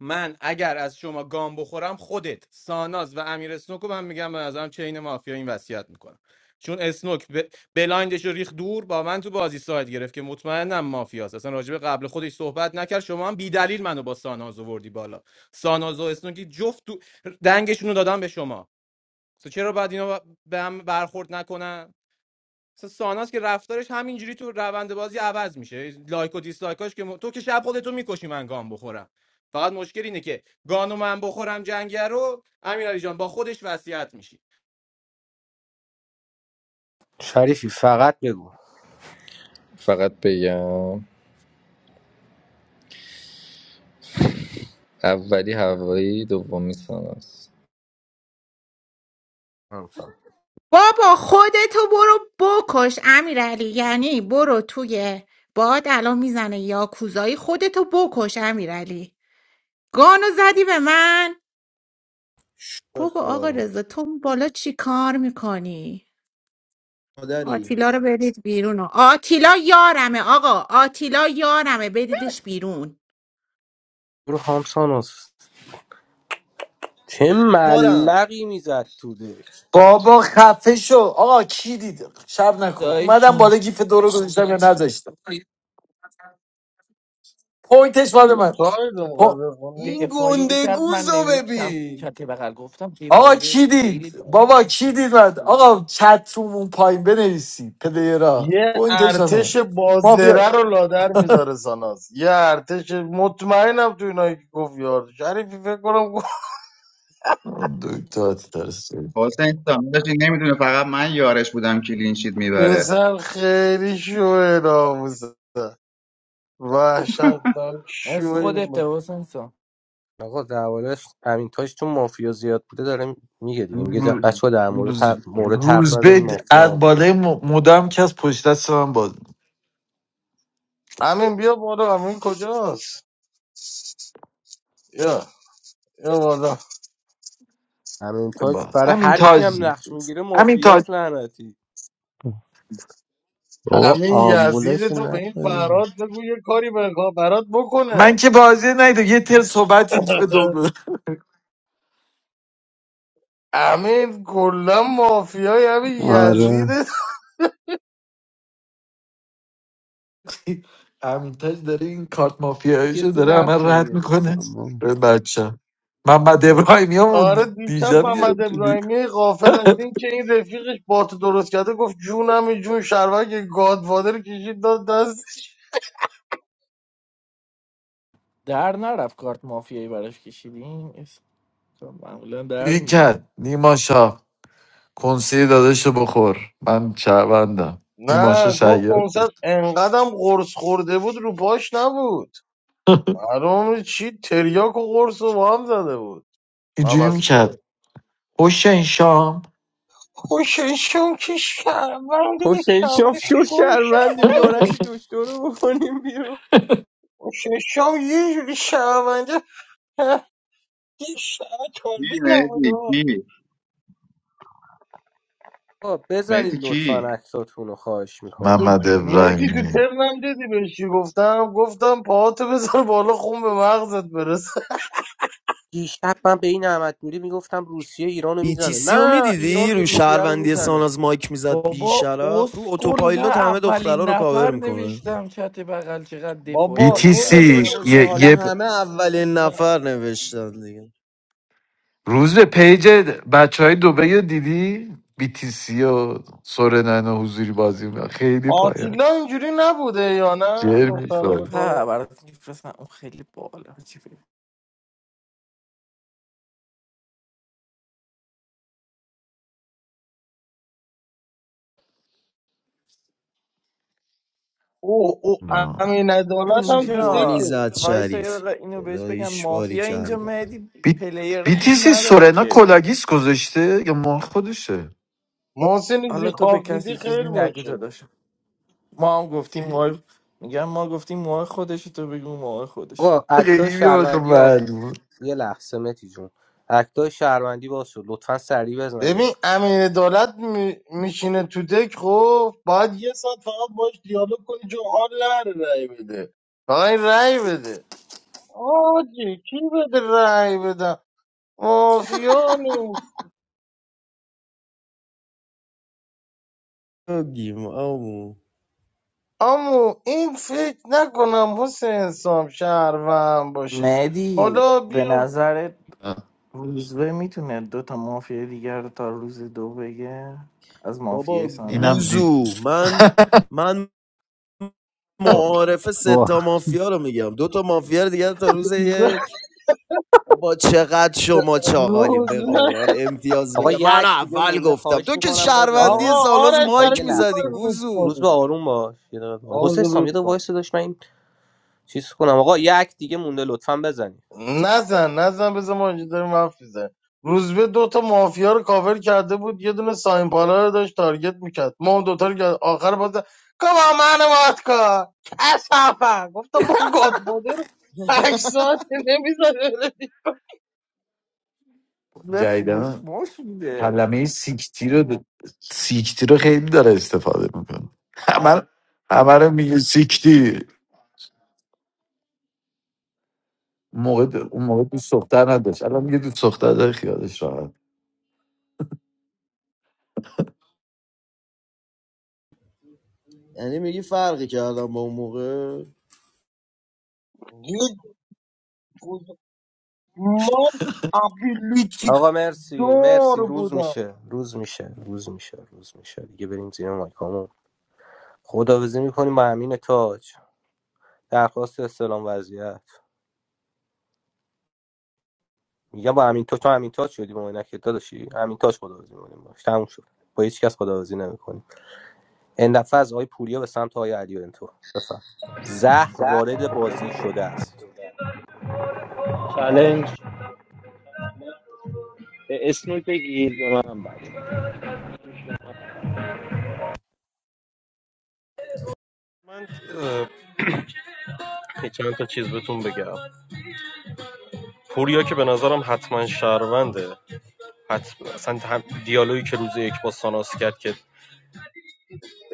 N: من اگر از شما گام بخورم خودت ساناز و امیر اسنوک رو من میگم به نظرم چین مافیا این وصیت میکنم چون اسنوک ب... بلایندش رو ریخ دور با من تو بازی ساید گرفت که مطمئنم مافیاست اصلا راجب قبل خودش صحبت نکرد شما هم بی دلیل منو با ساناز آوردی بالا ساناز و اسنوکی جفت تو- دنگشون رو دادم به شما اصلا چرا باید اینا ب- به هم برخورد نکنن اصلا ساناس که رفتارش همینجوری تو روند بازی عوض میشه لایک و دیسلایکاش که م- تو که شب خودتو میکشی من گام بخورم فقط مشکل اینه که گانو من بخورم جنگه رو امیرعلی جان با خودش وصیت میشی
C: شریفی فقط بگو
E: فقط بگم اولی هوایی دومی ساناز
C: خانم ساناز.
H: بابا خودتو برو بکش امیرعلی یعنی برو توی باد الان میزنه یا کوزایی خودتو بکش امیرعلی گانو زدی به من
O: شو
H: بابا آقا
O: خارم
H: رضا تو اون بالا چی کار میکنی؟
O: مادری
H: آتیلا رو بدید بیرون آتیلا یارمه آقا آتیلا یارمه بدیدش بیرون
C: برو خانم ساناز چه
O: کارم
C: ملقی میزد تو دک
P: بابا خفه شو آقا کی دید شب نکن
Q: دایش
P: اومدم بالا گیف دو رو گذاشتم یا نذاشتم پوینتش مال من
R: ساید موقع
P: پو-
R: بخونه
O: این
Q: دفاعیه کرد من
O: گندگوز رو
Q: نوشتم
O: ببین
Q: چت بغل گفتم
P: آقا کی
Q: دفاعیش خیلی
P: دید
Q: بد
P: بابا کی دید من آقا چت روم اون پایین بنویسی پلیرا
R: یه
P: پوینتش مال
R: ارتش
P: من مافیا
R: بازره رو لادر میذاره ساناز یه ارتش مطمئنم تو اینایی که گفت یار شریفی فکر کنم گفت *laughs*
P: دکتر ترسی
D: حسین سامداش این نمیدونه فقط من یارش بودم کلینشیت میبره
R: پسر خیلی شوه ناموسه وحشت دارم
Q: از
R: شوی
Q: خودت
R: من
Q: حسین سام.
C: آقا دربارهش همین تاش چون مافیا زیاد بوده داره میگه دیگه میگه
P: روز
C: بچه در مورد
P: روز
C: هر مورد حرف
P: روز
C: نزنین
P: به
C: مافیا
P: از
C: هم بود
P: بالای م- مدام که از پشت دست من باز
R: امین بیا بالا امین کجاست یا یا بالا
C: همین
P: می‌کنه.
C: تاش
P: با
C: برای
P: همین
C: هر کی
P: تاج
C: هم نقش میگیره
P: همین تاج
C: مافیاست لعنتی
S: Oh,
R: امین یزید
S: ambulance! I
R: تو به این
S: see.
R: فراد بگو یه کاری بگو برات
P: من
R: بکنه
P: که بازی نیده یه تر صحبت یه جیب دوگل
R: امین کلا مافیای همین یزید
P: همین تاج داره این کارت مافیایشو داره همه رد میکنه به بچه محمد ابراهیمی هم
R: آره دیشب
P: دیجم
R: محمد
P: گرفتیدی
R: ابراهیمی غافل از این که این رفیقش بات درست کرده گفت جونم این جون شروک گادفادر کشید داد دستش
Q: در نرفت کارت مافیایی براش کشیدیم معمولا در
P: دیری
Q: میره
P: کرد نیما شاه کنسیه داداشو بخور من چهوندم نیما شاه
R: نه گفت
P: شهیاد
R: کنسرت انقدم قرص خورده بود رو پاش نبود معلوم چی تریاک و قرص رو با هم زده بود
P: اینجوری
R: من
P: میکرد
R: سوپر
P: حسین شام
R: خوششون که شهرونده
C: حسین شام
R: کعبه
C: شو
R: شوی
C: شرمنده بیارش
R: شهرونده
C: دکتر رو بکنیم بیرون
R: خوششون یه جوری شهرونده *laughs* یه شهر
D: کی
R: تولید نبود
D: مهدی
R: آقا.
D: کی
C: آقا بزنید
D: مهدی کی
C: لطفا عکساتون رو خواهش میکنم
R: تو
P: محمد
R: مهدی تو
P: ابراهیمی
R: ترنم دیدی بهش چی گفتم گفتم پاهاتو بذار بالا خون به مغزت برسه
C: دیشب من به این احمد نوری میگفتم روسیه ایران رو میزنه
O: BTC رو
C: نه ایران
O: میدیدی
C: این
O: رو
C: روسیه رو
O: شهروندی
C: میزنه
O: ساناز مایک میزد بی
Q: بابا
O: رو
Q: اسکل من
O: اتوپایلوت همه دخترها
Q: اولین
O: رو کاور
Q: نفر
O: میکنه
Q: نوشتم چت بغل چقدر
R: بابا
Q: دفاعیش
R: این
P: BTC
Q: بد
O: برو بابا شو
P: یه,
O: حالا
P: یه پ-
O: همه اولین نفر نوشتن دیگه
P: روز به پیج بچه های دوبه دیدی BTC و سورنان و حضوری بازی می‌کنن. خیلی پایه
R: آتیلا اینجوری نبوده یا نه
P: جر
R: دخترها
Q: یه
R: به
P: میخوای
Q: په
R: کار
Q: برات میفرستم اون خیلی بالا چی بگم.
R: او او
P: نه.
R: امین عدالت
O: چه
R: هم تو
O: گانی
Q: اینجا
R: دکه
O: زد
Q: وایس یه
O: شریفی
Q: دقیقه اینو بهش بگم
O: خداییش باری
Q: مافیا اینجا
O: کلا
Q: مهدی پلیر خوب
P: BTC
Q: نداره
P: سورنا
Q: که
P: کلاگیس گذاشته یا ما خودشه
R: محسن ایزی
Q: حالا تو به
R: خواب دیدی
Q: کسی چیزی
R: خیر
Q: نگو
R: باشه
Q: داداش ما هم گفتیم ما میگم ما گفتیم ما خودش تو بگو ما خودش
C: آقا اکتای
P: خیلی آخه
C: شهروندی ها
P: معلوم
C: یه لحظه متی جون اکتای شهروندی باز شد لطفا سریع بزنید
R: ببین امین عدالت می- میشینه تو دک خب باید یه ساعت فقط باش دیالوگ کنی چون حال نره رأی بده فقط این رأی بده آجی کی بده رأی بدم مافیا نیست امو این فکر نکنم حسین سام شهروند باشه
Q: مهدی
R: حالا
Q: به
R: بیا
Q: نظرت روزبه میتونه دو تا مافیا دیگر رو تا روز دو بگه از
O: بابا
Q: مافیای
P: اینم
Q: سانه هست
P: دید
O: گوزو من من
S: What?
O: معارف
S: What?
O: ستا مافیا رو میگم دو تا مافیا دیگه تا روز یک
R: *laughs*
O: بابا چقدر شما چاقالیم
R: روز
O: به قرآن امتیاز
C: آقا
O: بگم من
C: یک دیگه
O: اول
C: مونده
O: گفتم
C: خواهش
O: تو که
C: میکنم
O: شهروندی
C: بزنه
R: آقا
O: سالاز
R: آرش
C: آقا
R: برای
C: یه
O: مایک
R: چی می‌خوای
O: میزدی
C: لحظه
R: روز
O: گوزو
C: روز به
R: کنی
C: آروم باش یه دقیقه.
R: آقا
C: حسین سام
R: روز
C: یه دقیقه
R: کن
C: وایس داشت من این چیز کنم آقا یک دیگه مونده لطفا بزنید
R: نزن نزن بذار ما اینجا داریم حرف میزنیم روزبه دو تا مافیا رو کاور کرده بود یه دونه ساین پالا رو داشت تارگت میکرد ما اون دوتا رو که آخر باز کما من وات کن کسافه گفت با گاد مادر پنج
O: *laughs*
R: ساعت نمیزنه
Q: روزبه فوش
P: جایدن
Q: ماش میده
P: کلمه سیکتی رو سیکتی رو خیلی داره استفاده میکنه همه همه رو میگه سیکتی اون موقع اون موقع دوست دختر نداشت الان میگه دوست دختر داره خیالش راحت
O: یعنی میگی فرقی کردم با اون موقع
R: ما ابیلیتی
C: آقا مرسی مرسی
R: دار
C: روز
R: بودم
C: میشه روز میشه روز میشه روز میشه دیگه بریم زیر مایکامون خداویسی میکنیم با امین تاج درخواست استلام وضعیت میگم با امین تاج تو امین تاج شدی با اینا که داداشی امین تاج خداویسی میکنیم باش تموم شد با هیچ کس خداویسی نمیکنیم این دفعه از آقای پوریا به سمت آقای علی انتو بفهم زهر وارد بازی شده است
F: چلنج اسنوی بگیر به منم بعد
A: من اه، یه چند تا چیز بهتون بگم پوریا که به نظرم حتما شهرونده حتما اصلا هم دیالوگی که روز یک با ساناس کرد که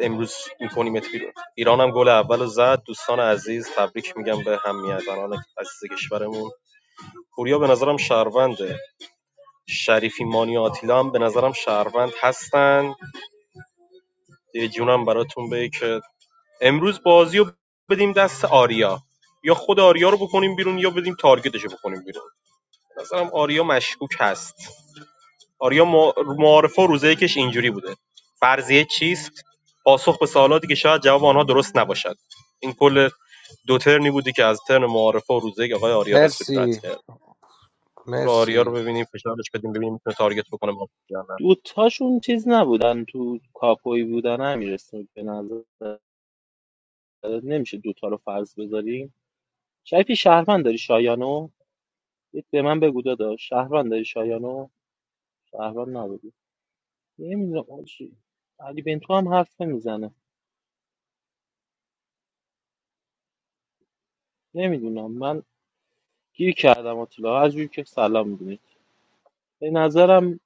A: امروز میکنیمت بیرون ایران هم گل اول رو زد دوستان عزیز تبریک میگم به همه زنان عزیز کشورمون پوریا به نظرم شهرونده شریفی مانی آتیلا هم به نظرم شهروند هستن یه جونم براتون بگه که امروز بازی رو بدیم دست آریا یا خود آریا رو بکنیم بیرون یا بدیم تارگتش رو بکنیم بیرون به نظرم آریا مشکوک هست آریا معارفه و روزه یکش اینجوری بوده فرضیه چیست پاسخ به سوالاتی که شاید جواب آنها درست نباشد این کل دو ترنی بودی که از ترن معارفه و روزه یک آقای آریا رسولی رد
C: مرسی
A: کرد رو آریا رو
C: مرسی
A: ببینیم فشارش بدیم ببینیم میتونه تارگت بکنه ما یا نه
F: دوتاشون چیز نبودن تو کاپوی بودن امیر اسنوک به نظر نمیشه دوتا رو فرض بذاریم شریفی شهروند داری شایانو یه به من بگو داداش شهروند داری شایانو شهروند نبودی نمیدونم آجی، علی بنتو هم حرف نمیزنه نمیدونم من گیر کردم اطلاع هر جوری که سلام می‌دونی به نظرم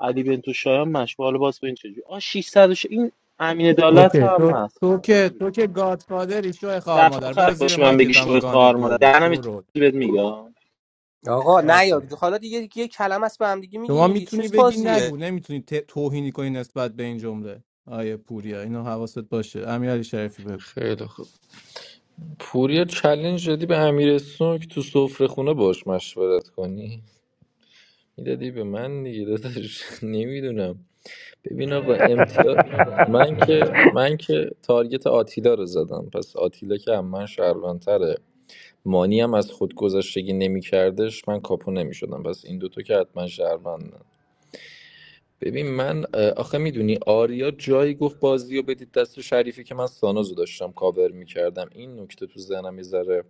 F: علی بنتو شایان مشغول حالا باز به این چجوری آ 600 این امین عدالت
N: اوکی
F: هم
N: تو
F: هست
N: تو که تو که گادفادری شو خار
F: دفعه
N: مادر
F: آخر
N: برو زیر
F: باشه من بگی
N: مایکت هم
F: شوی
N: گان
F: خار
N: دو
F: مادر
N: بود
F: دهنم یه
N: شو رو
F: چیزی بهت میگم
C: آقا نیاد
N: باشه.
C: حالا دیگه یه کلمه است به هم دیگه میگین
N: شما
C: دیگه چه
N: میتونی بگی
C: بازیه
N: نگو نمیتونی ت- توهینی کنی نسبت به این جمله آیه پوریا اینو حواست باشه امیرعلی شریفی بگو
E: خیلی خوب پوریا چلنج دادی به امیر اسنوک تو سفره خونه باش مشورت کنی میدادی به من دیگه داداش *laughs* نمیدونم ببین آقا امتیاز من که من که تارگت آتیلا رو زدم پس آتیلا که هم من شهروندتره مانی هم از خود گذشتگی نمیکردش من کاپو نمیشدم پس این دوتا که حتما شهروندن ببین من اه، آخه میدونی آریا جایی گفت بازی رو بدید دست شریفی که من سانوزو داشتم کاور میکردم این نکته تو ذهنم یه ذره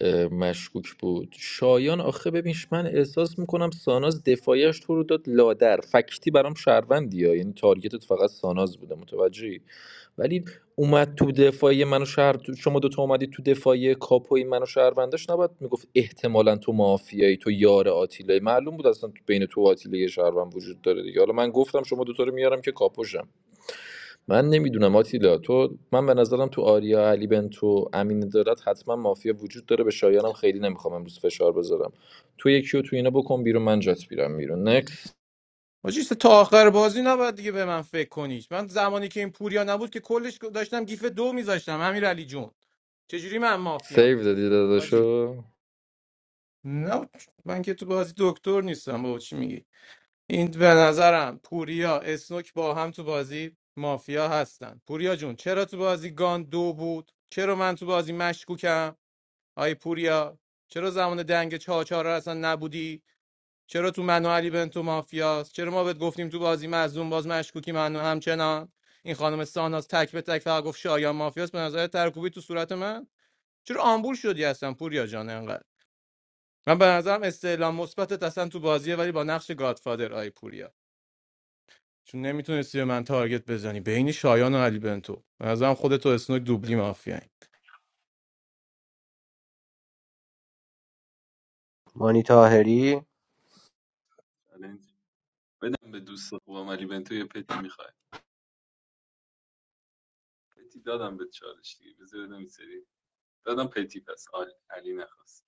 E: اه، مشکوک بود شایان آخه ببینش من احساس میکنم ساناز دفاعیش تو رو داد لادر فکتی برام شهروندی ها یعنی تارگتت فقط ساناز بوده متوجهی ولی اومد تو دفاعی منو شهر شما دوتا اومدی تو دفاعی کاپوی منو شهروندش نباید میگفت احتمالا تو مافیایی تو یار آتیلای معلوم بود اصلا تو بین تو و آتیلا یه شهروند وجود داره دیگه حالا من گفتم شما دوتا رو میارم که کاپوشم من نمیدونم آتیلا تو من به نظرم تو آریا علی بنتو امین دارد حتما مافیا وجود داره به شایانم خیلی نمیخوام امروز فشار بذارم تو یکی و تو اینا بکن بیرون من جات بیرم بیرون نکس
N: حاجی تا آخر بازی نباید دیگه به من فکر کنی من زمانی که این پوریا نبود که کلش داشتم گیف دو میذاشتم امیر علی جون چجوری من مافیام
E: سیو دادی
N: حاجی
E: داداشو
N: نه من که تو بازی دکتر نیستم بابا چی میگی این به نظرم پوریا اسنوک با هم تو بازی مافیا هستن پوریا جون چرا تو بازی گان دو بود چرا من تو بازی مشکوکم آی پوریا چرا زمان دنگ چهار چهار اصلا نبودی چرا تو منو علی بنتو مافیاست چرا ما بهت گفتیم تو بازی مظلوم باز مشکوکی منو همچنان این خانم ساناز تک به تک فقط گفت شایان مافیاست به نظر ترکوبی تو صورت من چرا آمبول شدی هستم پوریا جان انقدر من به نظرم استعلام مثبتت اصلا تو بازیه ولی با نقش گادفادر آی پوریا چون نمیتونستی به من تارگت بزنی بین شایان و علی بنتو به نظرم خودتو اسنوک دوبلی مافیایی
C: مانی طاهری
M: چالنج بدم به دوست خوبم علی بنتو یه پتی میخوای پتی دادم به چالش دیگه بذار بدم این سری دادم پتی پس آل- علی نخواست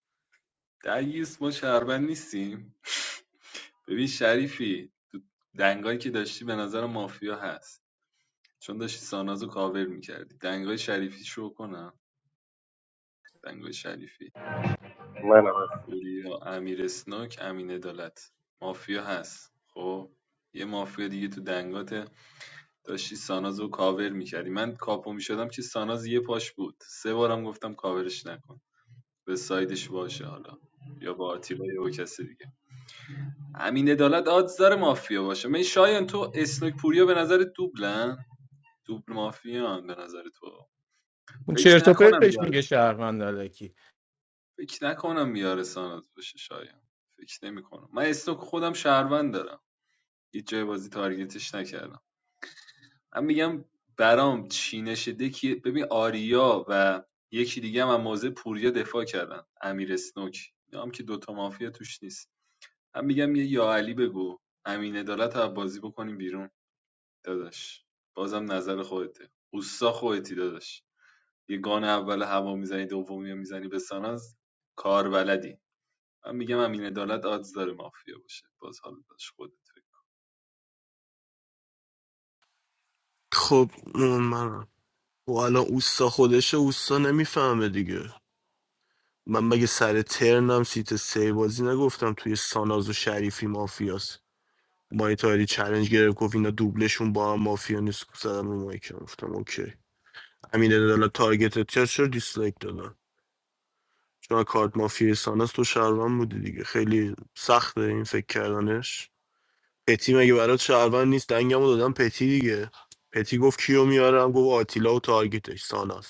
M: درگیس ما شهروند نیستیم ببین شریفی تو دنگایی که داشتی به نظر مافیا هست چون داشتی سانازو کاور میکردی دنگای شریفی شو کنم دنگای شریفی
A: نه نه
M: پوریا امیر اسنوک امین عدالت مافیا هست خب یه مافیا دیگه تو دنگات داشتی ساناز رو کاور میکردی من کاپو میشدم که ساناز یه پاش بود سه بارم گفتم کاورش نکن به سایدش باشه حالا یا با آتیلا یا با کسی دیگه امین عدالت آدز داره مافیا باشه من شایان تو اسنوک پوریا به نظر دوبلن دوبل مافیان به نظر تو
N: اون
M: فکر
N: چرت و
M: نکنم
N: پرتش
M: یار
N: میگه شهروند علکی
M: فکر نکنم یار ساناز باشه شایان فکر نمی کنم. من اسنوک خودم شهروند دارم هیچ جای بازی تارگتش نکردم من میگم برام چینش دکی ببین آریا و یکی دیگه هم از موضع پوریا دفاع کردن امیر اسنوک اینا که دوتا مافیا توش نیست من میگم یه یا علی بگو امین عدالت رو بازی بکنیم بیرون داداش بازم نظر خودته اوستا خودتی داداش یه گان اول هوا میزنی دومی رو میزنی به ساناز کار بلدی من میگم امین عدالت آدز داره مافیا باشه باز حال داشت خودت فکر.
I: خب اون منم خب الان اوستا خودشه اوستا نمیفهمه دیگه من مگه سر ترنم سیت سه بازی نگفتم توی ساناز و شریفی مافیاست مای تایری چلنج گرفت گفت اینا دوبلشون با هم مافیا نیست زدم رو مایی که گفتم اوکی امین عدالت تارگت تیار چرا دیسلایک دادن چون کارت مافیا ساناز تو شهروند بودی دیگه خیلی سخته این فکر کردنش پتی مگه برات شهروند نیست دنگمو دادم پتی دیگه پتی گفت کیو میارم گفت آتیلا و تارگتش ساناز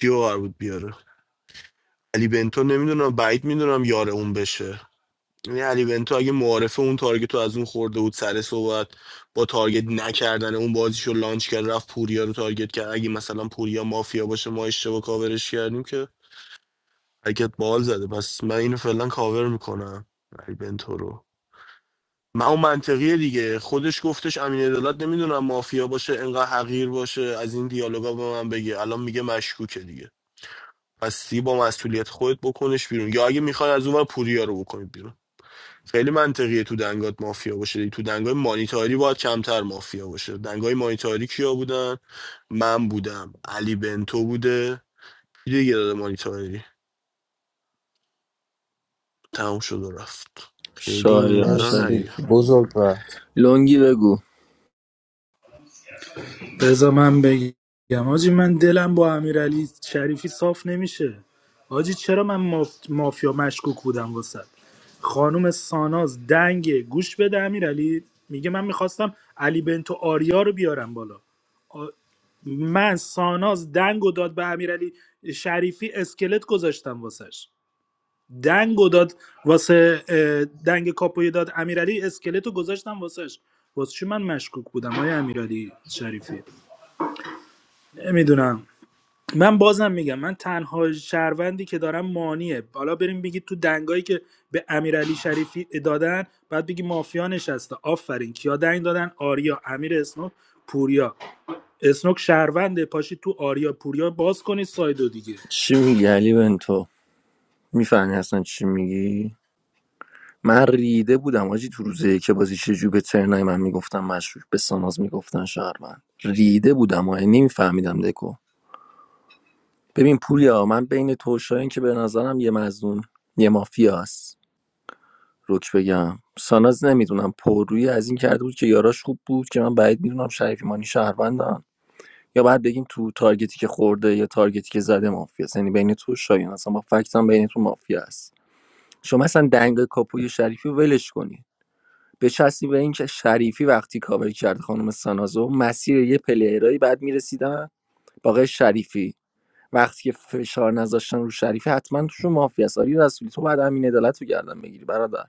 I: کیو قرار بود بیاره علی بنتو نمیدونم بعید میدونم یار اون بشه یعنی علی بنتو اگه معارفه اون تارگت رو از اون خورده بود سر صحبت با تارگت نکردن اون بازیش رو لانچ کرد رفت پوریا رو تارگت کرد اگه مثلا پوریا مافیا باشه ما اشتباه کاورش کردیم که حرکت بال زده پس من اینو فعلا کاور میکنم علی بنتو رو من اون منطقیه دیگه خودش گفتش امین عدالت نمیدونم مافیا باشه انقدر حقیر باشه از این دیالوگا به من بگه الان میگه مشکوکه دیگه. هستی با مسئولیت خودت بکنش بیرون یا اگه میخوای از اونور پوریا رو بکنید بیرون خیلی منطقیه تو دنگات مافیا باشه تو دنگای مانیتاری باید کمتر مافیا باشه دنگای مانیتاری کیا بودن من بودم علی بنتو بوده کی دیگه داده مانیتاری تموم شد و رفت خیلی این
B: شایان
I: ورا
C: مرسی
I: نیا
B: شریفی
C: بزرگ وقت
B: لونگی بگو
G: بذار من بگم حاجی من دلم با امیرعلی شریفی صاف نمیشه حاجی چرا من ماف... مافیا مشکوک بودم واسه خانم ساناز دنگ گوش بده امیرعلی میگه من میخواستم علی بنتو آریا رو بیارم بالا آ- من ساناز دنگ و داد به امیرعلی شریفی اسکلت گذاشتم واسش دنگ و داد واسه اه، دنگ کاپوی داد امیرعلی اسکلت رو گذاشتم واسش واسه چی من مشکوک بودم های امیرعلی شریفی نمیدونم من بازم میگم من تنها شهروندی که دارم مانیه حالا بریم بگید تو دنگایی که به امیرعلی شریفی دادن بعد بگی مافیا نشسته آفرین کیا دنگ دادن آریا امیر اسنوک پوریا اسنوک شهرونده پاشید تو آریا پوریا باز کنید سایدو دیگه
B: چی میگی علی بنتو میفهمی اصلا چی میگی من ریده بودم آجی تو روزه که بازی چجوری به ترنای من میگفتم مشروع به ساناز میگفتن شهروند ریده بودم و نمیفهمیدم دکو ببین پوریا من بین تو و شاهین که به نظرم یه مزنون یه مافیاست روک بگم ساناز نمیدونم پررویی از این کرده بود که یاراش خوب بود که من بعید میدونم شریفی مانی شهروندن یا بعد بگیم تو تارگتی که خورده یا تارگتی که زده مافیاست یعنی بین تو و شاهین اصلا با فکت هم بین تو مافیا است شما اصلا دنگ کاپوی شریفی رو ولش کنی بچسبی به اینکه شریفی وقتی کاوری کرد خانم سانازو مسیر یه پلیرایی بعد میرسیدن با آقای شریفی وقتی که فشار نذاشتن رو شریفی حتما توشون مافیا است آری رسولی تو بعد امین عدالت رو گردن بگیری برادر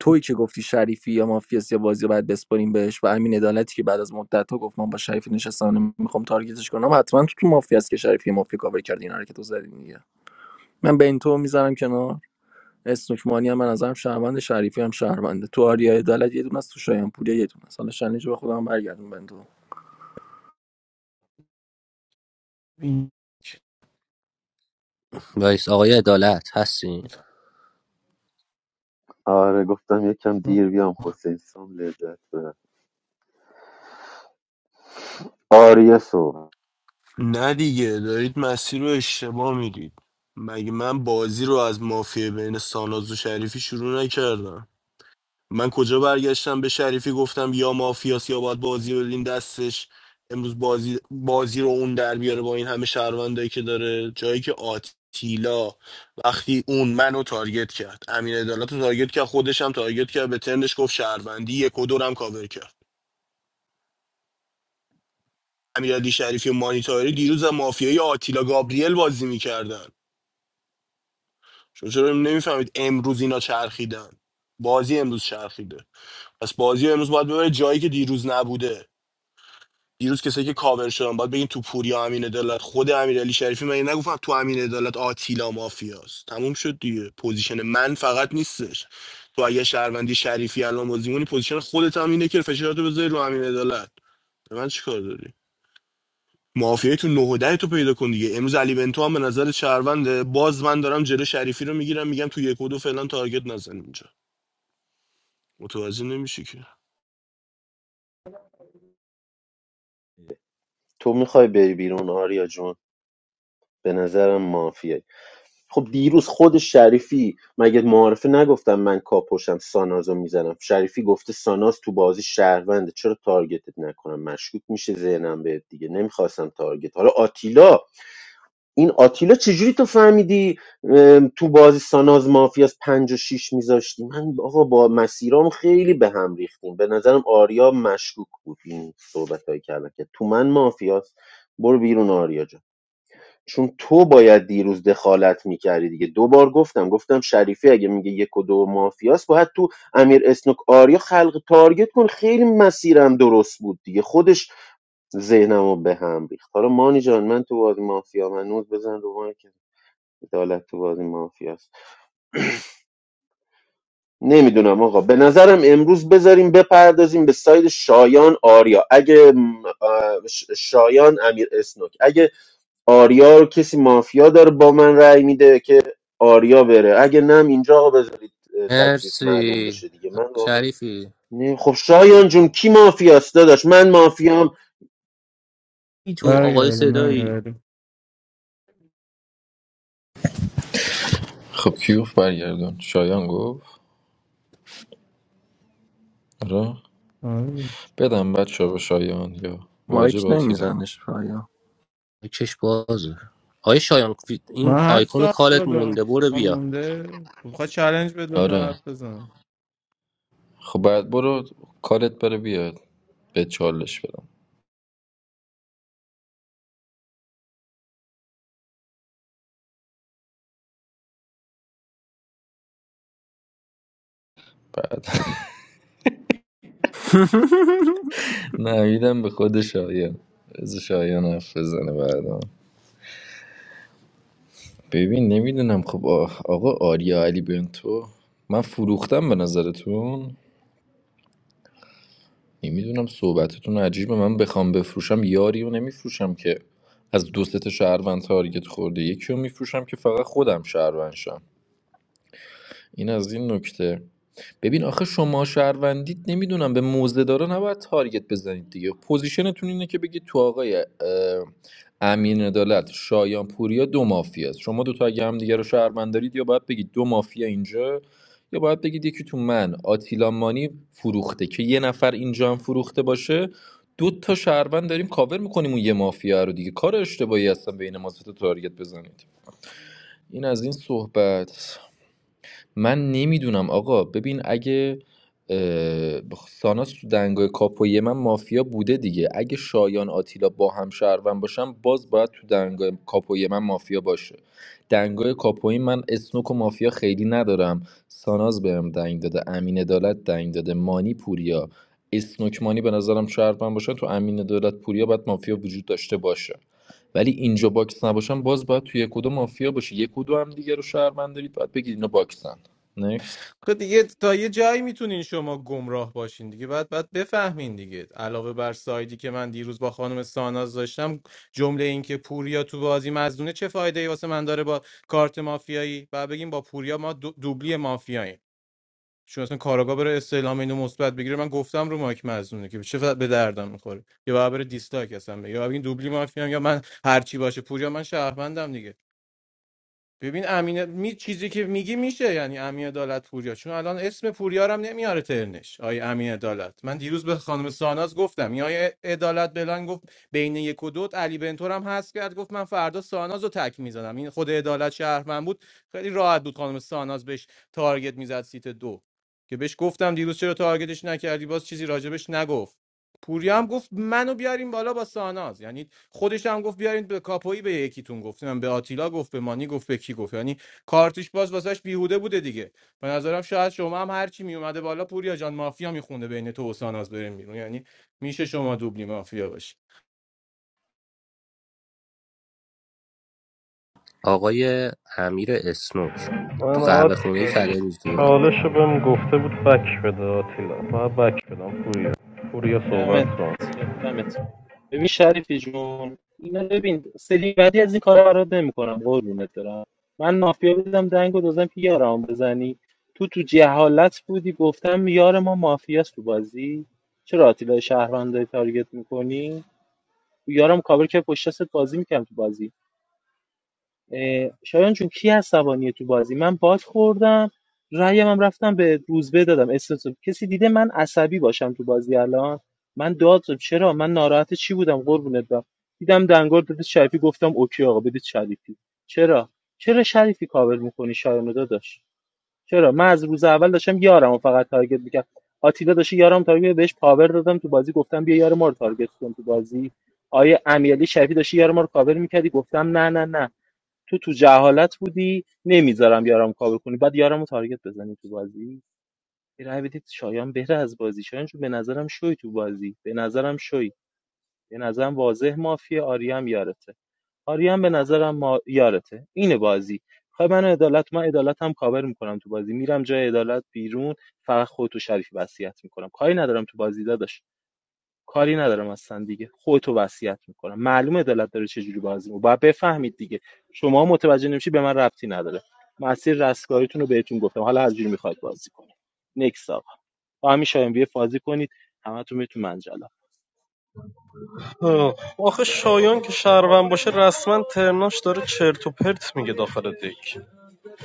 B: تویی که گفتی شریفی یا مافیاس یا بازی بعد بسپاریم بهش و امین عدالتی که بعد از مدت ها گفت من با شریفی نشستم میخوام تارگتش کنم حتما تو تو مافیاس که شریفی مافیا کاور کرد اینا رو که تو زدی دیگه من به این تو میذارم کنار اسنوک مانی هم من نظرم شهروند شریفی هم شهرونده تو آریا عدالت یه دونه است تو شایان پوریا یه دونه است حالا شنیجه به خودم برگردون بنتو
N: این
C: وایس آقای عدالت هستین
L: آره گفتم یکم دیر بیام حسین سام لذت ببر آریا صحبت
I: نه دیگه دارید مسیر رو اشتباه میدید مگه من بازی رو از مافیا بین ساناز و شریفی شروع نکردم من کجا برگشتم به شریفی گفتم یا مافیاس یا باید بازی رو بدیم دستش امروز بازی بازی رو اون در بیاره با این همه شهروندایی که داره جایی که آتیلا وقتی اون منو تارگت کرد امین عدالت رو تارگت کرد خودش هم تارگت کرد به ترنش گفت شهروندی یک و دورم کاور کرد امیرعلی شریفی و مانیتاری دیروز هم مافیای آتیلا گابریل بازی میکردن شما چرا نمیفهمید امروز اینا چرخیدن بازی امروز چرخیده پس بازی امروز باید ببره جایی که دیروز نبوده دیروز کسایی که کاور شدن باید بگین تو پوری امین عدالت خود امیر علی شریفی من نگفتم تو امین عدالت آتیلا مافیاست تموم شد دیگه پوزیشن من فقط نیستش تو اگه شهروندی شریفی الان بازی کنی پوزیشن خودت هم اینه که فشارتو بذاری رو امین عدالت به من چیکار داری مافیای تو نه و ده تو پیدا کن دیگه امروز علی بنتو هم به نظر شهرونده باز من دارم جلو شریفی رو میگیرم میگم تو یک و دو فعلا تارگت نزن اینجا متوجه نمیشی که
L: تو میخوای بری بیرون آریا جون به نظرم مافیه خب دیروز خود شریفی مگه معارفه نگفتم من کاپوشم سانازو میزنم شریفی گفته ساناز تو بازی شهرونده چرا تارگتت نکنم مشکوک میشه ذهنم بهت دیگه نمیخواستم تارگت حالا آتیلا این آتیلا چجوری تو فهمیدی ام، تو بازی ساناز مافیا از پنج و شیش میذاشتی من آقا با مسیرام خیلی به هم ریختیم به نظرم آریا مشکوک بود این صحبت هایی کردن که تو من مافیاست برو بیرون آریا جان. چون تو باید دیروز دخالت میکردی دیگه دو بار گفتم گفتم شریفی اگه میگه یک و دو مافیاست باید تو امیر اسنوک آریا خلق تارگت کن خیلی مسیرم درست بود دیگه خودش ذهنمو به هم ریخت حالا مانی جان من تو بازی مافیا منوز بزن رو مایک عدالت تو بازی مافیاست نمیدونم آقا به نظرم امروز بذاریم بپردازیم به ساید شایان آریا اگه م، آه، ش- شایان امیر اسنوک اگه آریا رو کسی مافیا داره با من رأی میده که آریا بره اگه نم اینجا آقا بذارید اه، تکلیف معلوم
C: مرسی
L: بشه دیگه من واقعا
C: شریفی
L: نه خب شایان جون کی مافیاست داداش من مافیام
C: ای تو آقای
N: برگردم
C: صدایی
N: نمیبریم
E: خب کیوف برگردون شایان گفت آره بدم بچه به شایان یا واجب
B: مایک
E: آتیلا
B: نمیزنش پایا
C: چش بازه آقای شایان فی- این
N: من هفت
C: آیکون
N: سال بالا
C: کالت مونده
N: دارم
C: برو
N: من
C: بیا
N: مونده بخواد چلنج به
E: آره
N: دولت بزن
E: خب بعد برو کارت بره بیاد به چالش بدم بعد *laughs*
B: *laughs*
E: نه میدم به خود شایان از شایان حرف بزنه بعدا ببین نمیدونم خب آ- آقا آریا علی بنتو من فروختم به نظرتون نمیدونم صحبتتون عجیبه من بخوام بفروشم یاری رو نمیفروشم که از دو سه تا شهروند تارگت خورده یکی رو میفروشم که فقط خودم شهروند شم این از این نکته ببین آخه شما شهروندیت نمیدونم به موزه داره نباید تارگت بزنید دیگه پوزیشنتون اینه که بگید تو آقای اه، امین عدالت شایان پوریا دو مافیا است شما دوتا اگه هم دیگه رو شهروند دارید یا باید بگید دو مافیا اینجا یا باید بگید یکی تو من آتیلا مانی فروخته که یه نفر اینجا هم فروخته باشه دو تا شهروند داریم کاور میکنیم اون یه مافیا رو دیگه کار اشتباهی هستن بین ما سه تا تارگت بزنید این از این صحبت من نمیدونم آقا ببین اگه اه، ساناس تو دنگای کاپوی من مافیا بوده دیگه اگه شایان آتیلا با هم شهروند باشم باز باید تو دنگای کاپوی من مافیا باشه دنگای کاپوی من اسنوک و مافیا خیلی ندارم ساناز بهم دنگ داده امین عدالت دنگ داده مانی پوریا اسنوک مانی به نظرم شهروند باشن تو امین عدالت پوریا باید مافیا وجود داشته باشه ولی اینجا باکس نباشن باز باید تو یک و دو مافیا باشه یک و دو هم دیگه رو شهروند دارید باید بگید اینا باکسن نکس
N: خب دیگه تا یه جایی میتونین شما گمراه باشین دیگه بعد بعد بفهمین دیگه علاوه بر سایدی که من دیروز با خانم ساناز داشتم جمله این که پوریا تو بازی مزدونه چه فایده ای واسه من داره با کارت مافیایی بعد بگیم با پوریا ما دو- دوبلی مافیاییم چون اصلا کاراگاه بره استعلام اینو مثبت بگیره من گفتم رو مایک مزنونه که چه به دردم میخوره یا باید بره دیستاک اصلا بگه. یا باید این دوبلی مافیا یا من هر چی باشه پوریا من شهروندم دیگه ببین امین می چیزی که میگی میشه یعنی امین عدالت پوریا چون الان اسم پوریا رو هم نمیاره ترنش آی امین عدالت من دیروز به خانم ساناز گفتم یا آی عدالت بلان گفت بین یک و دوت علی بنتور هم هست کرد گفت من فردا ساناز رو تک میزنم این خود عدالت شهر من بود خیلی راحت بود خانم ساناز بهش تارگت میزد سیت دو که بهش گفتم دیروز چرا تارگتش نکردی باز چیزی راجبش نگفت پوریا هم گفت منو بیاریم بالا با ساناز یعنی خودش هم گفت بیارین به کاپویی به یکیتون گفت من به آتیلا گفت به مانی گفت به کی گفت یعنی کارتیش باز واسش بیهوده بوده دیگه به نظرم شاید شما هم هر چی می اومده بالا پوریا جان مافیا میخونده بین تو و ساناز بریم بیرون یعنی میشه شما دوبلی مافیا باشی
C: آقای امیر اسنوک تو
A: من
C: قهوه خونه
A: آتیلا
C: کلمز تو بده
A: چالش رو بهم گفته بود بک بده آتیلا باید بک بدم پوریا پوریا صحبت
F: دمت
A: کن
F: دمت ببین شریفی جون اینا ببین سری بعدی از این کارا برات نمیکنم قربونت برم من مافیا بودم دنگو دادم که یارم بزنی تو تو جهالت بودی گفتم یار ما مافیاست تو بازی چرا آتیلا شهروند داری تارگت میکنی یارم کابر که پشت دستت بازی میکنم تو بازی اه، شایان چون کی عصبانیه تو بازی من باک خوردم رأیم هم رفتم به روزبه دادم استرس کسی دیده من عصبی باشم تو بازی الان من داد چرا من ناراحت چی بودم قربونت برم دیدم دنگار بده شریفی گفتم اوکی آقا بدید شریفی چرا چرا شریفی کاور میکنی شایانو داداش چرا من از روز اول داشتم یارم و فقط تارگت میکرد آتیلا داشت یارم تارگت بهش پاور دادم تو بازی گفتم بیا یار ما رو تارگت کن تو بازی آیه امیرعلی شریفی داشت یار ما رو کاور میکردی گفتم نه نه نه تو تو جهالت بودی نمیذارم یارم کاور کنی بعد یارمو رو تارگت بزنی تو بازی یه رای بدید شایان بهره از بازی شایان چون به نظرم شوی تو بازی به نظرم شوی به نظرم واضح مافیه آریام یارته آریام به نظرم ما... یارته اینه بازی خب من عدالت من عدالتم کاور میکنم تو بازی میرم جای عدالت بیرون فقط خودتو شریفی وصیت میکنم کاری ندارم تو بازی داداش کاری ندارم اصلا دیگه خودتو وصیت میکنم معلومه دلت داره چه چجوری بازی میکنه باید بفهمید دیگه شما متوجه نمیشی به من ربطی نداره مسیر رستگاریتون رو بهتون گفتم حالا هر جوری میخواید بازی کنید نکس آقا با همین شایم بیه بازی کنید همتون میتون منجلا
A: آخه شایان که شهروند باشه رسما ترناش داره چرت و پرت میگه داخل دک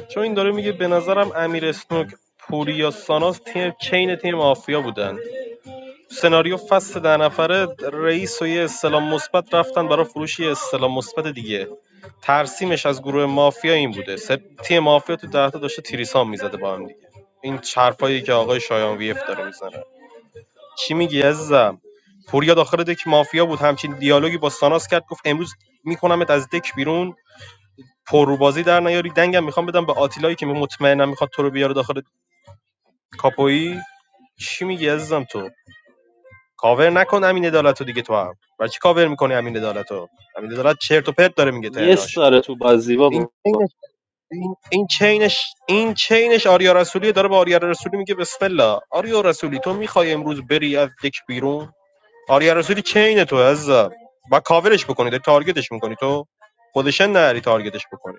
A: چون این داره میگه به نظرم امیر اسنوک پوریا ساناس تیم چین تیم مافیا بودن سناریو فصل ده نفره رئیس و یه استلام مثبت رفتن برای فروش یه استلام مثبت دیگه ترسیمش از گروه مافیا این بوده سه- تیم مافیا تو ده تا داشته تریسام میزده با هم دیگه این حرفایی که آقای شایان ویف داره میزنه چی میگی عزیزم پوریا داخل دک مافیا بود همچین دیالوگی با ساناس کرد گفت امروز میکنمت از دک بیرون پروبازی در نیاری دنگم میخوام بدم به آتیلایی که مطمئنم میخواد تو رو بیاره داخل کاپویی چی میگی عزیزم تو کاور نکن امین عدالتو دیگه تو هم برای چی کاور میکنی امین عدالتو امین عدالت چرت و پرت داره میگه
F: یه
A: ترناش
F: داره تو بازی
A: این
F: بابا
A: چینش این, این چینش این چینش آریا رسولی داره به آریا رسولی میگه بسم الله آریا رسولی تو میخوای امروز بری از دک بیرون آریا رسولی چین تو از و کاورش بکنی داری تارگتش میکنی تو خودش نری تارگتش بکنی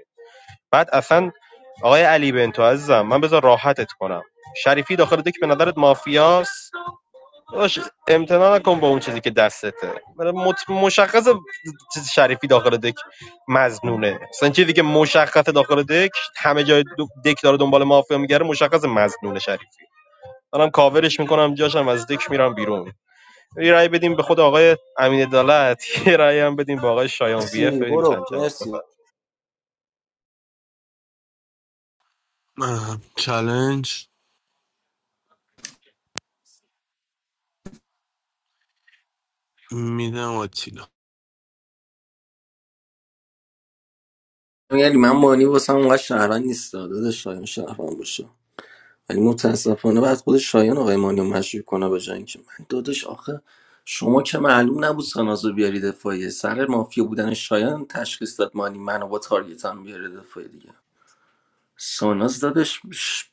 A: بعد اصلا آقای علی بنتو عزیزم من بذار راحتت کنم شریفی داخل دک به نظرت مافیاست باش امتنا نکن با اون چیزی که دستته برای مت... مشخص چیز شریفی داخل دک مزنونه مثلا چیزی که مشخص داخل دک همه جای دک داره دنبال مافیا میگره مشخص مزنونه شریفی منم کاورش میکنم جاشم از دک میرم بیرون یه رأی بدیم به خود آقای امین عدالت *laughs* یه رأی هم بدیم به آقای شایان وی اف
C: مرسی
A: ببینیم چند
C: برو
A: چند
C: مرسی
A: بفر
I: چالش میدم آتیلا
B: یعنی من مانی واسم اونقدر شهروند نیست داده شایان شهروند باشه ولی متاسفانه بعد خود شایان آقای مانی رو مشروع کنه به جای اینکه من دادش آخه شما که معلوم نبود سانازو بیاری دفاعیه سر مافیا بودن شایان تشخیص داد مانی منو با تارگتم بیاره دفاعی دیگه ساناز دادش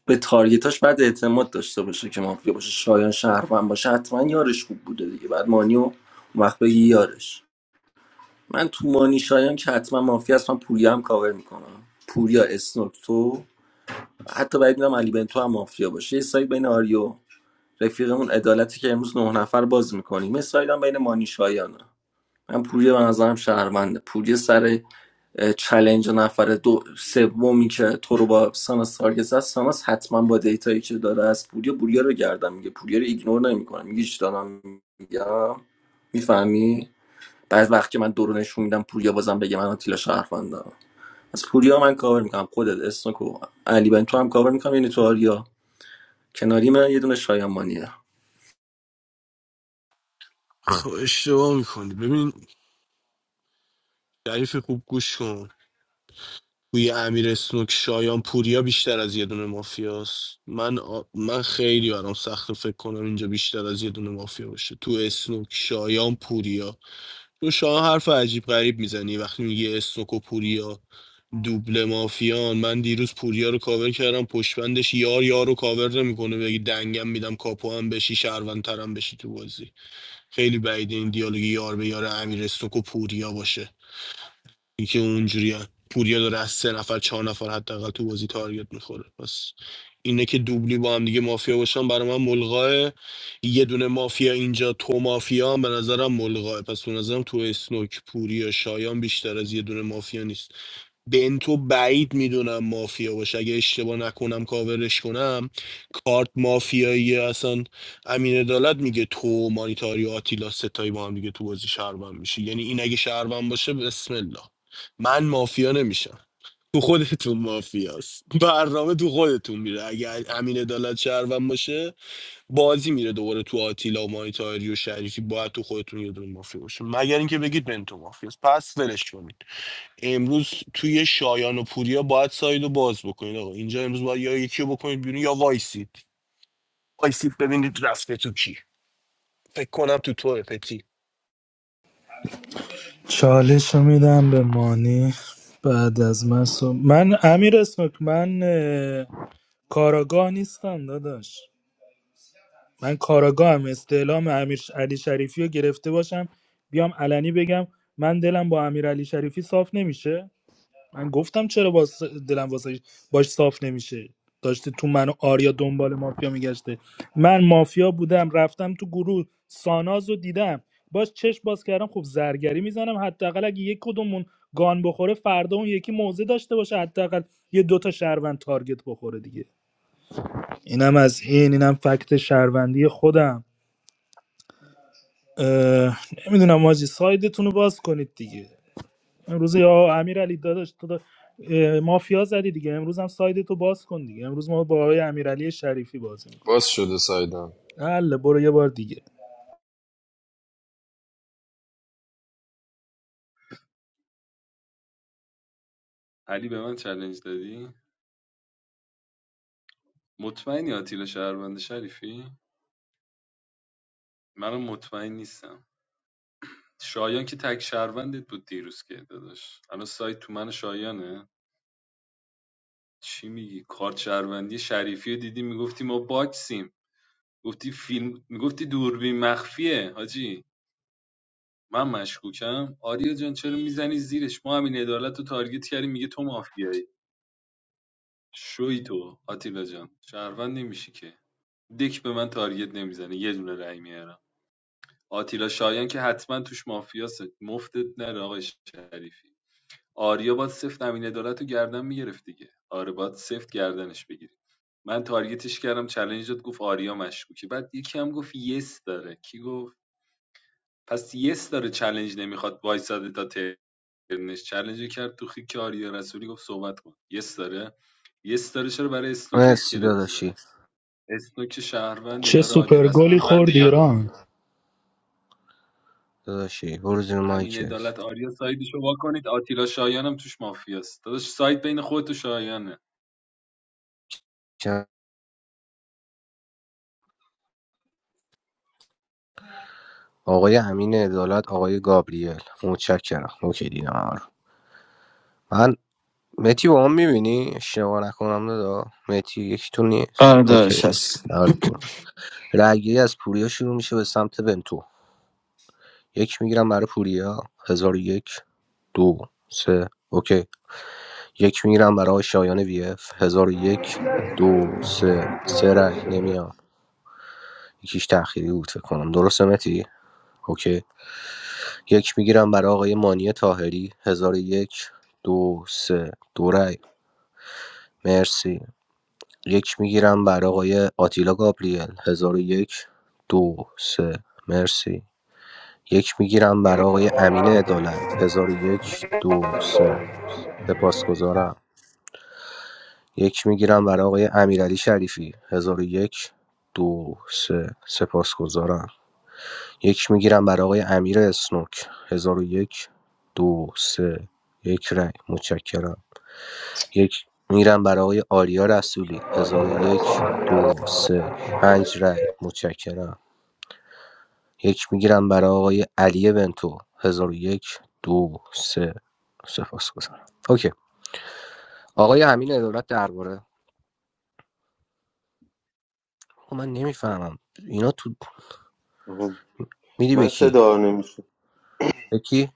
B: به تارگتاش بعد اعتماد داشته باشه که مافیا باشه شایان شهروند باشه حتما یارش خوب بوده دیگه بعد مانیو اون وقت بگی یارش من تو مانی شایان که حتما مافیا هست من پوریا هم کاور میکنم پوریا اسنوک تو حتی باید میدونم علی بنتو هم مافیا باشه یه سایت بین آریو رفیقمون عدالتی که امروز نه نفر باز میکنیم یه سایت هم بین مانی شایانه من پوریا به نظرم شهرونده پوریا سر اه، چلنج نفر دو سومی که تو رو با ساناس تارگت زد ساناس حتما با دیتایی که داره از پوریا پوریا رو گردم میگه پوریا رو ایگنور نمیکنه میگه چی دارم میگم میفهمی بعد وقت که من دورو نشون میدم پوریا بازم بگه من آتیلا شهروندم از پوریا من کاور میکنم خودت اسنوکو علی بن تو هم کاور میکنم یعنی تو آریا کناری من یه دونه شایانمانیه.
I: خب اشتباه میکنی ببین شریف خوب گوش کن توی امیر اسنوک شایان پوریا بیشتر از یه دونه مافیاست من آ- من خیلی برام سخت فکر کنم اینجا بیشتر از یه دونه مافیا باشه تو اسنوک شایان پوریا تو شایان حرف عجیب غریب میزنی وقتی میگی اسنوک و پوریا دوبله مافیان من دیروز پوریا رو کاور کردم پشتبندش یار یار رو کاور نمیکنه بگی دنگم میدم کاپو هم بشی شهروندترم بشی تو بازی خیلی بعید این دیالوگ یار به یار امیر اسنوک و پوریا باشه اینکه اونجوری پوریا داره از سه نفر چهار نفر حداقل تو بازی تارگت میخوره پس اینه که دوبلی با هم دیگه مافیا باشن برای من ملغاه یه دونه مافیا اینجا تو مافیا هم به نظرم ملغاه پس به نظرم تو اسنوک پوریا شایان بیشتر از یه دونه مافیا نیست بنتو بعید میدونم مافیا باشه اگه اشتباه نکنم کاورش کنم کارت مافیایی اصلا امین عدالت میگه تو مانیتاری و آتیلا ستایی با هم دیگه تو بازی شهروند میشه یعنی این اگه شهروند باشه بسم الله من مافیا نمیشم تو خودتون مافیاست برنامه تو خودتون میره اگه امین عدالت شهروند باشه بازی میره دوباره تو آتیلا و مانیتاری و شریفی باید تو خودتون یه دونه مافیا باشه مگر اینکه بگید بنتو تو مافیاست پس ولش کنید امروز توی شایان و پوریا باید سایدو باز بکنید آقا اینجا امروز باید یا یکی رو بکنید بیرون یا وایسید وایسید ببینید رفته تو کی فکر کنم تو توه پتی
G: چالش رو میدم به مانی بعد از من صحب- من امیر اسنوک من اه، کاراگاه نیستم داداش من کاراگاهم استعلام امیر علی شریفی رو گرفته باشم بیام علنی بگم من دلم با امیر علی شریفی صاف نمیشه من گفتم چرا با دلم واسه باش صاف نمیشه داشته تو من و آریا دنبال مافیا میگشته من مافیا بودم رفتم تو گروه ساناز رو دیدم باش چشم باز کردم خب زرگری میزنم حداقل اگه یک کدومون گان بخوره فردا اون یکی موزه داشته باشه حداقل یه دوتا شهروند تارگت بخوره دیگه اینم از این اینم فکت شهروندی خودم اه، نمیدونم ماجی سایدتون رو باز کنید دیگه امروز یا امیر علی داداش تو دا... اه، مافیا زدی دیگه امروز هم سایدتو باز کن دیگه امروز ما با آقای امیرعلی شریفی بازی میکنیم
E: باز شده سایدم
G: الله برو یه بار دیگه
M: علی به من چالش دادی مطمئنی آتیلا شهروند شریفی منم مطمئن نیستم شایان که تک شهروندت بود دیروز که داداش الان سایت تو من و شایانه چی میگی کارت شهروندی شریفی رو دیدی میگفتی ما باکسیم گفتی فیلم میگفتی دوربین مخفیه حاجی من مشکوکم آریا جان چرا میزنی زیرش ما همین عدالت رو تارگت کردیم میگه تو مافیایی شوی تو آتیلا جان شهروند نمیشی که دک به من تارگت نمیزنه یه دونه رأی میارم آتیلا شایان که حتما توش مافیاست مفتت نره آقای شریفی آریا باید سفت امین عدالت رو گردن میگرفت دیگه آره باید سفت گردنش بگیری من تارگتش کردم چلنج داد گفت آریا مشکوکه بعد یکی هم گفت یس داره کی گفت پس یس داره چلنج نمیخواد وایساده تا ترنش چلنج رو کرد تو خیک آریا رسولی گفت صحبت کن یس داره یس داره چرا برای اسنوک
C: مرسی
M: اسکلت
C: داداشی
M: میذاره اسنوک شهروند
G: چه
M: یار آریا
G: سوپر
M: رسولی
G: گلی
M: میشه
G: خورد ایران
C: داداشی برو زیر
M: امین
C: مایکت
M: عدالت آریا سایدشو وا کنید آتیلا شایانم توش مافیاست داداش ساید بین خودت و شایانه
C: چند- آقای امین عدالت آقای گابریل متشکرم اوکی دیدم همه رو. من متی با هم میبینی اشتباه نکنم ندا متی یکیتون نیست
P: آره دارش
C: اوکی
P: هست
C: آره برو رأیگیری از پوریا شروع میشه به سمت بنتو یک میگیرم برای پوریا هزار و یک دو سه اوکی یک میگیرم برای شایان وی اف هزار و یک دو سه سه رأی نمیام یکیش تأخیری بود فکر کنم درسته متی اوکی یک میگیرم برای آقای مانی تاهری هزار و یک دو سه دو رأی مرسی یک میگیرم برای آقای آتیلا گابریل هزار و یک دو سه مرسی یک میگیرم برای آقای امین عدالت هزار و یک دو سه سپاسگزارم یک میگیرم برای آقای امیرعلی شریفی هزار و یک دو سه سپاسگزارم یک میگیرم برای آقای امیر اسنوک هزار و یک دو سه یک رای متشکرم یک میرم برای آقای آریا رسولی هزار و یک دو سه پنج رای متشکرم یک میگیرم برای آقای علی بنتو هزار و یک دو سه سپاس اوکی آقای امین عدالت درباره خب من نمیفهمم اینا تو میدی به
L: من
C: کی
L: صدا نمیشه
C: به کی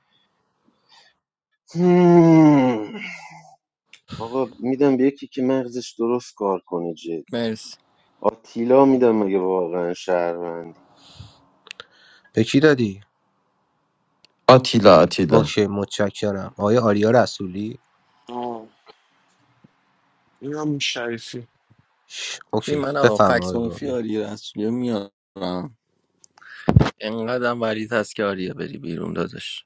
L: آقا میدم به یکی که مغزش درست کار کنه جدی
B: مرسی
L: آتیلا میدم مگه واقعا شهروندی
C: به کی دادی
P: آتیلا آتیلا
C: اوکی متشکرم آقای آریا رسولی
I: آه این هم شریفی
C: ش...
B: ببین
C: اوکی
B: من آقا فکس
C: بفرمایید آقای
B: منفی
C: گابریل.
B: آریا رسولی میارم انقدرم ولید هست که آریا بری بیرون دادش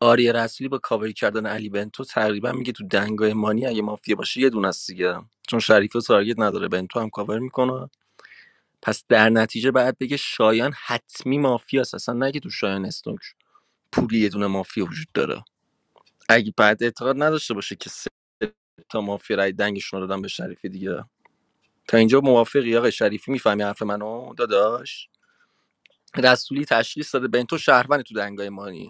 B: آریا رسولی با کاور کردن علی بنتو تقریبا میگه تو دنگای مانی اگه مافیا باشه یه دونه است دیگه چون شریف و تارگت نداره بنتو هم کاور میکنه پس در نتیجه بعد بگه شایان حتمی مافیاست اصلا نگه تو شایان استونک پولی یه دونه مافیا وجود داره اگه بعد اعتقاد نداشته باشه که سه تا مافیا رای دنگشون رو دادن به شریفی دیگه تا اینجا موافقی آقای شریفی میفهمی حرف منو داداش رسولی تشخیص داده بنتو شهروند تو دنگای مانی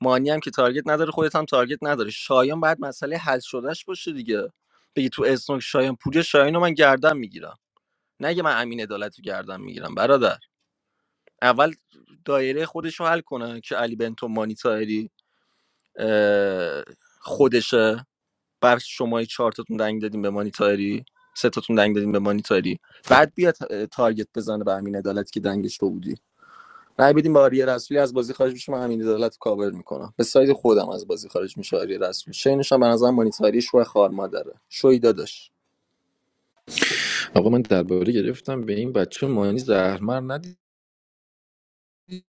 B: مانی هم که تارگت نداره خودت هم تارگت نداره شایان بعد مسئله حل شدهش باشه دیگه بگی تو اسنوک شایان پوری شایان من گردن میگیرم نگه من امین عدالت رو گردن میگیرم برادر اول دایره خودشو حل کنه که علی بنتو مانی تایری اه، خودشه بر شما چهارتاتون دنگ دادیم به مانیتاری سه تاتون دنگ دادیم به مانیتاری بعد بیا تا- تارگت بزنه به همین عدالت که دنگش تو بودی رای بدیم به آریا رسولی از بازی خارج میشه من همین عدالت رو کاور میکنم به سایز خودم از بازی خارج میشه آریا رسولی شینش هم به نظر مانیتاری شو خار مادره شوی داداش
E: آقا من درباره گرفتم به این بچه مانی زهرمر ندید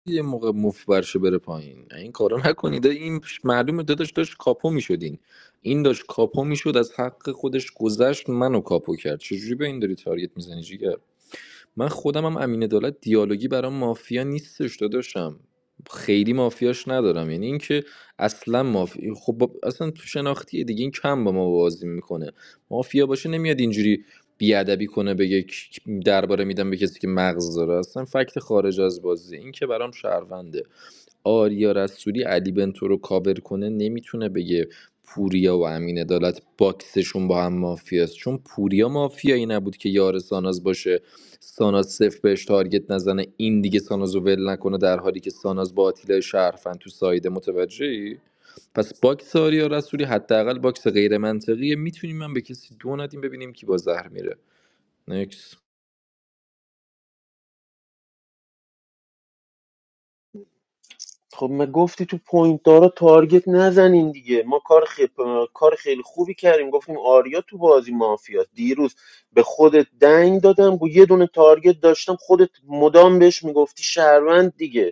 E: یه موقع مف برشه بره پایین این کارو نکنید این معلومه داداش داشت کاپو میشدین این داشت کاپو میشد از حق خودش گذشت منو کاپو کرد چجوری به این داری تارگت میزنی جیگر من خودم هم امین عدالت دیالوگی برام مافیا نیستش داداشم خیلی مافیاش ندارم یعنی اینکه اصلا مافیا خب با- اصلا تو شناختی دیگه این کم با ما بازی میکنه مافیا باشه نمیاد اینجوری بیادبی کنه بگه درباره میدم به کسی که مغز داره اصلا فکت خارج از بازی این که برام شهرونده آریا رسولی علی بنتو رو کاور کنه نمیتونه بگه پوریا و امین عدالت باکسشون با هم مافیاست چون پوریا مافیایی نبود که یار ساناز باشه ساناز صفر بهش تارگت نزنه این دیگه ساناز رو ول نکنه در حالی که ساناز با آتیلا شرفن تو سایده متوجهی پس باکس آریا رسولی حداقل باکس غیر منطقیه میتونیم من به کسی دو ندیم ببینیم کی با زهر میره نکس
L: خب ما گفتی تو پوینت دارا تارگت نزنین دیگه ما کار خیلی کار خیلی خوبی کردیم گفتیم آریا تو بازی مافیا دیروز به خودت دنگ دادم گو یه دونه تارگت داشتم خودت مدام بهش میگفتی شهروند دیگه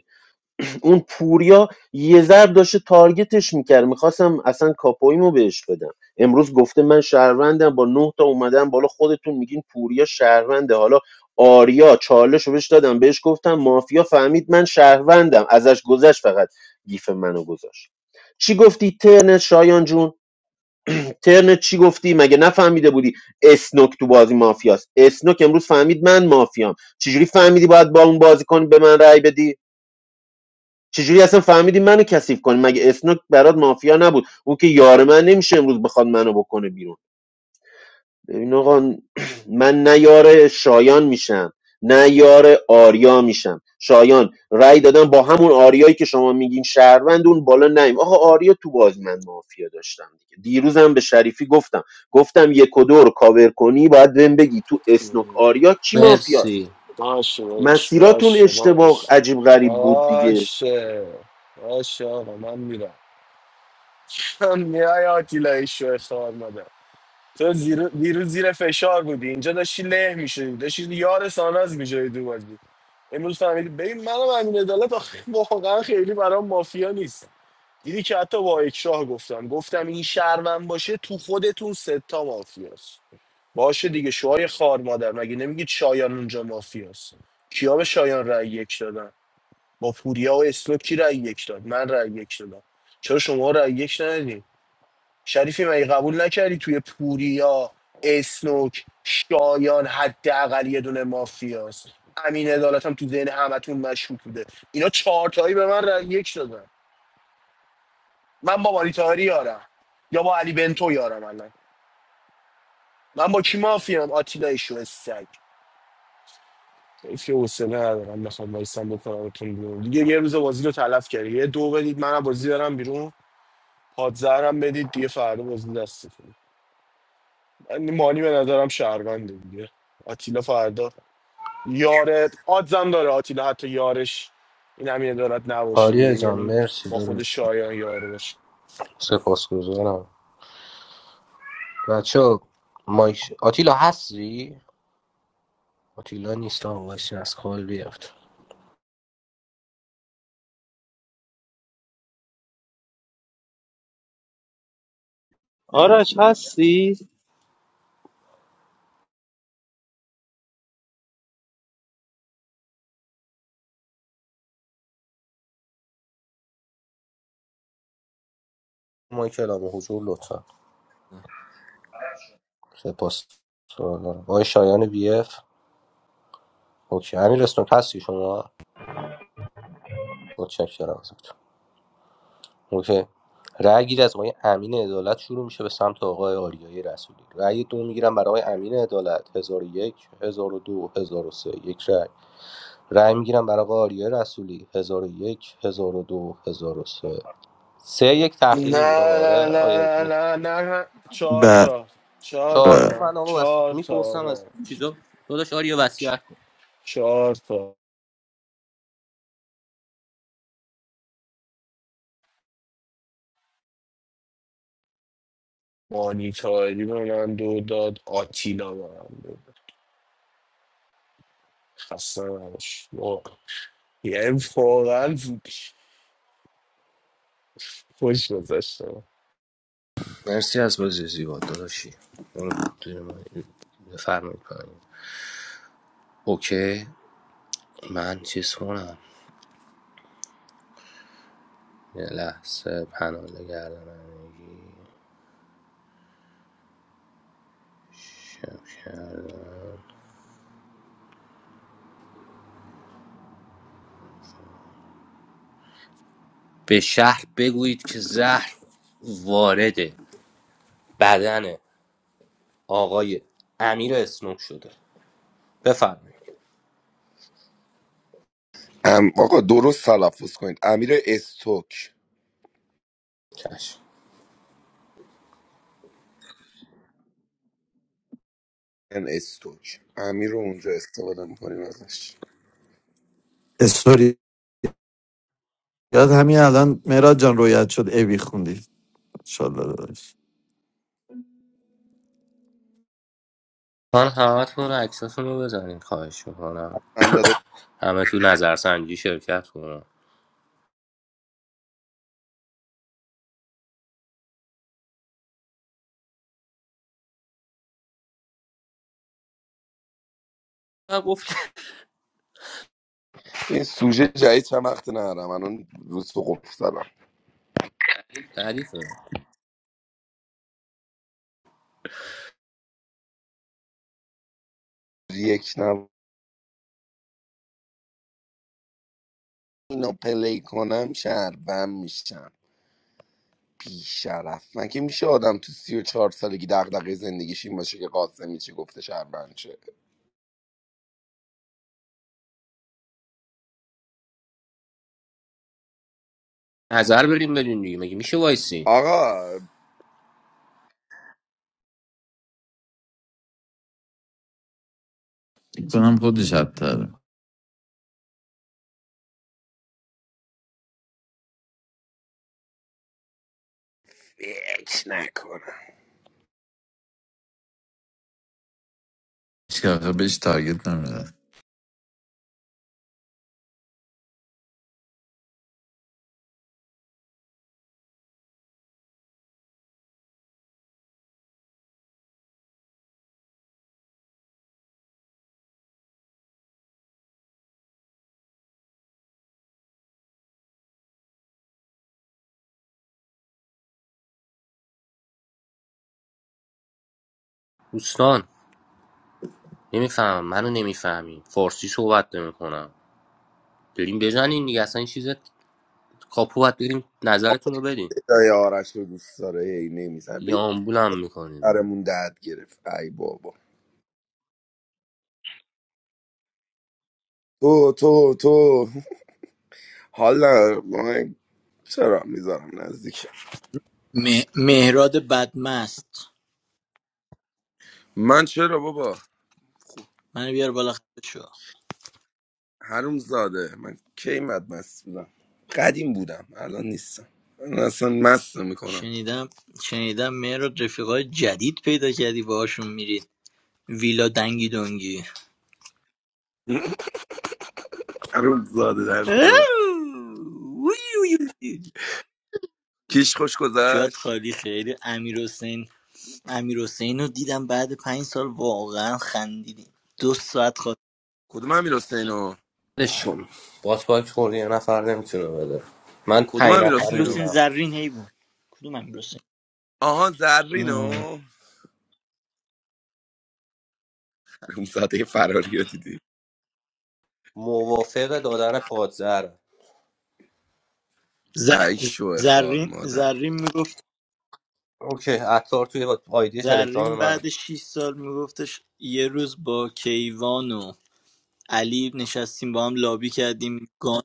L: اون پوریا یه ضرب داشته تارگتش میکرد میخواستم اصلا کاپویمو بهش بدم امروز گفته من شهروندم با نه تا اومدم بالا خودتون میگین پوریا شهرونده حالا آریا چالش رو بهش دادم بهش گفتم مافیا فهمید من شهروندم ازش گذشت فقط گیف منو گذاشت چی گفتی ترنت شایان جون ترنت چی گفتی مگه نفهمیده بودی اسنوک تو بازی مافیاست اسنوک امروز فهمید من مافیام چجوری فهمیدی باید با اون بازی کنی به من رأی بدی چجوری اصلا فهمیدی منو کثیف کنی مگه اسنوک برات مافیا نبود اون که یار من نمیشه امروز بخواد منو بکنه بیرون ببین آقا من نه یار شایان میشم نه یار آریا میشم شایان رأی دادن با همون آریایی که شما میگین شهروند اون بالا نیم آقا آریا تو باز من مافیا داشتم دیگه دیروزم به شریفی گفتم گفتم یک و دو رو کاور کنی باید بهم بگی تو اسنوک
I: ام،
L: آریا کی مافیاست
C: مرسی
I: باشه باش
L: مسیراتون
I: باشه
L: اشتباه
I: باش
L: عجیب غریب بود دیگه
I: باشه باشه آقا من میرم *laughs* من میای آتیلا شو اختار مادم تو زیر- دیروز زیر فشار بودی اینجا داشتی له میشدی داشتی یار ساناز میشدی تو بازی امروز فهمیدی ببین منم امین عدالت آخه واقعا خیلی برام مافیا نیست دیدی که حتی با اکراه گفتم گفتم این شهرون باشه تو خودتون ستا مافیاست باشه دیگه شوهای خار مادر مگه نمیگید شایان اونجا مافیاست کیا به شایان رأی یک دادن با پوریا و اسلوک کی رأی یک داد من رأی یک دادم چرا شما رأی یک ندادین شریفی مگه قبول نکردی توی پوریا اسنوک شایان حداقل یه دونه مافیاست امین عدالت هم تو ذهن همتون مشکوک بوده اینا چهار تایی به من رأی یک دادن من با ماریتاری یارم یا با علی بنتو یارم الان من با کی مافیام آتیلا شو سگ حیف که حوصله ندارم بخوام وایسم بکنمتون بیرون دیگه یه روز بازی رو تلف کردی یه دو بدید منم بازی دارم بیرون پادزهرم بدید دیگه فردا بازی دستتون من مانی به نظرم شهرونده دیگه آتیلا فردا یاره آدزم داره آتیلا حتی یارش این هم یه دارد نباشه
C: آریا
I: دیگه
C: جان
I: یعنی
C: مرسی
I: با
C: داداش
I: خود شایان یار باشه
C: سپاسگزارم بچه مایک آتیلا هستی؟ آتیلا نیست آقا وایسین از کال بیافت
F: آرش هستی
C: مایک اعلام حضور لطفا سپاس سوال آقای شایان بی اف اوکی امیر اسنوک هستی شما متشکرم ازت اوکی رأی گیری از آقای امین عدالت شروع میشه به سمت آقای آریای رسولی رأی دو میگیرم برای آقای امین عدالت 1001 1002 1003 یک رأی رأی میگیرم برای آقای آریای رسولی 1001 1002 1003 سه یک
I: نه
C: تأخیری بود آقا آره
I: نه
C: آیا
I: نه نه نه نه چهار
P: به
I: تا چهار
C: چهار تا
P: به
I: تا
C: من آقا بس
I: چهار تا
C: میپرسم از
I: آقا. چ-
C: چیزا داداش آریا
I: چ-
C: وصیت کن
I: چهار تا مانیتاری به من دو داد آتیلا به من دو داد خسته نباش واقعا. یعنی واقعا خوش گذشته
C: مرسی از بازی زیبا داداشی اون دوی من- بفرمایید پایین اوکی من چیز کنم یه لحظه پناله گردنش به شهر بگویید که زهر وارد بدن آقای امیر اسنوک شده بفرمایید
T: ام آقا درست تلفظ کنید امیر استوک
C: چشم
T: این استوک امیر رو اونجا استفاده میکنیم ازش
P: استوری یاد همین الان مهراد جان رویت شد اوی خوندی انشالله داداش
C: من همه تون رو عکساتون رو بزنید خواهش میکنم
T: من داداش
C: همه تو نظرسنجی شرکت کنن نه گفت
T: این سوژه جدید چند وقت نرم الان روز تو قفل زدم
C: تعریفه
T: یک نم اینو پلی کنم شهروند میشم بیشرف من که میشه آدم تو سی و چهار سالگی دغدغه زندگیش این باشه که قاسم چی گفته شهروند شه
C: نظر بریم بدین دیگه مگه میشه وایسین
T: آقا
P: کنم خودش حتی
T: فکر نکنم
P: که آخه بهش تارگت نمیده
C: دوستان نمیفهمم منو نمیفهمین فارسی صحبت نمیکنم بریم بزنین دیگه اصلا این چیز کاپو باید بریم نظرتون رو بدین
T: خدای آرش رو دوست داره هی نمیزن
C: یا
T: به
C: آمبولم میکنین
T: درمون دهد گرفت ای بابا تو تو تو حالا من چرا میذارم نزدیک
U: مه- مهراد بدمست
T: من چرا بابا خوب
U: منو بیار بالا خفه شو
T: هروم زاده من کی مد مست بودم قدیم بودم الان نیستم من اصلا مست میکنم
U: شنیدم شنیدم مهراد رفیقای جدید پیدا کردی باهاشون میرید ویلا دنگی دنگی
T: *laughs* هروم زاده در
U: اوه،
T: دوبر
U: وی وی وی.
T: کیش خوش
U: جات
T: گذشت
U: خالی خیلی امیر حسین امیر حسین رو دیدم بعد پنج سال واقعا خندیدیم دو ساعت خواست
T: کدوم امیر حسینو
C: شون بات باک خورده یه نفر نمیتونه بده من
T: کدوم
C: پنج
T: امیر
C: نفر
U: امیر
C: رو
T: حسینو
U: حسین
C: دیدم
U: زرین هی بود کدوم امیر حسین
T: آها
U: آه.
T: زرینو هروم زاده فراری رو دیدی
C: موافق دادن پادزر
U: ز...
T: ای شو خار
U: زرین
T: مادر
U: زرین
C: اوکی عطار توی آیدی
U: زرین
C: تلگرام من
U: بعد 6 سال میگفتش یه روز با کیوان و علی نشستیم با هم لابی کردیم گان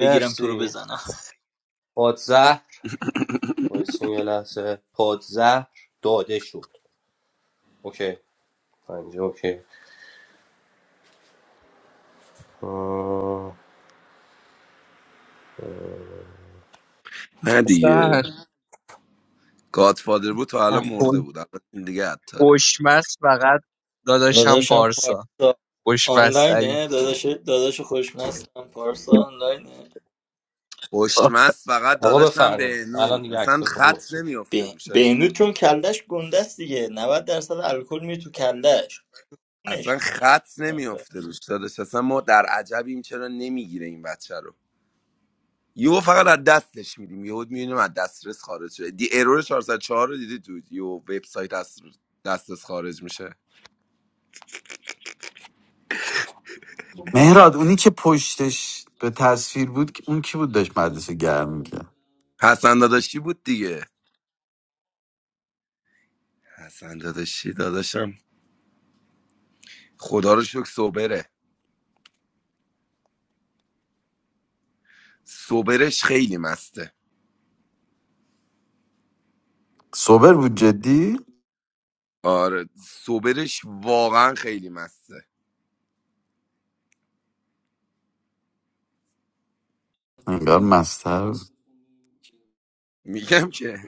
U: بگیرم تو رو
C: مرسی
U: بزنم
C: پادزر وایسین یه لحظه پادزهر داده شد اوکی پنجه اوکی آه.
T: نه دیگه
V: اصلا
T: گادفادر بود تا الان مرده
V: خوش-
T: بود الان دیگه عطاره
V: خوشمست فقط داداشم
U: داداشم
V: پارسا
U: پارسا
V: خوشمست ترین
U: آنلاینه داداش داداش خوشمستم پارسا آنلاینه
T: خوشمست فقط
C: آقا
T: داداشم
C: بفرمایید الان
T: بهنود
C: دیگه
T: اصلا
C: عکساتون
T: خط
C: باشه
T: نمیافته
U: به-
T: روش آجی
U: بهنود چون کلش گنده است دیگه 90 درصد الکل میره تو کلش خونش.
T: اصلا خط نمیافته روش داداش اصلا ما در عجبیم چرا نمیگیره این بچه رو یهو فقط از دستش میدیم یهو میبینیم از دسترس خارج شده دی ارور 404 رو دیدی تو یهو وبسایت از دسترس خارج میشه
P: مهراد اونی که پشتش به تصویر بود که- اون کی بود داشت مدرسه گرم میکرد
T: حسن داداشی بود دیگه حسن داداشی داداشم خدا رو شکر سوبره سوبرش خیلی مسته
P: سوبر بود جدی
T: آره سوبرش واقعا خیلی مسته
P: انگار مستر بود.
T: میگم که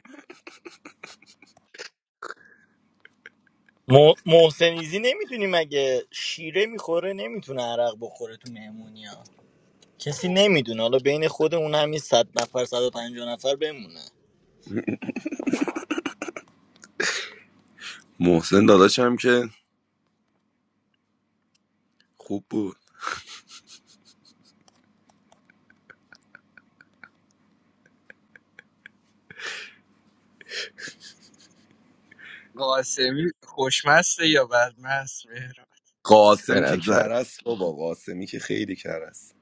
U: م- محسنیزی نمیدونی مگه شیره میخوره نمیتونه عرق بخوره تو مهمونی کسی نمیدونه حالا بین خودمون همین 100 نفر 150 نفر بمونه
T: محسن داداشم که خوب بود
V: قاسمی خوشمسته یا بدمست مهران به
T: قاسم که
V: نظر
T: کرس بابا قاسمی که خیلی کرس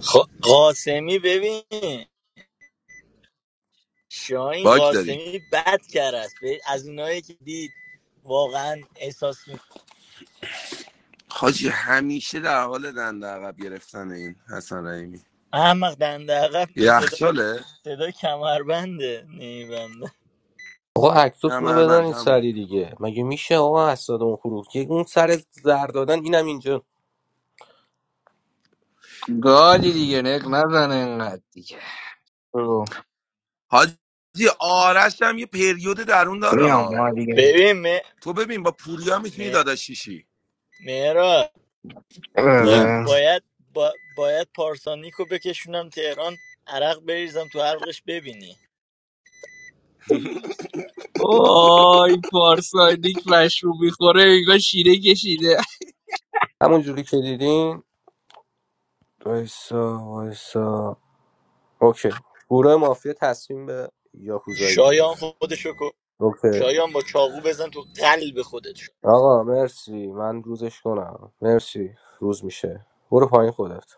U: خب قاسمی ببین شاهین
T: باک داری
U: قاسمی بد کرد است. به- از اونایی که دید واقعا احساس میکنه
T: حاجی همیشه در حال دنده عقب گرفتن این حسن رحیمی
U: احمق دنده عقب صدا,
T: یخچاله
U: صدا کمربنده نیبنده
C: آقا عکساتون رو بدن
T: کمربند
C: این
T: همون
C: سری دیگه مگه میشه آقا اسناد اون خروج یک اون سر زر دادن اینم اینجا
V: گالی دیگه نق نزن انقدر دیگه برو.
T: حاجی آرش هم یه پریود درون داره
V: میام ما
T: ها
V: دیگه
U: ببین مه...
T: تو ببین با پوریا میتونی
U: مه...
T: داداشیشی *laughs*
U: مهراد، با...
P: نه
V: آره.
U: باید با... باید پارسانیکو بکشونم تهران عرق بریزم تو حلقش ببینی
V: وای پارسانیک مشروب میخوره میگه شیره کشیده
C: همون جوری که دیدین وایسا وایسا اوکی گروه مافیا تصمیم به یاکوزایی
U: شایان
C: گرفت
U: خودشو کشت.
C: اوکی
U: شایان با چاقو بزن تو قلب خودت
C: آقا مرسی من روزش کنم مرسی روز میشه برو پایین خودت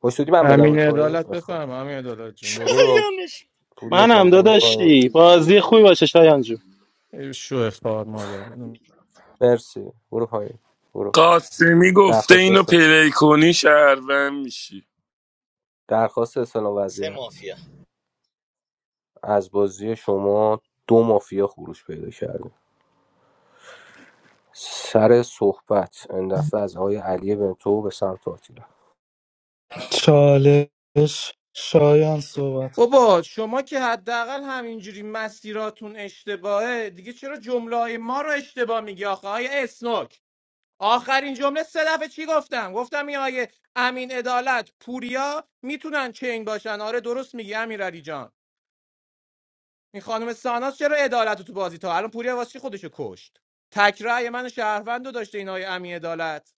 C: خوش شدی من بدم به
N: امین
C: پایین
N: عدالت بفرم امین عدالت جون برو
C: برو
U: شایانش
C: پوریا
F: منم
C: جان برو پایین
F: داداشی بازی خوبی باشه شایان جون
N: شو افتار مادر
C: مرسی برو پایین برو
T: قاسمی گفته
C: درخواست
T: اینو
C: است...
T: پلی کنی شهروند میشی
C: درخواست استلام
U: سه
C: وضعیت
U: مافیا
C: از بازی شما دو مافیا خروج پیدا کرده سر صحبت این دفعه از آقای علی بنتو به سمت آتیلا
G: چالش شایان صحبت
N: بابا شما که حداقل همینجوری مسیراتون اشتباهه دیگه چرا جمله ما رو اشتباه میگی آخه های اسنوک آخرین جمله سه دفعه چی گفتم گفتم این آیه امین عدالت پوریا میتونن چنگ باشن آره درست میگی امیرعلی جان این خانم ساناس چرا عدالت رو تو بازی تا الان پوریا واسه چی خودشو کشت تکرای من شهروند رو داشته این آیه امین عدالت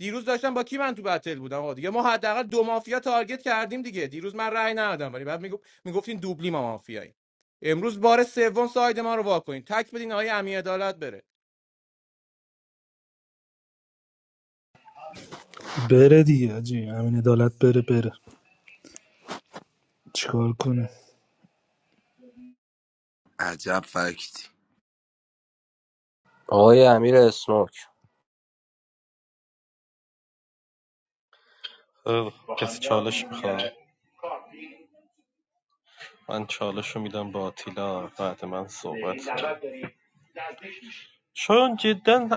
N: دیروز داشتم با کی من تو بتل بودم آقا دیگه ما حداقل دو مافیا تارگت کردیم دیگه دیروز من رأی ندادم ولی بعد میگفت میگفتین دوبلی ما مافیایی امروز بار سوم ساید ما رو واکنین تک بدین آیه امین عدالت بره
G: بره دیگه جی همین عدالت بره بره چیکار کنه
T: عجب فکتی
C: آقای امیر اسنوک
A: کسی چالش میخوام من چالش رو میدم با آتیلا بعد من صحبت کنم. شایان جدا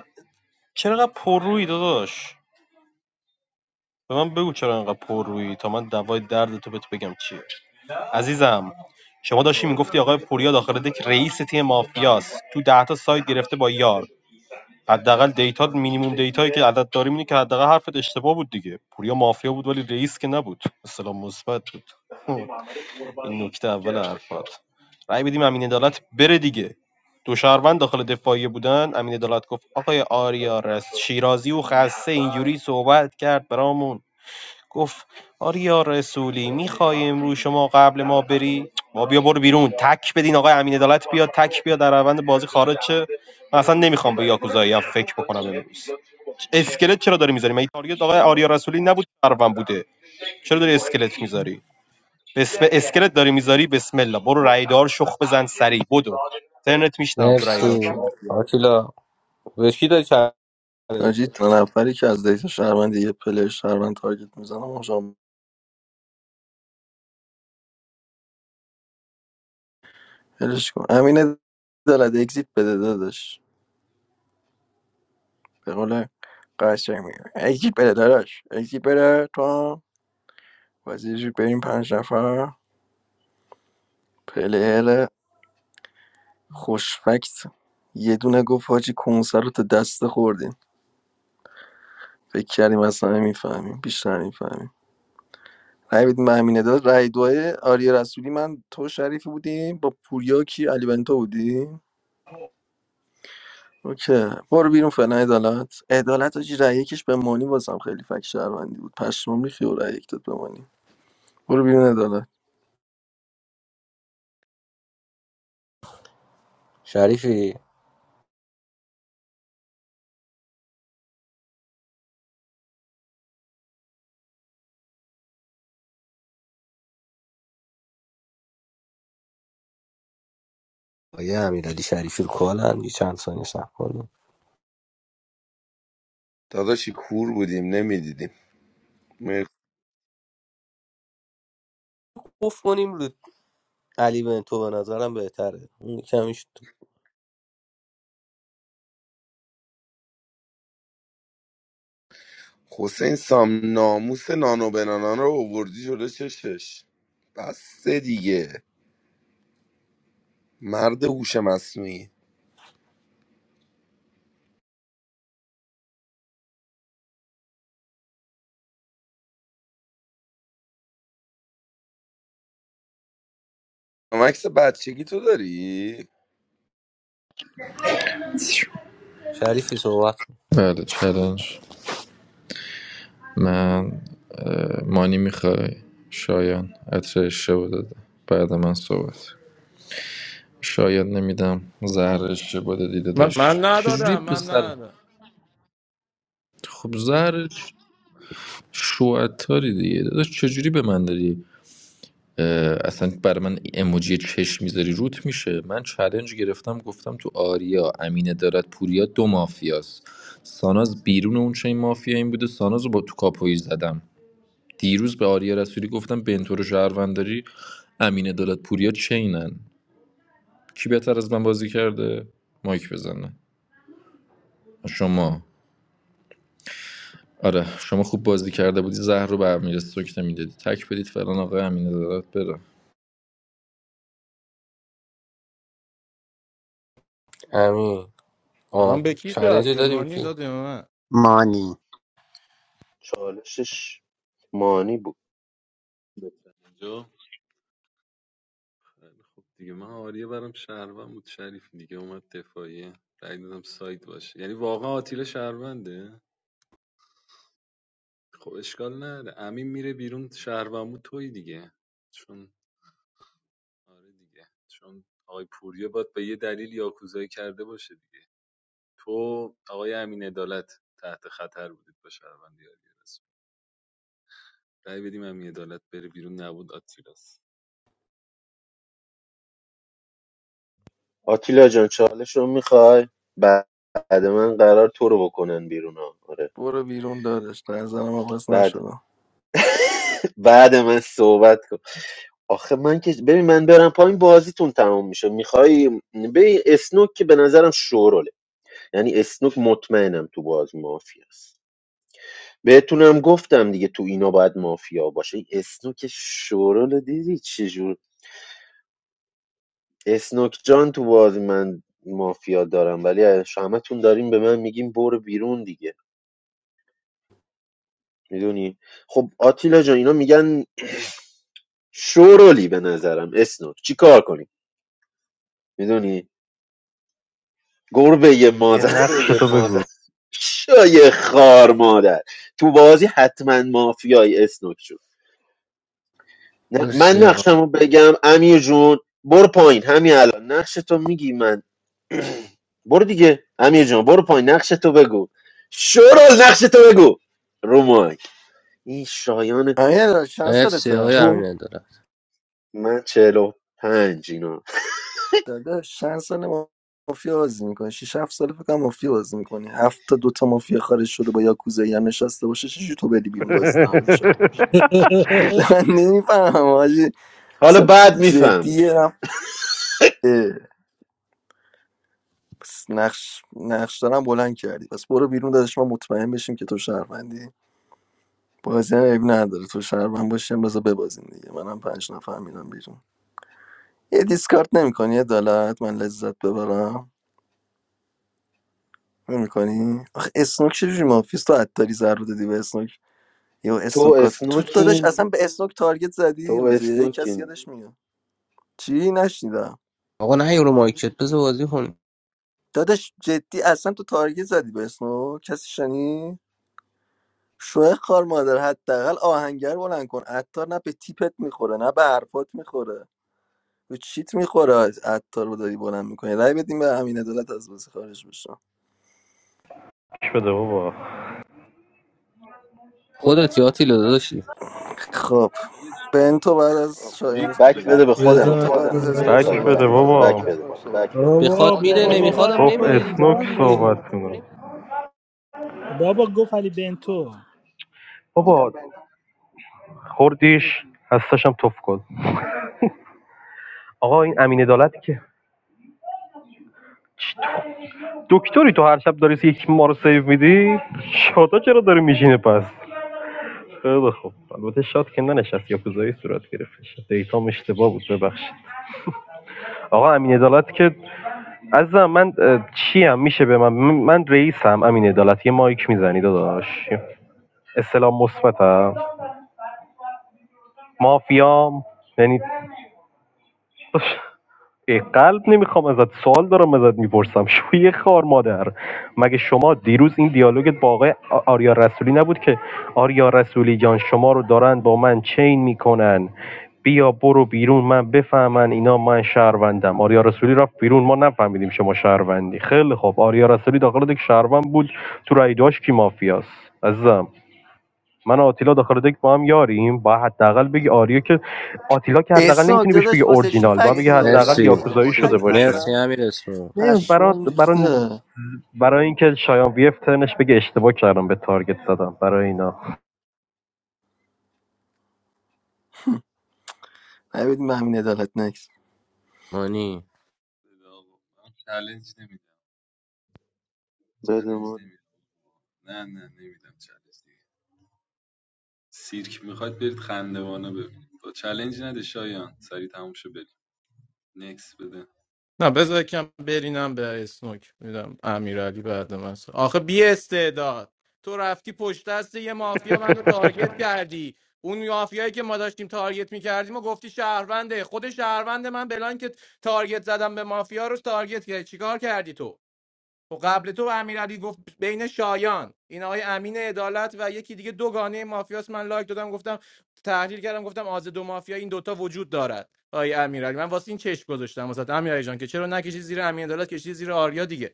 A: چرا پر روی داداش به من بگو چرا انقدر پر رویی تا من دوای درد تو بهت بگم چیه عزیزم شما داشتی میگفتی آقای پوریا داخل دک رئیس تیم مافیاست تو ده تا سایت گرفته با یار حداقل دیتا مینیموم دیتایی که عدد داریم اینه که حداقل حرفت اشتباه بود دیگه پوریا مافیا بود ولی رئیس که نبود اصلا مثبت بود این نکته اول حرفات رأی بدیم امین عدالت بره دیگه دو شهروند داخل دفاعیه بودن امین عدالت گفت آقای آریا رست شیرازی و خسته اینجوری صحبت کرد برامون گفت آریا رسولی میخوای امروز شما قبل ما بری ما بیا برو بیرون تک بدین آقای امین عدالت بیاد تک بیا در روند بازی خارج شه من اصلا نمیخوام به یاکوزایی هم فکر بکنم امروز اسکلت چرا داری میذاری مگه تارگت آقای آریا رسولی نبود سروم بوده چرا داری اسکلت میذاری بسم اسکلت داری میذاری بسم الله برو رایدار شخ بزن سریع بدو ترنت میشنم تو رایدار کی
C: مرسی آتیلا به کی داری چالش
B: حاجی
C: می‌دی؟
B: دو نفری که از دیتا شهروند یه پلیر شهروند تارگت میزنم آقا هلش کن امین دلد اگزیت بده داداش به قول قشنگ میگم اگزیت بده داداش اگزیت بده تو حاجی بریم پنج نفر پلیر خوشفکت یه دونه گفت حاجی کنسر رو تا دست خوردین فکر کردیم اصلا نمیفهمیم بیشتر نمیفهمیم رای بدیم به امینه داد رای دوای آریا رسولی من تو شریفی بودیم با پوریا کی علی بنتو بودیم اوکی برو بیرون فعلا عدالت عدالت حاجی رای یکش به مانی بازم خیلی فکر شهروندی بود پشمام ریخی و رای یک داد به مانی برو بیرون عدالت
C: شریفی آقای امیرعلی شریفی رو کالن یه چند ثانیه صبر کنیم
T: داداشی کور بودیم نمیدیدیم
C: گفت کنیم رو علی بنتو به نظرم بهتره اون کمیش
T: حسین سام ناموس نانو بنانا رو اووردی جلو چشش بس دیگه مرد هوش مصنوعی مکس بچگی تو داری
C: شریفی صحبت کن.
E: بله چلنج من مانی میخوای شایان عطر اشتباه داده بعد من صحبت شاید نمیدم زهر اشتباه دادی
N: من,
E: داداش
N: من
E: چجوری
N: ندادم من
E: پسر
N: ندادم
E: خب زهرش شوعتاری دیگه داداش چجوری به من داری اه، اصلا برای من اموجی چشم میذاری روت میشه من چلنج گرفتم گفتم تو آریا امینه دارد پوریا دو مافیاست ساناز بیرون اون چه این مافیا این بوده ساناز رو با تو کاپویی زدم دیروز به آریا رسولی گفتم بنتور و شهرونداری امین عدالت پوریا چینن کی بهتر از من بازی کرده مایک بزنه شما آره شما خوب بازی کرده بودی زهر رو به امیر سوک نمیدادی تک بدید فلان آقای امین عدالت بره
C: همین
N: الان
C: آه
N: به کی داد
C: چالنجی
N: به
C: داری
N: مانی
C: که
N: داد یا به من
S: Money.
L: چالشش مانی بود
M: اینجا خیلی خوب دیگه من آریا برام شهروند بود شریف دیگه اومد دفاعیه رأی دادم سایت باشه یعنی واقعا آتیلا شهرونده خب اشکال نداره امین میره بیرون شهروند بود توی دیگه چون آره دیگه چون آقای پوریا باید به یه دلیل یاکوزایی کرده باشه دیگه تو آقای امین عدالت تحت خطر بودید با شهروندی آریا رسولی. رأی بدیم همین عدالت بره بیرون نبود آتیلاس
L: آتیلا جان چالش رو میخوای بعد من قرار تو رو بکنن بیرون ها. آره
B: برو بیرون دادش در نظرم عوض
L: بعد
B: نشدم
L: بعد من صحبت کن آخه من که ببین من برم پایین بازیتون تمام میشه میخوای ببین اسنوک که به نظرم شوروله یعنی اسنوک مطمئنم تو باز مافیا است بهتونم گفتم دیگه تو اینا باید مافیا باشه این اسنوک شورول دیدی چجوری اسنوک جان تو بازی من مافیا دارم ولی از همتون داریم به من میگیم برو بیرون دیگه میدونی خب آتیلا جان اینا میگن شورولی به نظرم اسنوک چی کار کنیم میدونی گربه ی
A: یه
L: مادر *laughs*
A: بگو *laughs*
L: شای خار مادر تو بازی حتما مافیای اسنوک شد نه- من
C: مرسی آقا
L: نقشمو بگم امیر جون برو پایین همین الان نقش تو میگی من *clears throat* برو دیگه امیر جان برو پایین نقش تو بگو شورال نقش تو بگو رومای این شایان
B: امین عدالت چند
C: مرسی
B: سالته
C: آقای
L: تو
C: امین دارم
L: من چهل پنج اینا
B: داداش چند سال مافیا بازی میکنی 6 7 سال فکر کنم مافیا بازی میکنی هفت تا دو تا مافیا خارج شده با یاکوزایی هم نشسته باشه چه تو بری بیرون
A: مادر
B: بازی تمام میشه *laughs*
G: *laughs*
B: من نمیفهمم حاجی
L: حالا
B: مثلا
L: بعد میفهمی
B: جدیه اه، پس نقش نقش دارم بلند کردی پس برو بیرون داداش ما مطمئن بشیم که تو شهروندی بازی هم عیب نداره تو شهروند باشیم بذار ببازیم دیگه منم پنج نفر میرم بیرون یه دیسکارت نمیکنی عدالت من لذت ببرم میکنی آخه اسنوک چجوری مافیاست تو عطاری زر رو دادی به اسنوک یا
L: تو
B: اسنوک گات تو داداش
L: اسنوکین
B: اصلا به اسنوک تارگت
L: تو
B: زدی روزه یک؟ کسی
L: اسنوکین
B: یادش میاد چی نشنیدم
C: آقا نه یورو مایکت بذار بازی کنی
B: داداش جدی اصلا تو تارگت زدی به اسنوک کسی شنی شوه خار مادر حداقل آهنگر بلند کن عطار نه به تیپت میخوره نه به حرفات میخوره به چیت میخوره عطار رو داری بلند میکنی رای بدیم به امین عدالت از بازی خارج بشه
A: بده بابا خودت
C: خودت یاتی داشتی
B: خب
M: ولش کن
B: بنتو
M: دیگه
B: بعد از شایان
M: نکس
L: بک
M: بده
L: بده به
M: آتیلا.
L: خودم
G: بذار من
B: بنتو بعد از
L: من
G: صحبت
B: اسنوک
L: نمیخوای
A: بک
B: صحبت
G: کنم.
A: بده
L: برم
B: کن
L: پایین
A: بابا
L: بک بده
G: بابا
C: بخواد میده
G: بابا بابا
C: نمیخوادم
A: گفت
G: نکن
C: نمیده دیگه
A: اسنوک
G: اینجا
C: برو
G: امیر
C: دیگه
G: اسناد
A: صحبتونه
G: بابا گفت علی بنتو
A: بابا خوردیش هستشم توف کن آقا این امین عدالتی که دکتری تو هر شب داری یک ما رو سیو میدی شادا چرا داری میشینه پس خیلی خوب البته شاد که ننشست یا کوزایی صورت گرفتش دیتام اشتباه بود ببخشید آقا امین عدالت که عزیزم من اه، چیم میشه به من من من رئیسم امین عدالت یه مایک میزنی داداش استلام مثبتم مافیام یعنی ای قلب نمیخوام ازت سوال دارم ازت میپرسم شوی خار مادر مگه شما دیروز این دیالوگت با آقای آریا رسولی نبود که آریا رسولی جان شما رو دارن با من چین میکنن بیا برو بیرون من بفهمن اینا من شهروندم آریا رسولی رفت بیرون ما نفهمیدیم شما شهروندی خیلی خوب آریا رسولی داخل یک شهروند بود تو رای داشت کی مافیاست عزیزم من و آتیلا داخل دک با هم یاریم با حداقل بگی آریا که آتیلا که حداقل
B: اسناک
A: نمیتونی بهش بگی
B: داداش واسه چی
A: اورجینال با
B: فکس
A: بگی
B: میاری
A: حداقل
B: من
C: مرسی
B: نی...
A: یاکوزایی شده
B: آجی
A: باشه
C: مرسی
B: اصلا
C: امیر اسمو
A: نه برای
B: پشمام
A: برای
B: ریخته
A: برای اینکه شایان وی اف ترنش بگه اشتباه کردم به تارگت زدم برای اینا
B: نبیدیم همین عدالت نکس
C: مانی
M: بده آقا من چالش نمیدم
L: بده
M: چالش
L: من
M: نمیدم نه نه نمیدم چالش دیگه سیرک میخواد برید خندوانه ببینید با چالش نده شایان سری تموم شو بریم نکس بده
N: نه بذار یکم برینم به اسنوک میدم امیرعلی بعد من صحبت- آخه بی استعداد تو رفتی پشت دست یه مافیا منو تارگت کردی اون مافیایی که ما داشتیم تارگت میکردیم و گفتی شهرونده خود شهروند من بلان که تارگت زدم به مافیا رو تارگت کردی چیکار کردی تو خب قبل تو امیرعلی گفت بین شایان این آقای امین عدالت و یکی دیگه دوگانه گانه مافیاست من لایک دادم گفتم تحلیل کردم گفتم آز دو مافیا این دوتا وجود دارد آقای امیرعلی من واسه این چشم گذاشتم واسه امیرعلی جان که چرا نکشی زیر امین عدالت کشی زیر آریا دیگه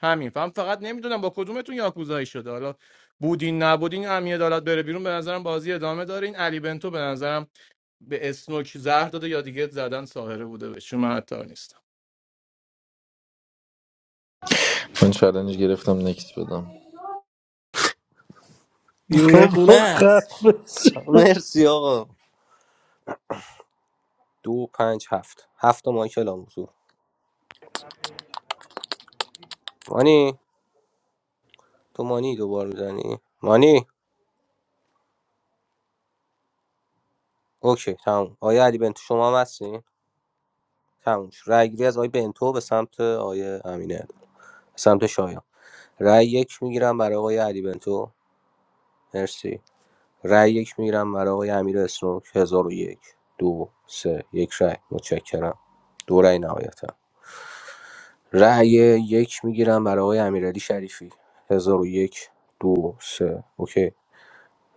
N: همین فهم فقط نمیدونم با کدومتون یاکوزایی شده حالا بودین نبودین امین عدالت بره بیرون به نظرم بازی ادامه داره این علی بنتو به نظرم به اسنوک زهر داده یا دیگه زدن ساهره بوده بهش چون من عطار نیستم
E: من چالنج گرفتم نکس بدم
C: دیونه
G: بابا
C: خونه است
G: خفه شو.
C: مرسی آقا دو پنج هفت هفت تا مایکل هم حضور مانی تو مانی دوبار میزنی مانی اوکی تموم آیا علی بنتو شما هم هستی تموم شد رای گیری از آقای بنتو به سمت آقای امینه به سمت شایان رای یک میگیرم برای آقای علی بنتو مرسی رای یک میگیرم برای آقای امیر اسنوک هزار و یک دو سه یک رای متشکرم دو رأی نهایتا رأی یک میگیرم برای آقای امیرعلی شریفی هزار و یک دو سه اوکی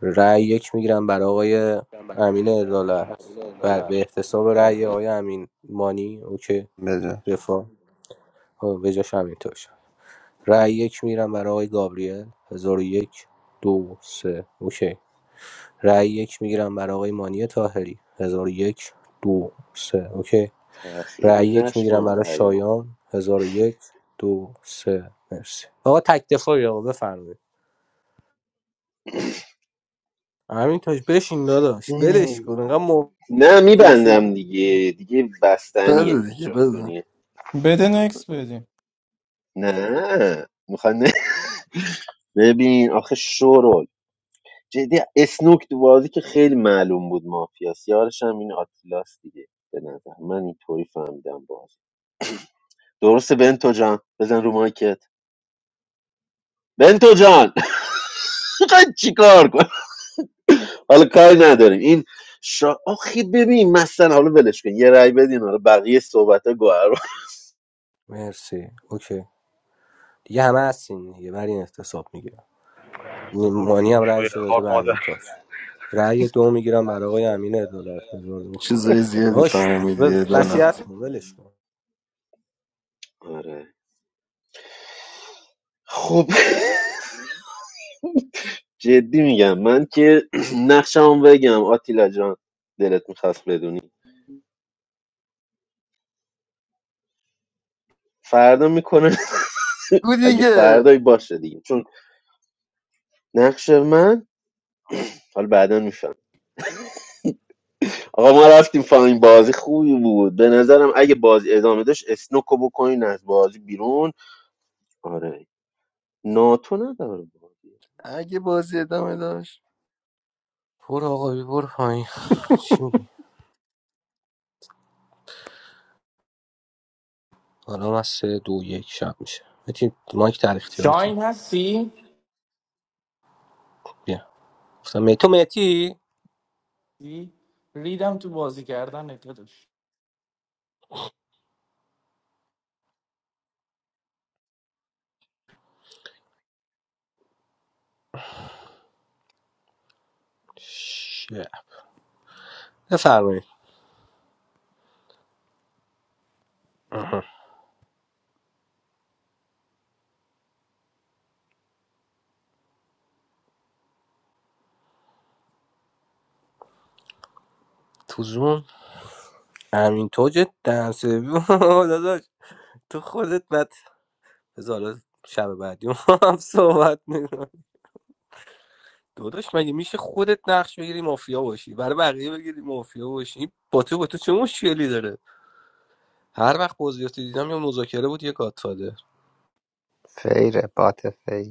C: رأی یک میگیرم برای آقای امین عدالت بر به احتساب رأی آقای امین مانی اوکی
S: The
C: دفاع آه، به جاش همینطور شد رأی یک میگیرم برای آقای گابریل هزار و یک دو سه اوکی رای یک میگیرم برای آقای مانی طاهری 1001 2 3 اوکی
L: تأخیری
C: رای یک میگیرم
L: نشمار
C: برای
L: رایام
C: شایان 1001 2 3 مرسی آقا تک دفاعی آقا بفرمایید همین تاج بشین داداش ولش کن انقدر مافیا
L: نه میبندم
C: شدی
L: دیگه دیگه بستنیه
B: بده دیگه
L: اینجا
B: بده
L: میدونی
N: بده نکس بدیم
L: نه میخوای نه ببین آخه شورول جدی اسنوک تو بازی که خیلی معلوم بود مافیاس یارش هم این آتیلاس دیگه به نظر من اینطوری فهمیدم بازی درسته بنتو جان بزن رو مایکت بنتو جان *laughs* میخوای چیکار کن حالا کاری نداریم این شا... آخی ببین مثلا حالا ولش کن یه رأی بدین حالا بقیه صحبت ها گوهر
C: مرسی اوکی دیگه همه هستین دیگه بر این احتساب میگیرم
A: برو
C: مانی
A: بیرون
C: هم
A: شوی
C: رأیش رو داده
A: خار
C: به
A: مادر
C: همین تاج رأی دو میگیرم برای آقای امین عدالت هزار و- اوه، اوه،
B: چیزای
C: اوه.
B: زیادی
C: باش
B: فهمیدی عدالت
C: وصیت کن ولش کن
L: آره خب *laughs* جدی میگم من که *clears throat* نقشمو بگم آتیلا جان دلت میخواست بدونی فردا میکنه
B: بگو
L: *laughs* اگه
B: دیگه
L: فردایی باشه دیگه چون نقش من حالا بعدا میفهم آقا ما رفتیم فاین بازی خوبی بود به نظرم اگه بازی ادامه داشت اسنوکو بکنین از بازی بیرون آره ناتو نداره بازی
B: اگه بازی ادامه داشت
C: برو آقا برو پایین چی الان از سه دو یک شب میشه متی مایک در اختیار تو
Q: شاین هستی؟
C: بیا گفتم می تو
Q: چی؟ ریدم تو بازی کردن داداش
C: شه. بفرمایید تو زون امین تو جدا *laughs* داداش تو خودت بعد بذار حالا شب بعدی ما هم صحبت میکنم داداش مگه میشه خودت نقش بگیری مافیا باشی برای بقیه بگیری مافیا باشی این با تو با تو چه مشکلی داره هر وقت بازیاتو دیدم یا مذاکره بود یا گاتفاده
S: fair, the party, fair.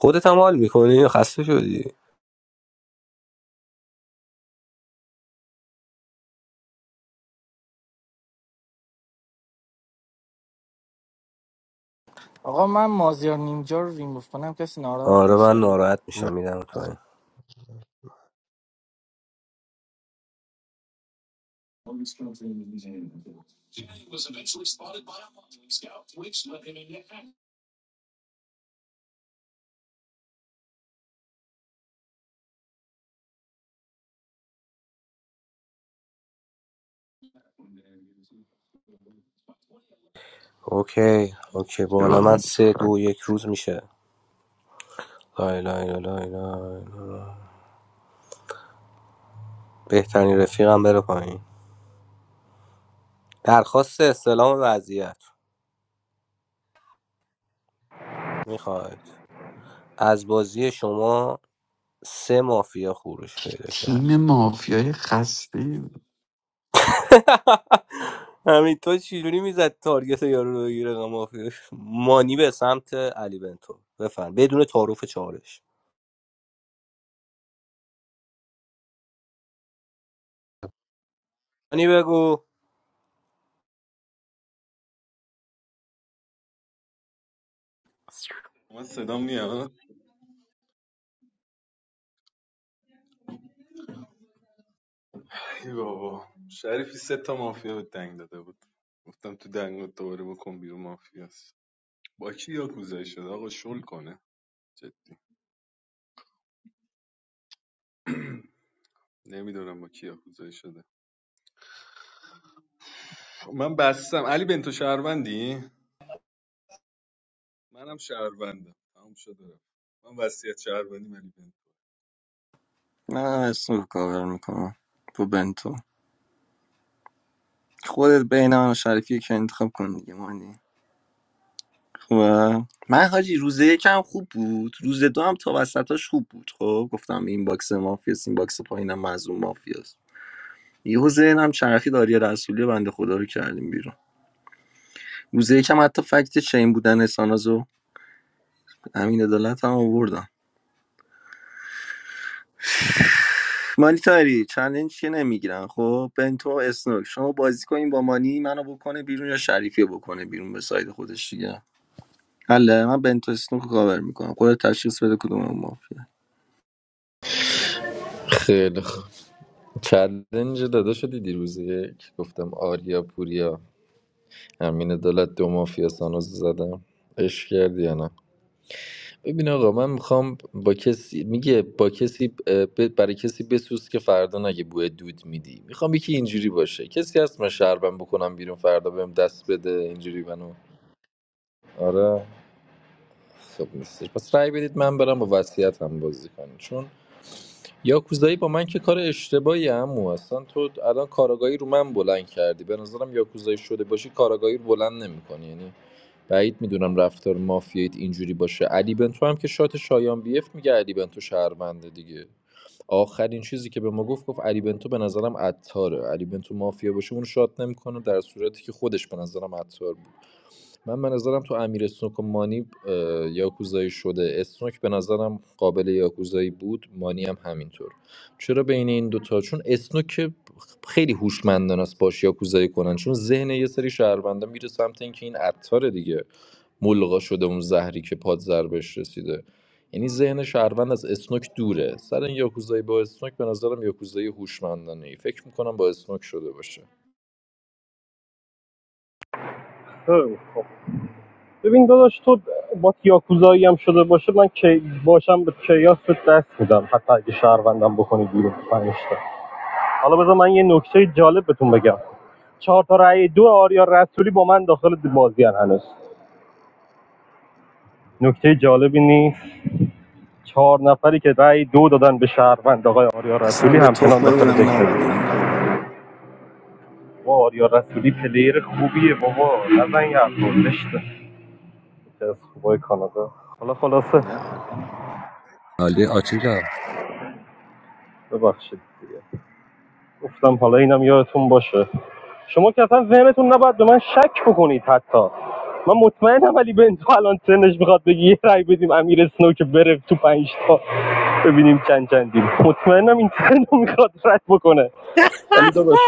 C: خودت هم حال میکنی یا خسته شدی
Q: آقا من مازیار نینجا رو ریموف کنم کسی ناراحت
C: آره من
Q: میشه
C: ناراحت
S: I'm
C: میشم میدم تو. اوکی اوکی
P: کی
C: بالا من
P: واقعا؟
C: سه دو یک روز میشه لا لا لا لا لا بهترین رفیقم بره پایین درخواست استلام وضعیت میخواید از بازی شما سه مافیا خروج پیدا
P: تیم
C: کرد
P: مافیای خسته
C: *laughs* همین تو چجوری میزد تارگت یارو رو بگیره آقا مافیا مانی به سمت علی بنتو بفهم بدون تعارف چالش مانی بگو
M: من صدام میاد ای بابا شریفی سه تا مافیا به دنگ داده بود گفتم تو دنگ دوباره بکن بیرون مافیاست با کی یاکوزایی شده آقا شل کنه جدی نمیدونم با کی یاکوزایی شده من بستم علی بنتو شهروندی منم شهروندم تموم شده رفت. من وصیت شهروندی علی بنتو
B: نه اسم رو کاور میکنم تو بنتو خودت بین من و شریفی که انتخاب کن دیگه مانی خوبه من حاجی روز یکم خوب بود روز دو هم تا وسطاش خوب بود خب گفتم این باکس مافیاست این باکس پایینم معزوم مافیاست. یهو ذهنم چرخی داری رسولی بنده خدا رو کردیم بیرون روز یکم حتی فکت چین بودن اسانازو امین عدالت هم آوردم مانی تاری چلنج چیه نمیگیرن خب بنتو اسنوک شما بازی کنین با مانی منو بکنه بیرون یا شریفی بکنه بیرون به ساید خودش دیگه حله من بنتو اسنوک رو کاور میکنم خودت تشخیص بده کدوم اون مافیا
E: خیلی خوب چلنج داده شدی دیروز یک گفتم آریا پوریا امین عدالت دو مافیا سانوز زدم عشق کردی یا نه ببین آقا من میخوام با کسی میگه با کسی ب- برای کسی بسوز که فردا نگه بوی دود میدی میخوام یکی اینجوری باشه کسی هست من شربم بکنم بیرون فردا بهم دست بده اینجوری منو آره خب نیستش پس رأی بدید من برم با وصیت هم بازی کنم چون یاکوزایی با من که کار اشتباهی عمو اصلا تو الان کاراگاهی رو من بلند کردی به نظرم یاکوزایی شده باشی کاراگاهی رو بلند نمیکنی یعنی بعید میدونم رفتار مافیاییت اینجوری باشه علی بنتو هم که شات شایان بیف میگه علی بنتو شهرونده دیگه آخرین چیزی که به ما گفت گفت علی بنتو به نظرم عطاره علی بنتو مافیا باشه اون شات نمیکنه در صورتی که خودش به نظرم عطار بود من به نظرم تو امیر اسنوک و مانی اه، یاکوزایی شده اسنوک به نظرم قابل یاکوزایی بود مانی هم همینطور چرا بین این دوتا چون اسنوک خیلی هوشمندانه است باش یاکوزایی کنن چون ذهن یه سری شهروندا میره سمت اینکه این عطار دیگه ملغا شده اون زهری که پادزر بهش رسیده یعنی ذهن شهروند از اسنوک دوره سر این یاکوزایی با اسنوک به نظرم یاکوزایی هوشمندانه ای فکر میکنم با اسنوک شده باشه
A: خیلی خب. ببین داداش تو با یاکوزایی هم شده باشه من که باشم به کیاس به دست میدم حتی اگه شهروندم بکنی بیرون پنجتا حالا بذار من یه نکته جالب بهتون بگم چهار تا رأی دو آریا رسولی با من داخل بازی هنوز نکته جالبی نیست چهار نفری که رأی دو دادن به شهروند آقای آریا
B: اصلا
A: رسولی
B: به
A: همچنان داخل
B: تخممونم
A: دکه
B: نبودیم
A: با آریا رسولی پلیر خوبیه بابا نزن یه حرفا از خوبای کانادا حالا خلاصه
C: عالی آتیلا
A: ببخشید دیگه گفتم حالا اینم یادتون باشه شما که اصلا ذهنتون نباید به من شک بکنید حتی من مطمئنم ولی به تو الان سنش میخواد بگی یه رای بدیم امیر اسنو که بره تو پنج تا ببینیم چند چندیم مطمئنم این ترن میخواد رد بکنه ولی داداش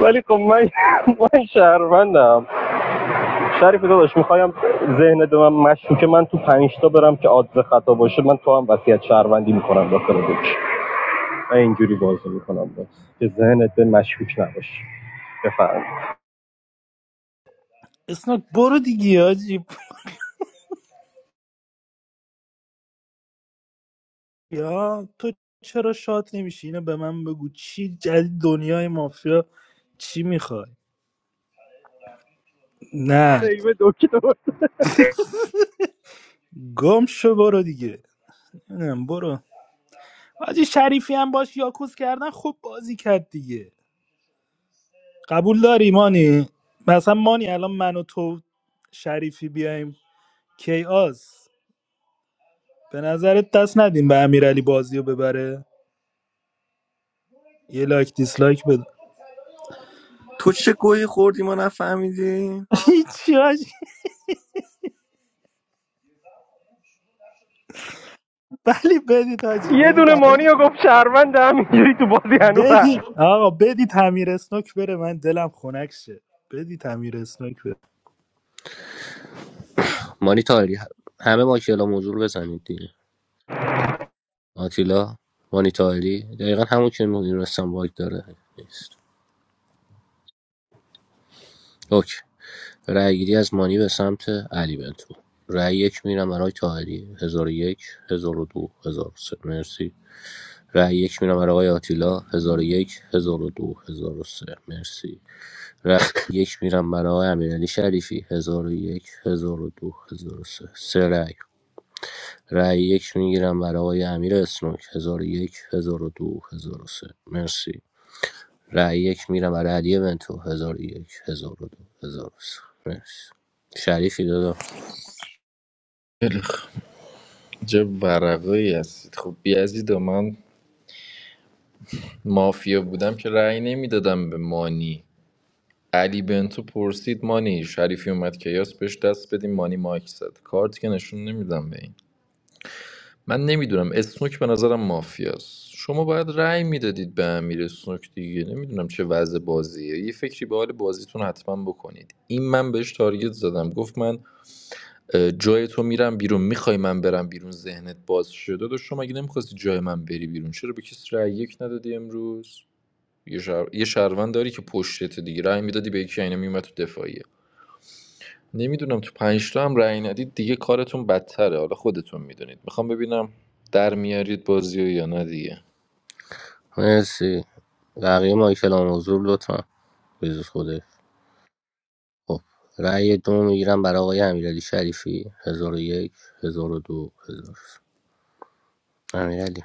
A: ولی خب من من شهروندم شریف داداش میخوایم ذهن به مشکوک من تو پنج تا برم که عادز خطا باشه من تو هم وصیت شهروندی میکنم داخل دوش من اینجوری بازی میکنم باز که ذهنت به مشکوک نباشه بفرمایید
G: اسناک برو دیگه آجی یا تو چرا شاد نمیشی اینو به من بگو چی جدید دنیای مافیا چی میخوای نه
A: سیو دکتر
G: گم شو برو دیگه نمیدونم برو حاجی شریفی هم باش یاکوز کردن خوب بازی کرد دیگه قبول داری مانی مثلا مانی الان من و تو شریفی بیایم کیاس به نظرت دست ندیم به امیرعلی بازی رو ببره یه لایک دیسلایک بده
B: تو چه گویی خوردی ما نفهمیدی
G: *laughs* هیچی ولی بدید حاجی
A: یه
G: بدید
A: دونه
G: امیر
A: مانی رو گفت شهروند همینجوری تو بازی هنو
G: بدید
A: هست.
G: آقا بدید امیر اسنوک بره من دلم خنک شه بدید امیر اسنوک بره
C: مانی تاری همه ماکیلا موضوع رو بزنید دیگه. آتیلا مانیتاری دقیقا همون که میدونستم باگ داره نیست اوکی رأی گیری از مانی به سمت علی بنتو رأی یک میرم برای تاهری هزار و یک هزار و دو هزار و سه مرسی رأی یک میرم برای آقای آتیلا هزار و یک هزار و دو هزار و سه مرسی رأی یک میرم برای امیرعلی شریفی هزار و یک هزار و دو هزار و سه سه رأی رأی یک میگیرم برای آقای امیر اسنوک هزار و یک هزار و دو هزار و سه مرسی رای یک میرم برای علی بنتو هزار و یک هزار و دو هزار و سه مرسی شریفی دادا
E: خیلی خوب. چه ورقایی هستید خب بیازید من مافیا بودم که رأی نمیدادم به مانی علی بنتو پرسید مانی شریفی اومد کیاس بهش دست بدیم مانی مایک زد کارت که نشون نمیدم به این من نمیدونم اسنوک به نظرم مافیاست شما باید رأی میدادید به امیر اسنوک دیگه نمیدونم چه وضع بازیه یه فکری به حال بازیتون حتما بکنید این من بهش تارگت زدم گفت من اه، جای تو میرم بیرون میخوای من برم بیرون ذهنت باز شده داداش شما اگه نمیخواستی جای من بری بیرون چرا به کسی رأی یک ندادی امروز یه, شهر... یه شهروند داری که پشتت دیگه رأی میدادی به یکی اینا میومد تو دفاعیه نمیدونم تو پنج تا هم رأی ندید دیگه کارتون بدتره حالا خودتون میدونید میخوام ببینم در میارید بازی یا نه دیگه
C: مرسی بقیه مایکل آن حضور لطفا بزرگ خوده خب رأی دو میگیرم برای آقای امیرعلی شریفی هزار و یک هزار و دو هزار امیرعلی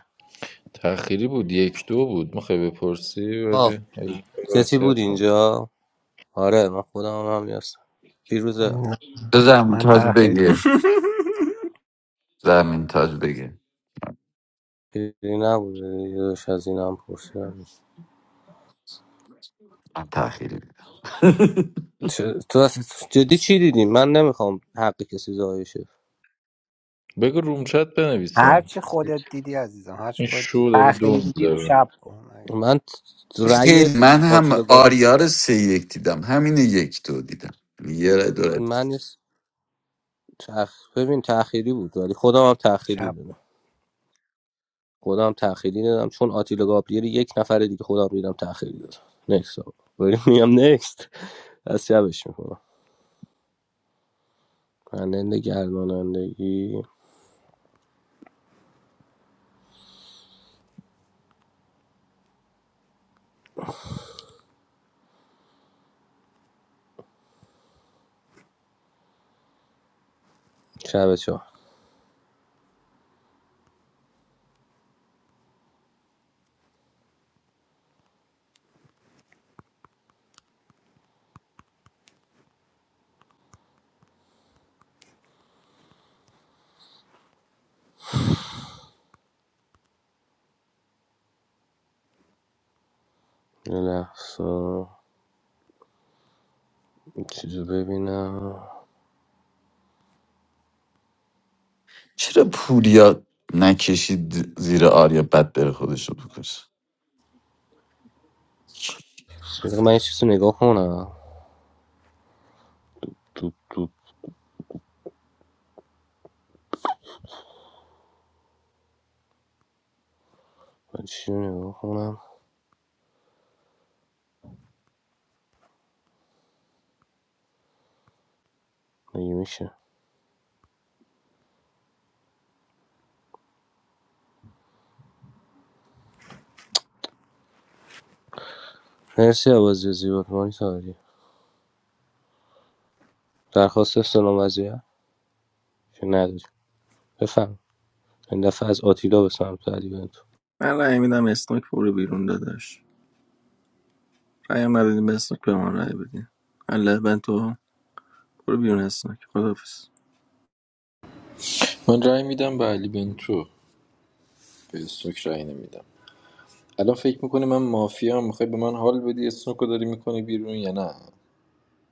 E: تأخیری بود یک دو بود میخوای بپرسی
C: آه
E: ولی
C: کسی بود
E: وصیت کنم
C: اینجا آره من خودم هم هم نیستم پیروزه
P: تو زمین
S: going to
P: تاج
S: take.
P: بگه
B: *laughs*
P: زمین تاج بگه
C: پیروزی نبوده یه داشت از اینم پرسیدم
P: من تأخیری دیدم
C: چه- تو اصلا جدی چی دیدی من نمیخوام حق کسی ضایع شه
E: بگو رومچت
S: What
E: بنویسن
S: did you
E: این شو داره دو
S: see?
E: داره
S: I
C: من رأی
P: خیلی من هم
C: آتیلا گابی
P: آریا رو سه یک دیدم همین یک دو دیدم یه رای دو رای.
C: من یه س- تخ... ببین تأخیری بود ولی خودم هم تأخیری
S: saw.
C: دادم خودم هم تأخیری دادم چون آتیلا گابریل یک نفر دیگه خودم دیدم تأخیری دادم نکست آقا. ولی *laughs* میگم نکست از شبش میکنم پرنده گردانندگی شب چهار یه لحظه این چیزو ببینم
P: چرا پوریا نکشید زیر آریا بد بره خودش رو بکشه
C: بذار من یه چیزو نگاه کنم تو تو من چی رو نگاه کنم مگه میشه مرسی عوضی زیبات مانی تاری درخواست استلام وضعیت که نداری بفهم این دفعه از آتیلا به سمت علی بنتو
B: من رای میدم اسنوک برو بیرون داداش پیام ندادیم به اسنوک به ما رای بدین الله بنتو برو بیرون اسنوک خدافز
E: من رأی میدم به علی بنتو به استوک رأی نمیدم الان فکر میکنی من مافیا هم میخوای به من حال بدی اسنوکو داری میکنی بیرون یا نه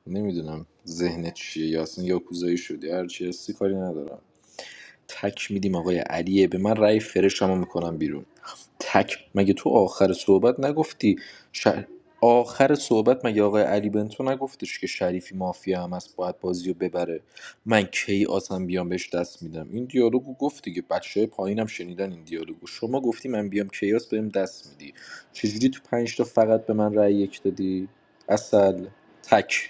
E: نمیدونم ذهنت چیه یا اصلا یاکوزایی شدی هرچی هستی کاری ندارم تک میدیم آقای علیه به من رأی فرش هم میکنم بیرون تک مگه تو آخر صحبت نگفتی ش... آخر صحبت مگه آقای علی بنتو نگفتش که شریفی مافیا هم هست باید بازی رو ببره من کی آسم بیام بهش دست میدم این دیالوگو گفت دیگه بچه پایینم شنیدن این دیالوگو شما گفتی من بیام کیاس بهم دست میدی چجوری تو پنج تا فقط به من رأی یک دادی اصل تک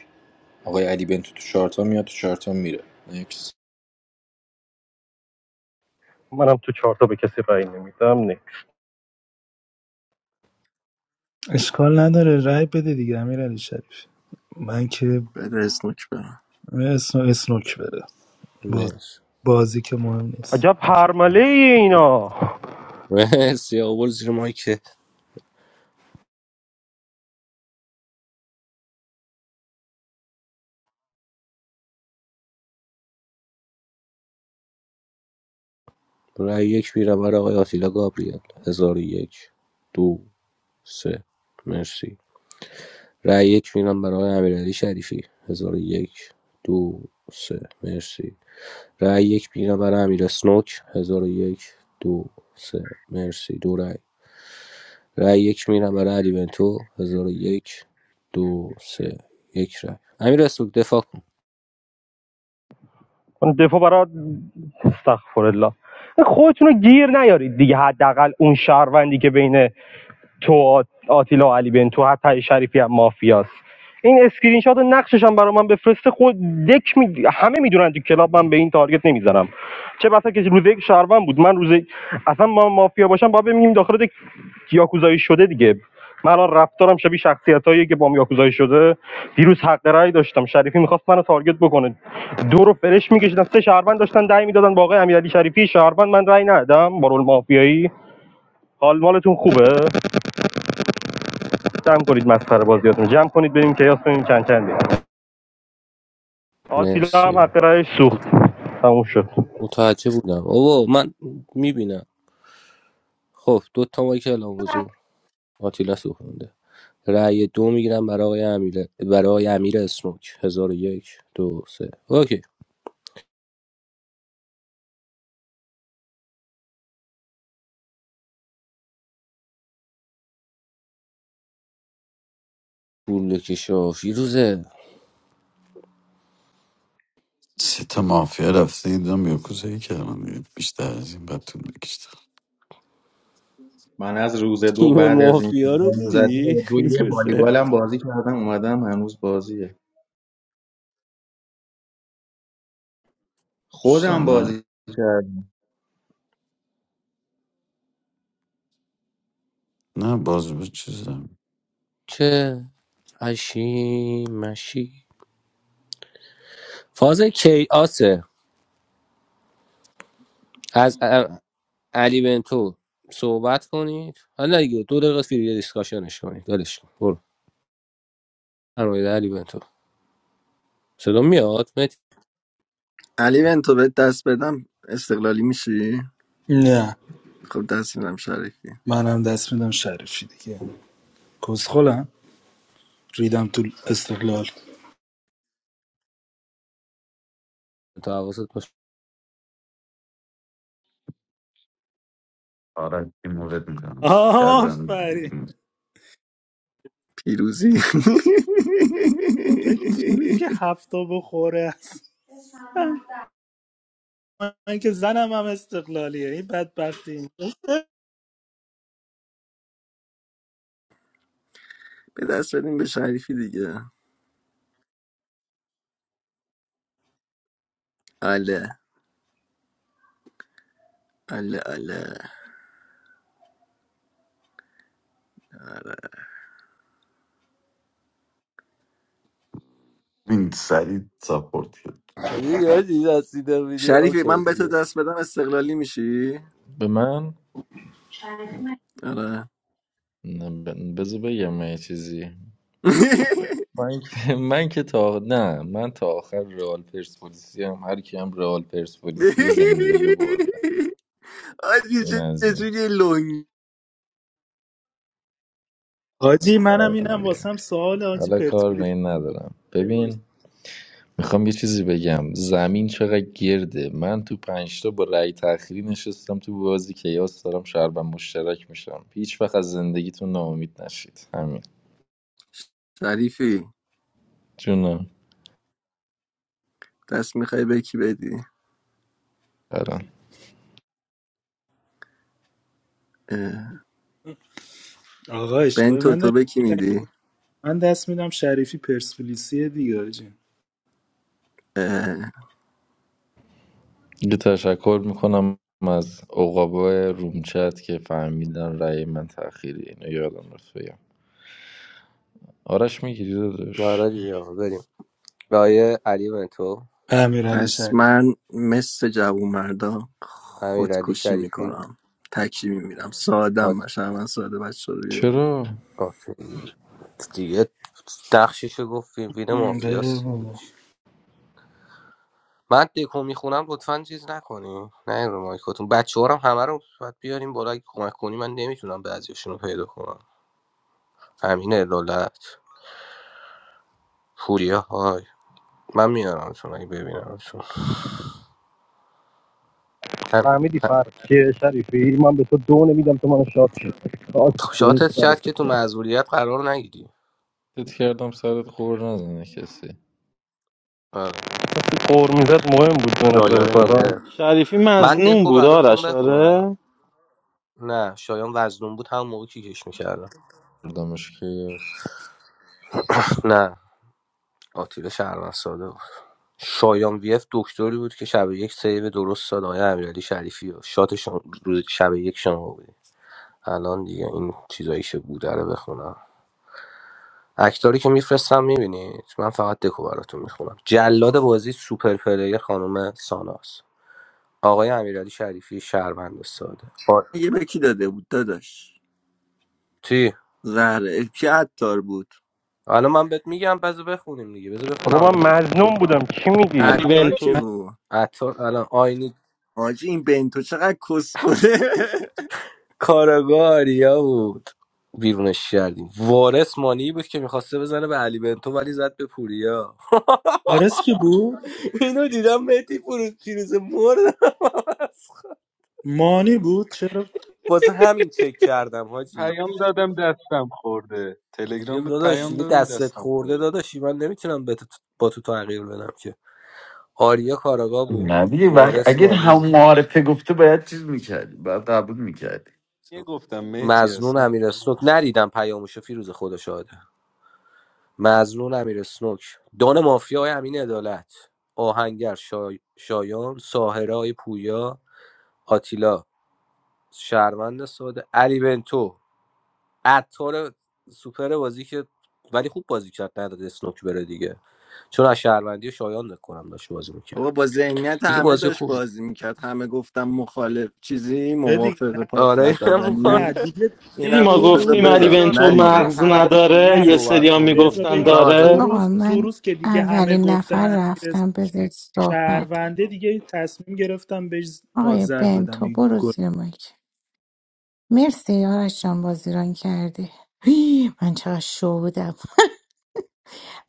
E: آقای علی بنتو تو چارتا میاد تو چارتا میره Next.
A: منم تو چهارتا به کسی رأی نمیدم نه
G: اشکال نداره رای بده دیگه امیر علی شریف من که
B: بده اسنوک به من
G: اسنو اسنوک بره باز
C: مرسی
G: بازی که مهم نیست
A: عجب
G: اوکی
A: پرمله
C: مرسی
A: ای اینا
C: مرسی آقا زیر مایکه رای یک میره برای آقای آتیلا گابریل هزار و یک دو سه مرسی رای یک میرم برای آقای امیرعلی شریفی هزار و یک دو سه مرسی رای یک میرم برای امیر اسنوک هزار و یک دو سه مرسی دو رای رای یک میرم برای علی بنتو هزار و یک دو سه یک رأی امیر رسول دفاع کن
A: من دفاع برات استغفر الله خودتون رو گیر نیارید دیگه حداقل اون شهروندی که بین تو آتیلا و علی بنتو حتی شریفی هم مافیاست این اسکرین شات و نقشش هم برای من بفرسته خود دک می... همه میدونن تو کلاب من به این تارگت نمیزنم چه بسا که روز یک شهروند بود من روز اصلا ما مافیا باشم باید ببینیم داخل دک یاکوزایی شده دیگه من الان رفتارم شبیه شخصیتایی که با هم یاکوزایی شده دیروز حق رأی داشتم شریفی میخواست منو تارگت بکنه دو رو فرش میکشیدن سه شهروند داشتن دعی میدادن با آقای امیرعلی شریفی شهروند من رأی ندادم با رول مافیایی حال مالتون خوبه جمع کنید مسخره بازیاتون جمع کنید بریم که یاس کنیم چند چند بیم آتیلا هم
C: مرسی
A: حق رایش سوخت تموم شد
C: متوجه بودم اوه من میبینم خب دو تا مایک الان حضور آتیلا سوخونده رأی دو میگیرم برای آقای امیر برای آقای امیر اسنوک هزار و یک دو سه اوکی پول کشا فیروزه
P: سه تا مافیا رفته دیدم یاکوزایی کردم دیگه. بیشتر از این بد طول بکشتم
D: من از روز دو
C: تیم
D: بعد از این
C: مافیا رو
D: گام
C: دیدی
D: زده دو یه
C: فیروزه
D: والیبالم بازی کردم اومدم هنوز بازیه خودم
P: دوستان نه
D: بازی کردم
P: نه باز به چیزم
C: چه اشی مشی فاز کیاسه از علی بنتو صحبت کنید حالا نه دیگه دو دقیقه فری دیسکاشنش کنید دلش کن. برو فرمایید علی بنتو صدا میاد متی
B: علی بنتو بهت دست بدم استقلالی میشی
G: نه
B: خب دست میدم شریفی
G: منم دست میدم شریفی دیگه کسخلم ریدم تو استقلال
C: تو حواست باشه
P: آره این مورد میکنم کردم
G: آفرین
P: دیدیم
B: پیروزی *laughs*
G: آقا تیمی که هفته بخوره *laughs* است من که زنم هم استقلالیه این بدبختی
B: به دست بدیم به شریفی دیگه اله اله اله
P: این سریع ساپورت کرد
C: یادی رسیده ویدیو
B: شریفی
C: اوکی
B: من به تو
C: دیگه
B: دست بدم استقلالی میشی
E: به من
B: آره
E: نه، ب- بذار بگم من یه چیزی
B: *laughs*
E: من که *laughs* من که تا نه من تا آخر رئال پرسپولیسی هم هر کی هم رئال پرسپولیسی زندگی رو برده
B: آجی
E: این
B: چه
E: از
B: چه
E: این
B: جوری لنگ
G: حاجی منم اینم
E: دیگه.
G: واسم سوال حاجی
E: حالا کار به
G: پرسپولیس
E: این ندارم
G: باشه.
E: ببین میخوام یه چیزی بگم زمین چقدر گرده من تو پنجتا با رأی تأخیری نشستم تو بازی کیاس دارم شربم مشترک میشم هیچ وقت از زندگیتون ناامید نشید همین
B: شریفی
E: جونم
B: دست میخوای به کی بدی
E: برم
B: اه،
G: آقا اشکال
B: بنتو تو
G: نداره
B: به کی میدی
G: من دست میدم شریفی پرسپولیسی دیگه حاجی
B: اه،
E: یه تشکر میکنم از عقابای رفیق
C: آره دیگه آقا، بریم رای علی بنتو
G: امیرعلی
B: پس
G: شریفی
B: من مثل جوون مردا
C: امیرعلی
B: خودکشی
C: شریفی
B: میکنم تکی میمیرم سادم
C: آت
B: باشم من ساده بچه رو بیارم.
E: چرا؟
C: اوکی دیگه نقشش گفت فیلم فیلم
G: ام، بله
C: مافیاس
G: بابا.
C: دیگهش من دکو میخونم لطفا چیز نکنیم نه رو مایکاتون بچه هم همه رو باید بیاریم بالا اگه کمک کنی من نمیتونم بعضیشون رو پیدا کنم همینه لالت پوریا های من میارم چون اگه ببینم چون
A: فهمیدی فرد که شریفی من به تو دو نمیدم تو منو شاد کن خاک تو اون
C: شاتت کرد
A: سرت
C: که تو معذوریت قرار نگیری
E: فکر کردم سرت خور نزنه کسی
C: آره
A: قور میزد مهم بود به نظر
C: شایان
A: فرا
C: ویه
F: شریفی
C: من
F: مظنون
C: دکو
F: بود
C: براتون
F: آرش
C: بخونم
F: آره
C: نه شایان وزنون بود هم موقع کیکش میکردم
E: بردمش کیاس
C: نه آتیل شهرمن ساده بود شایان ویف دکتری بود که شب یک سیو درست داد آیا امیرعلی شریفی و شاتشون روز شب یک شما بود الان دیگه این چیزایی که بوده رو بخونم اکتاری که میفرستم میبینید من فقط دکو براتون میخونم جلاد بازی سوپر پلیر خانم ساناس آقای امیرعلی شریفی شهروند ساده با...
B: یه به کی داده بود داداش
C: چی
B: زهره اه، کی عطار بود
C: الان من بهت میگم بذار بخونیم دیگه بذار بخونم
A: بابا
C: الان
A: من
C: ببین
A: مظنون بودم چی میگی
F: علی
B: عطار کی
F: بنتو
B: بود
C: عطار الان آینی
B: حاجی این بنتو چقدر کسخونه *laughs*
C: کارگاریا بود بیرونش کردیم وارث مانی بود که میخواسته بزنه به علی بنتو ولی زد به پوریا
G: حارس که بود
C: *laughs* اینو دیدم مهدی فروز پیروز مرد
G: مانی بود چرا
C: واسه همین چک کردم حاجی
M: پیام دادم دستم خورده
C: دیگه
M: تلگرام بود
C: داداش
M: پیام
C: دیگه
M: دادم
C: دستت
M: دستم
C: خورده
M: خورده
C: داداشی من نمیتونم به تو با تو تغییر بدم که
M: بهت
C: آریا کاراگا
M: گفتم
C: بود
P: نه دیگه وقت
C: وارث
P: اگه
C: مانی
P: هم معارفه گفته باید چیز میکردی باید قبول میکردی
M: یه گفتم مهتی
C: مزنون
M: اصلا
C: امیر اسنوک ندیدم پیاموشو فیروز خدا شاهده مزنون امیر اسنوک دان مافیا های امین عدالت آهنگر شا شایان ساهره های پویا آتیلا شهروند ساده علی بنتو عطار سوپر بازی که ولی خوب بازی کرد نداد اسنوک بره دیگه چون از شهروندی شایان نکنم داشت بازی میکرد
B: بابا با ذهنیت
C: دیگه
B: همه
C: بازی
B: داشت
C: خوب
B: بازی میکرد همه گفتم مخالف چیزی
G: آره دیگه
B: موافق پاس
C: آره امکان
G: نه
B: دادنی
G: دیگه
F: دیدی
B: اینم
F: ما
G: تو
B: گفت بذار
F: گفتیم
G: روز
F: علی
B: بدم
C: بذار
F: بنتو
C: آقا
B: نرینم
C: به
F: مغز
C: ترتیب خروج
F: نداره یه
G: نه
C: صحبت
F: سریا
G: بذار
C: کنید
F: میگفتن
C: ما
G: بگم
C: هم
G: تو
C: ازتون
F: داره
H: آقا
G: روز تو
H: من
G: روز که دیگه همه
H: اولین
G: گفتن
H: نفر
G: امیر
H: رفتم بذار صحبت کنم.
G: شهرونده دیگه تصمیم گرفتم بهش
H: آقای
G: پادزهر
H: بن
G: بدم این
H: برو
G: گل
H: زیر مایک مرسی یارش جان بازیران کردی هی، من چقدر شو بودم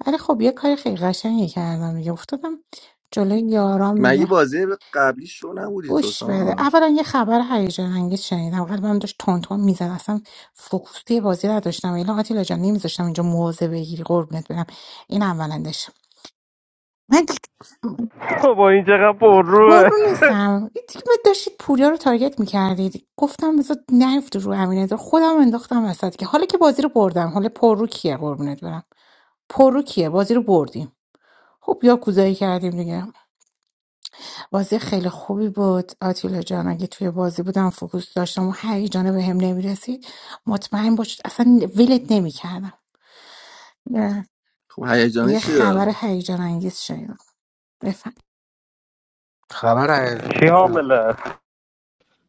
H: ولی خب یه کار خیلی قشنگی کردم دیگه افتادم جلوی یارام دیگه
B: مگه بازی قبلی شو نبودی تو
H: گوش بده
B: سان
H: اولا یه خبر هیجان انگیز شنیدم قلبم داشت تون تون میزد اصلا فوکوس توی بازی نداشتم الا آتیلا جان نمیذاشتم اینجا موضع بگیری قربونت برم این اولندش من
A: بابا این چقدر پر
H: پر
A: روه
H: رو نیستم یه دیگه من داشتید پوریا رو تارگت میکردید گفتم بذار نیفت رو امینه خودم انداختم وسط که حالا که بازی رو بردم حالا پر رو کیه قربونت برم پر رو کیه بازی رو بردیم خب یا کوزایی کردیم دیگه بازی خیلی خوبی بود آتیلا جان اگه توی بازی بودم فوکوس داشتم و هیجانه به هم نمیرسید مطمئن باش اصلا ولت نمیکردم
B: خب هیجانی
H: یه
B: چیه
H: خبر هیجان انگیز شنیدم بفهم
C: خبر
A: چی
C: هیجان
A: حامله است؟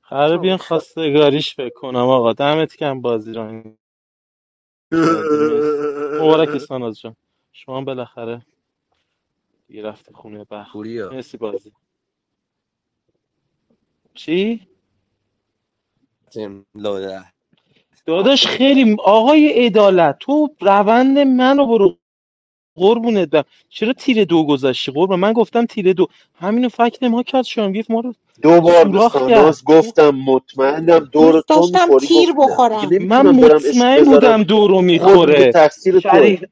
F: قرار بیان خواستگاریش فکر کنم آقا دمت کم بازی رو کردی مرسی مبارک ساناز جان شما هم بالاخره دیگه رفتی خونه بخت
C: پوریا
F: مرسی بازی چی؟
C: تیم لوده.
F: داداش خیلی آقای عدالت تو روند منو برو قربونت برم چرا تیر دو گذاشتی قربون من گفتم تیر دو همینو فکر ما کرد شما گفت ما رو
L: دو بار به
F: سوراخ کرد
L: ساناز
F: تو
L: گفتم مطمئنم دور
H: دوست
L: تو
H: داشتم
L: میخوری
H: تیر
L: گفت نه دیگه
H: بخورم
F: من
L: نمیتونم برم اش
F: مطمئن
L: بذارم
F: بودم دورو
L: خود میگه
F: میخوره
L: تقصیر توه
F: شریف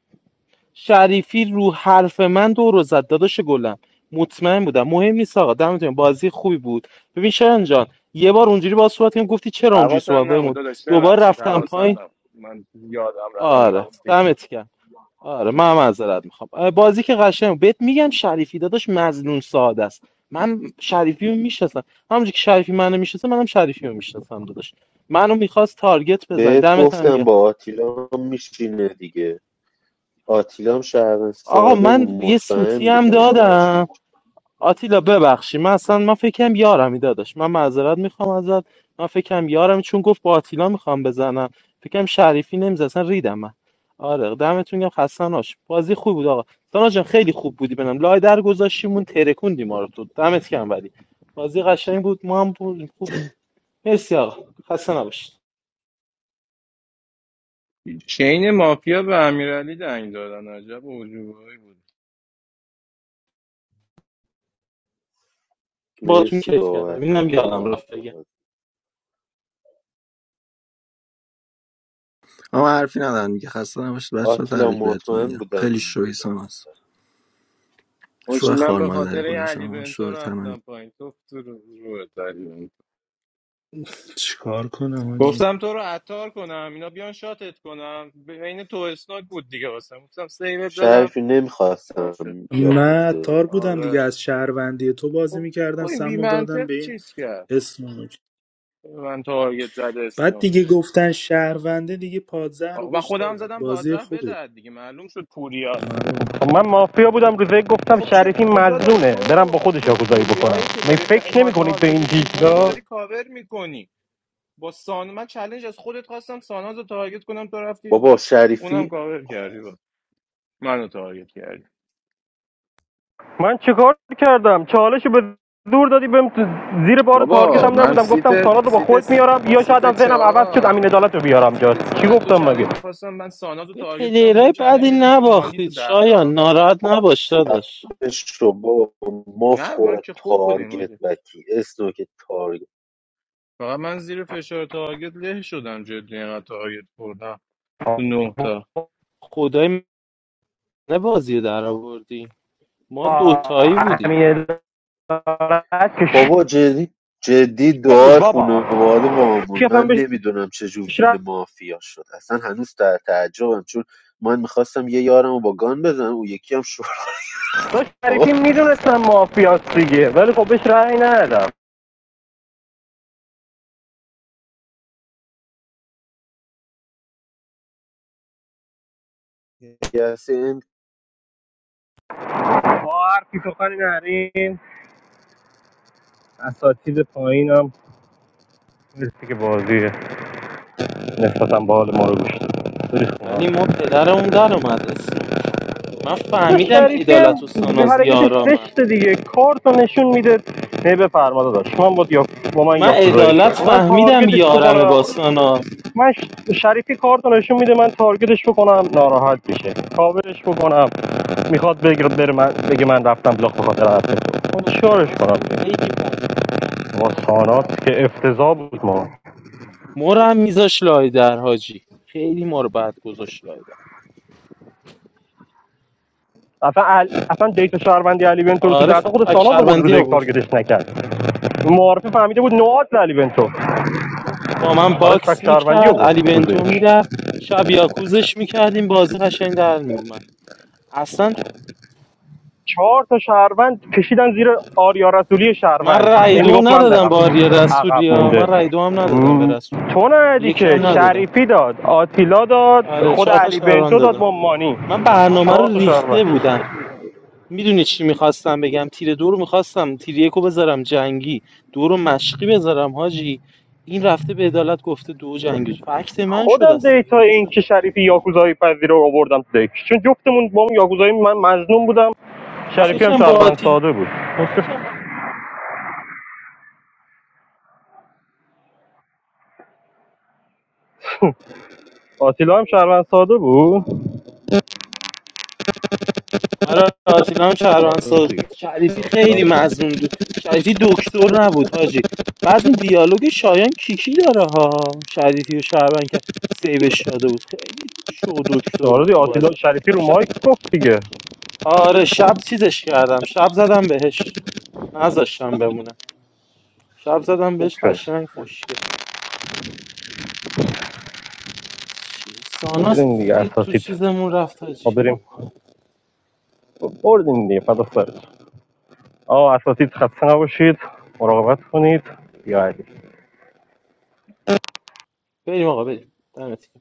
F: شریفی رو حرف من دورو زد داداش گلم مطمئن بودم مهم نیست آقا دمتون بازی خوبی بود ببین شرن جان یه بار اونجوری با صحبت کردم گفتی چرا اونجوری صحبت
N: حواسم نبود
F: بمود
N: داداش
F: دوباره
N: ببخشید
F: رفتم
N: حواسم
F: پایین
N: نبود من یادم رفت اینو
F: آره
N: گفتی
F: دمت گرم آره من معذرت میخوام بازی که قشنگ بود. بهت میگم شریفی داداش مظنون ساده است من شریفی رو میشناسم همونجوری که شریفی منو میشناسه منم شریفی رو میشناسم داداش منو میخواست تارگت بزن
L: بهت
F: دمت هم گرم.
L: گفتم با آتیلا میشینه دیگه آتیلا هم شهر
F: آقا
L: ساده بود
F: من یه سوتی
L: مطمئن
F: هم
L: بودم باش
F: دادم آتیلا ببخشی من اصلا من فکرم یارمی داداش من معذرت میخوام ازت من فکرم یارم چون گفت با آتیلا میخوام بزنم فکرم شریفی نمیزه اصلا ریدم من آره دمتون گم خسته نباش. بازی خوب بود آقا سانا جان خیلی خوب بودی بنم لای در گذاشتیمون ترکوندی ما رو تو دمت گم ولی بازی قشنگ بود ما هم بود- خوب بود مرسی آقا خسته نباشید
N: چین مافیا به امیرعلی دنگ دادن عجب عجوبایی بود
F: باهاتون
L: مرسی
F: کیف کردم
L: بابت
F: اینم یادم رفت بگم
L: راهنمایی.
B: اما حرفی ندارم میگه خسته نباشید بچه ها
L: آتیلا
B: تبریک بهتون
L: مطمئن
B: میگم
L: بودم
B: خیلی شوی
L: میدونم
B: ساناس هست
N: حاجی
B: شو
N: من
B: خار
N: به
B: مادری
N: خاطر این
B: خودش
N: علی
B: هم
N: بنتو
B: شو
N: رفتم پایین تو تو رو روت علی بنتو.
G: چیکار کنم حاجی
N: گفتم تو رو عطار کنم اینا بیان شاتت کنم بین تو اسناک بود دیگه واسم گفتم سیوت بدم
L: شریفی
N: نشد
L: نمیخواستم
G: نه
L: یاکوزه
G: تار بودم
L: کنم
G: دیگه
N: آره
G: از شهروندی تو بازی
N: خب خب
G: میکردم
N: این بی
G: سمو دادم
N: منطق
G: به این
N: چیز کرد
G: اسمونوک
N: من تارگت زد
G: بعد
N: اسناک
G: دیگه گفتن شهرونده دیگه پادزه رو
N: آقا من
G: بهش
N: خودم
G: دادم
N: زدم
G: بازی
N: پادزهر
G: خوبی بود.
N: بدهد دیگه معلوم شد
G: آره
A: خب من مافیا بودم روز گفتم
N: خب چه
A: شریفی
N: خب داداش
A: مظنونه برم با
N: تو
A: خودش
N: تو
A: آگوزایی بکنم
N: پوریایی که
A: می
N: داری ق-
A: فکر نمی
N: ما
A: کنید به این
N: تارگتش میکنی ما
A: چیزا
N: داری کاور میکنی با سان من چالش از خودت خواستم ساناز رو تارگت کنم تو رفتی
L: بابا
N: اونم
L: شریفی
N: کاور کردی با منو تارگت کردی
A: من چیکار کردم چالشو به دور دادی بهم تو- زیر بار تارگت
N: بابا
A: هم
N: من
A: نبودم
N: سیت
A: گفتم ساراد رو با
N: سیت
A: خودت میارم یا شاید
N: سیت
A: هم ذهنم عوض شد امین
N: چهار
A: عدالت رو بیارم جا
N: سیت
A: چی
N: چهار از تو
A: گفتم مگه
N: چالش میخواستم من ساناز رو
F: به
N: تارگت کنم دیدم
F: پلیرای بعدی
N: چالش رو دادی به مانی تو
F: نباختید
N: ده
F: شایان
N: تا
F: ناراحت نباش داداش
L: خفش رو با ماف
N: نه من
L: خوره
N: که خوب بودیم
L: تارگت
N: آجه
L: وکی اسنوک تارگت
N: فقط من زیر فشار تارگت له شدم جدی اینقدر تارگت خوردم تو نه تا
F: خدای من بازی رو در آوردی ما دوتایی بودیم
A: امین عدالت که شما
L: بابا جدی جدی
A: بود
L: دعای
A: بابا
L: خانواده با همون
A: شفم
L: من
A: بهش
L: نمیدونم چجور وین
A: رأی
L: مافیا شد اصلا هنوز در تعجبم چون من میخواستم یه یارم رو با گان بزنم اون یکی هم شور
A: داشت
L: آقا
A: شریفی میدونستم مافیاست دیگه ولی خب بهش رأی ندادم
L: یه
A: با حرفی سخنی نریم اساتید پایینم مرسی که بازی نسبتا به حال ما رو گوش داد.
F: ولی ما پدرمون در اومد اسنوک من
A: و
F: فهمیدم
A: شریفی هم
F: عدالت و ساناز
A: حرکتش
F: یارامن
A: زشته دیگه کارت نشون میده نه بفرما داشت من با, یا... با من
F: من
A: یاکوزایی
F: عدالت
A: شد من
F: فهمیدم
A: تارگتش
F: یارمه
A: بکنم
F: با ساناز
A: من شریفی کارت رو نشون میده من تارگتش بکنم ناراحت میشه کاورش بکنم میخواد بگه بره من بگه من رفتم بلاخ به خاطر حرف تو من چیکارش کنم با سانات که افتضاح بود ما
F: مرم میذاش لای در حاجی خیلی ما رو بد گذاشت لای در
A: اصلا ال... اصلا دیتا شهروندی علی بنتو رو تو
F: آره
A: دهتا خود
F: فک
A: سانات آورد روز
F: شربندی
A: یک
F: آورد
A: تارگتش نکرد معارفه فهمیده بود نوعات علی بنتو
F: با من
A: براش فک
F: باکس
A: شهروندی
F: میکرد علی
A: آورد روز
F: بنتو
A: یک
F: میرفت شب یاکوزش میکردیم بازی قشنگ در میومد اصلا
A: چهار تا شهروند کشیدن زیر آریا رسولی
F: من
A: شهروند
F: رای
A: این
F: دو
A: میگفت من
F: ندادم
A: برم
F: به آریا
A: عقب
F: رسولی ها من رای
A: مونده
F: دو هم ندادم به رسولی
A: تو ندی
F: یکم
A: که
F: چرا ندادم
A: شریفی داد آتیلا داد
F: آره
A: خود
F: چهار تا
A: علی
F: شهروند
A: بنتو داد
F: دادم
A: با مانی
F: من برنامه
A: چهار
F: رو
A: تا
F: ریخته
A: شهروند
F: بودم میدونی چی میخواستم بگم تیر دو رو میخواستم تیر یک رو بذارم جنگی دو رو مشقی بذارم حاجی این رفته به عدالت گفته دو جنگی فکت من شد
A: خودم
F: اصلا
A: دیتا
F: ریده
A: این
F: شد
A: که شریفی یاکوزایی پذیر رو آوردم تو دیک چون جفتمون با هم یاکوزایی من مظنون بودم
F: من
A: شریفی هم
F: فکرم با
A: شهروند ساده بود آتیلا هم شهروند ساده بود
F: آره آتیلا هم
A: آره
F: شهروندساز
A: دیگه.
F: شریفی
A: آتیلا هم
F: خیلی
A: شهروند-
F: مظلوم بود شریفی دکتر نبود حاجی بعد این دیالوگ شایان کیکی داره ها شریفی و شهروند که سیوش شده بود خیلی شو دکتر
A: آره
F: بود تو
A: آتیلا
F: بازی
A: شریفی رو
F: ش...
A: مایک گفت دیگه
F: آره شب چیزش کردم شب زدم بهش نذاشتم بمونه شب زدم
A: خوب
F: بهش
A: شد
F: قشنگ خوشگل چ- ساناس
A: წმინდი
F: رید تو
A: 110-ით.
F: چیزمون رفت حاجی
A: ოდერი ორდინდი პატასხად. ო 110-ით 900-ით, 400-ით, იაი.
F: بریم آقا بریم دمت گرم.